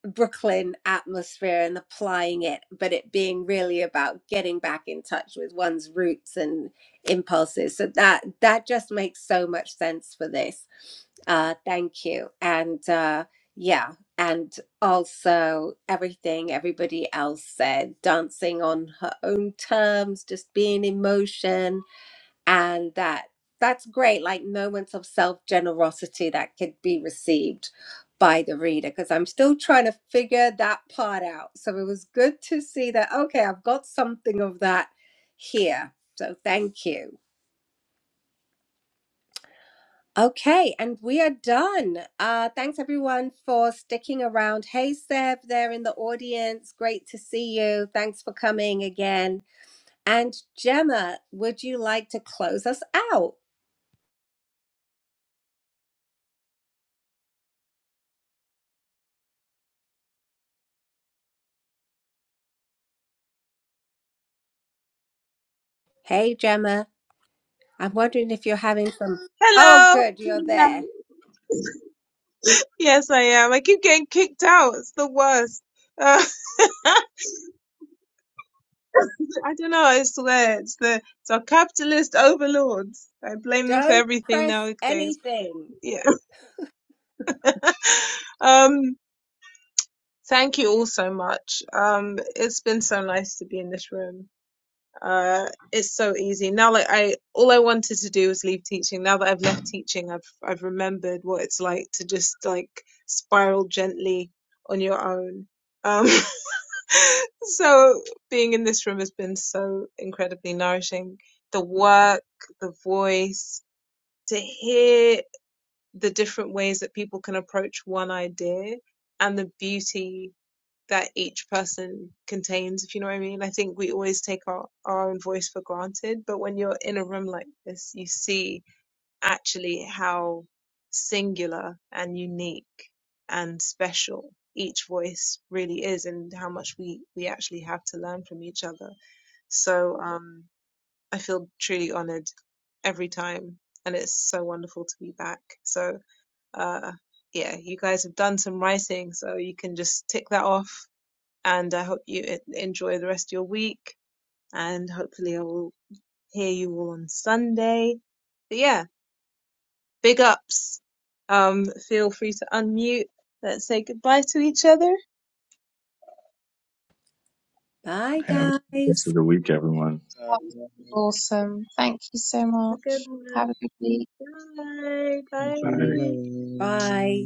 S2: Brooklyn atmosphere and applying it, but it being really about getting back in touch with one's roots and impulses. So that that just makes so much sense for this. Uh, thank you, and uh, yeah, and also everything everybody else said, dancing on her own terms, just being in motion and that that's great like moments of self generosity that could be received by the reader because i'm still trying to figure that part out so it was good to see that okay i've got something of that here so thank you okay and we are done uh thanks everyone for sticking around hey seb there in the audience great to see you thanks for coming again and gemma would you like to close us out hey gemma I'm wondering if you're having some. Oh,
S1: hello.
S2: good, you're there.
S1: Yes, I am. I keep getting kicked out. It's the worst. Uh, I don't know. I swear, it's the it's our capitalist overlords. I blame them for
S2: Don't
S1: everything
S2: press
S1: nowadays.
S2: anything.
S1: Yeah. Um. Thank you all so much. Um. It's been so nice to be in this room. Uh. It's so easy now. Like I, all I wanted to do was leave teaching. Now that I've left teaching, I've I've remembered what it's like to just like spiral gently on your own. Um. So being in this room has been so incredibly nourishing. The work, the voice, to hear the different ways that people can approach one idea and the beauty that each person contains, if you know what I mean. I think we always take our, our own voice for granted, but when you're in a room like this, you see actually how singular and unique and special each voice really is and how much we we actually have to learn from each other so um i feel truly honored every time and it's so wonderful to be back so uh yeah you guys have done some writing so you can just tick that off and i hope you en- enjoy the rest of your week and hopefully i will hear you all on sunday But yeah. Big ups. Um, feel free to unmute. Let's say goodbye to each other.
S2: Bye,
S5: Have a good rest
S2: guys.
S5: of the week, everyone.
S6: Uh,
S7: That was awesome. Thank you so
S1: Have
S7: much.
S1: a good
S7: Have
S1: one.
S7: a good week.
S1: Bye.
S5: Bye.
S1: Bye.
S2: Bye.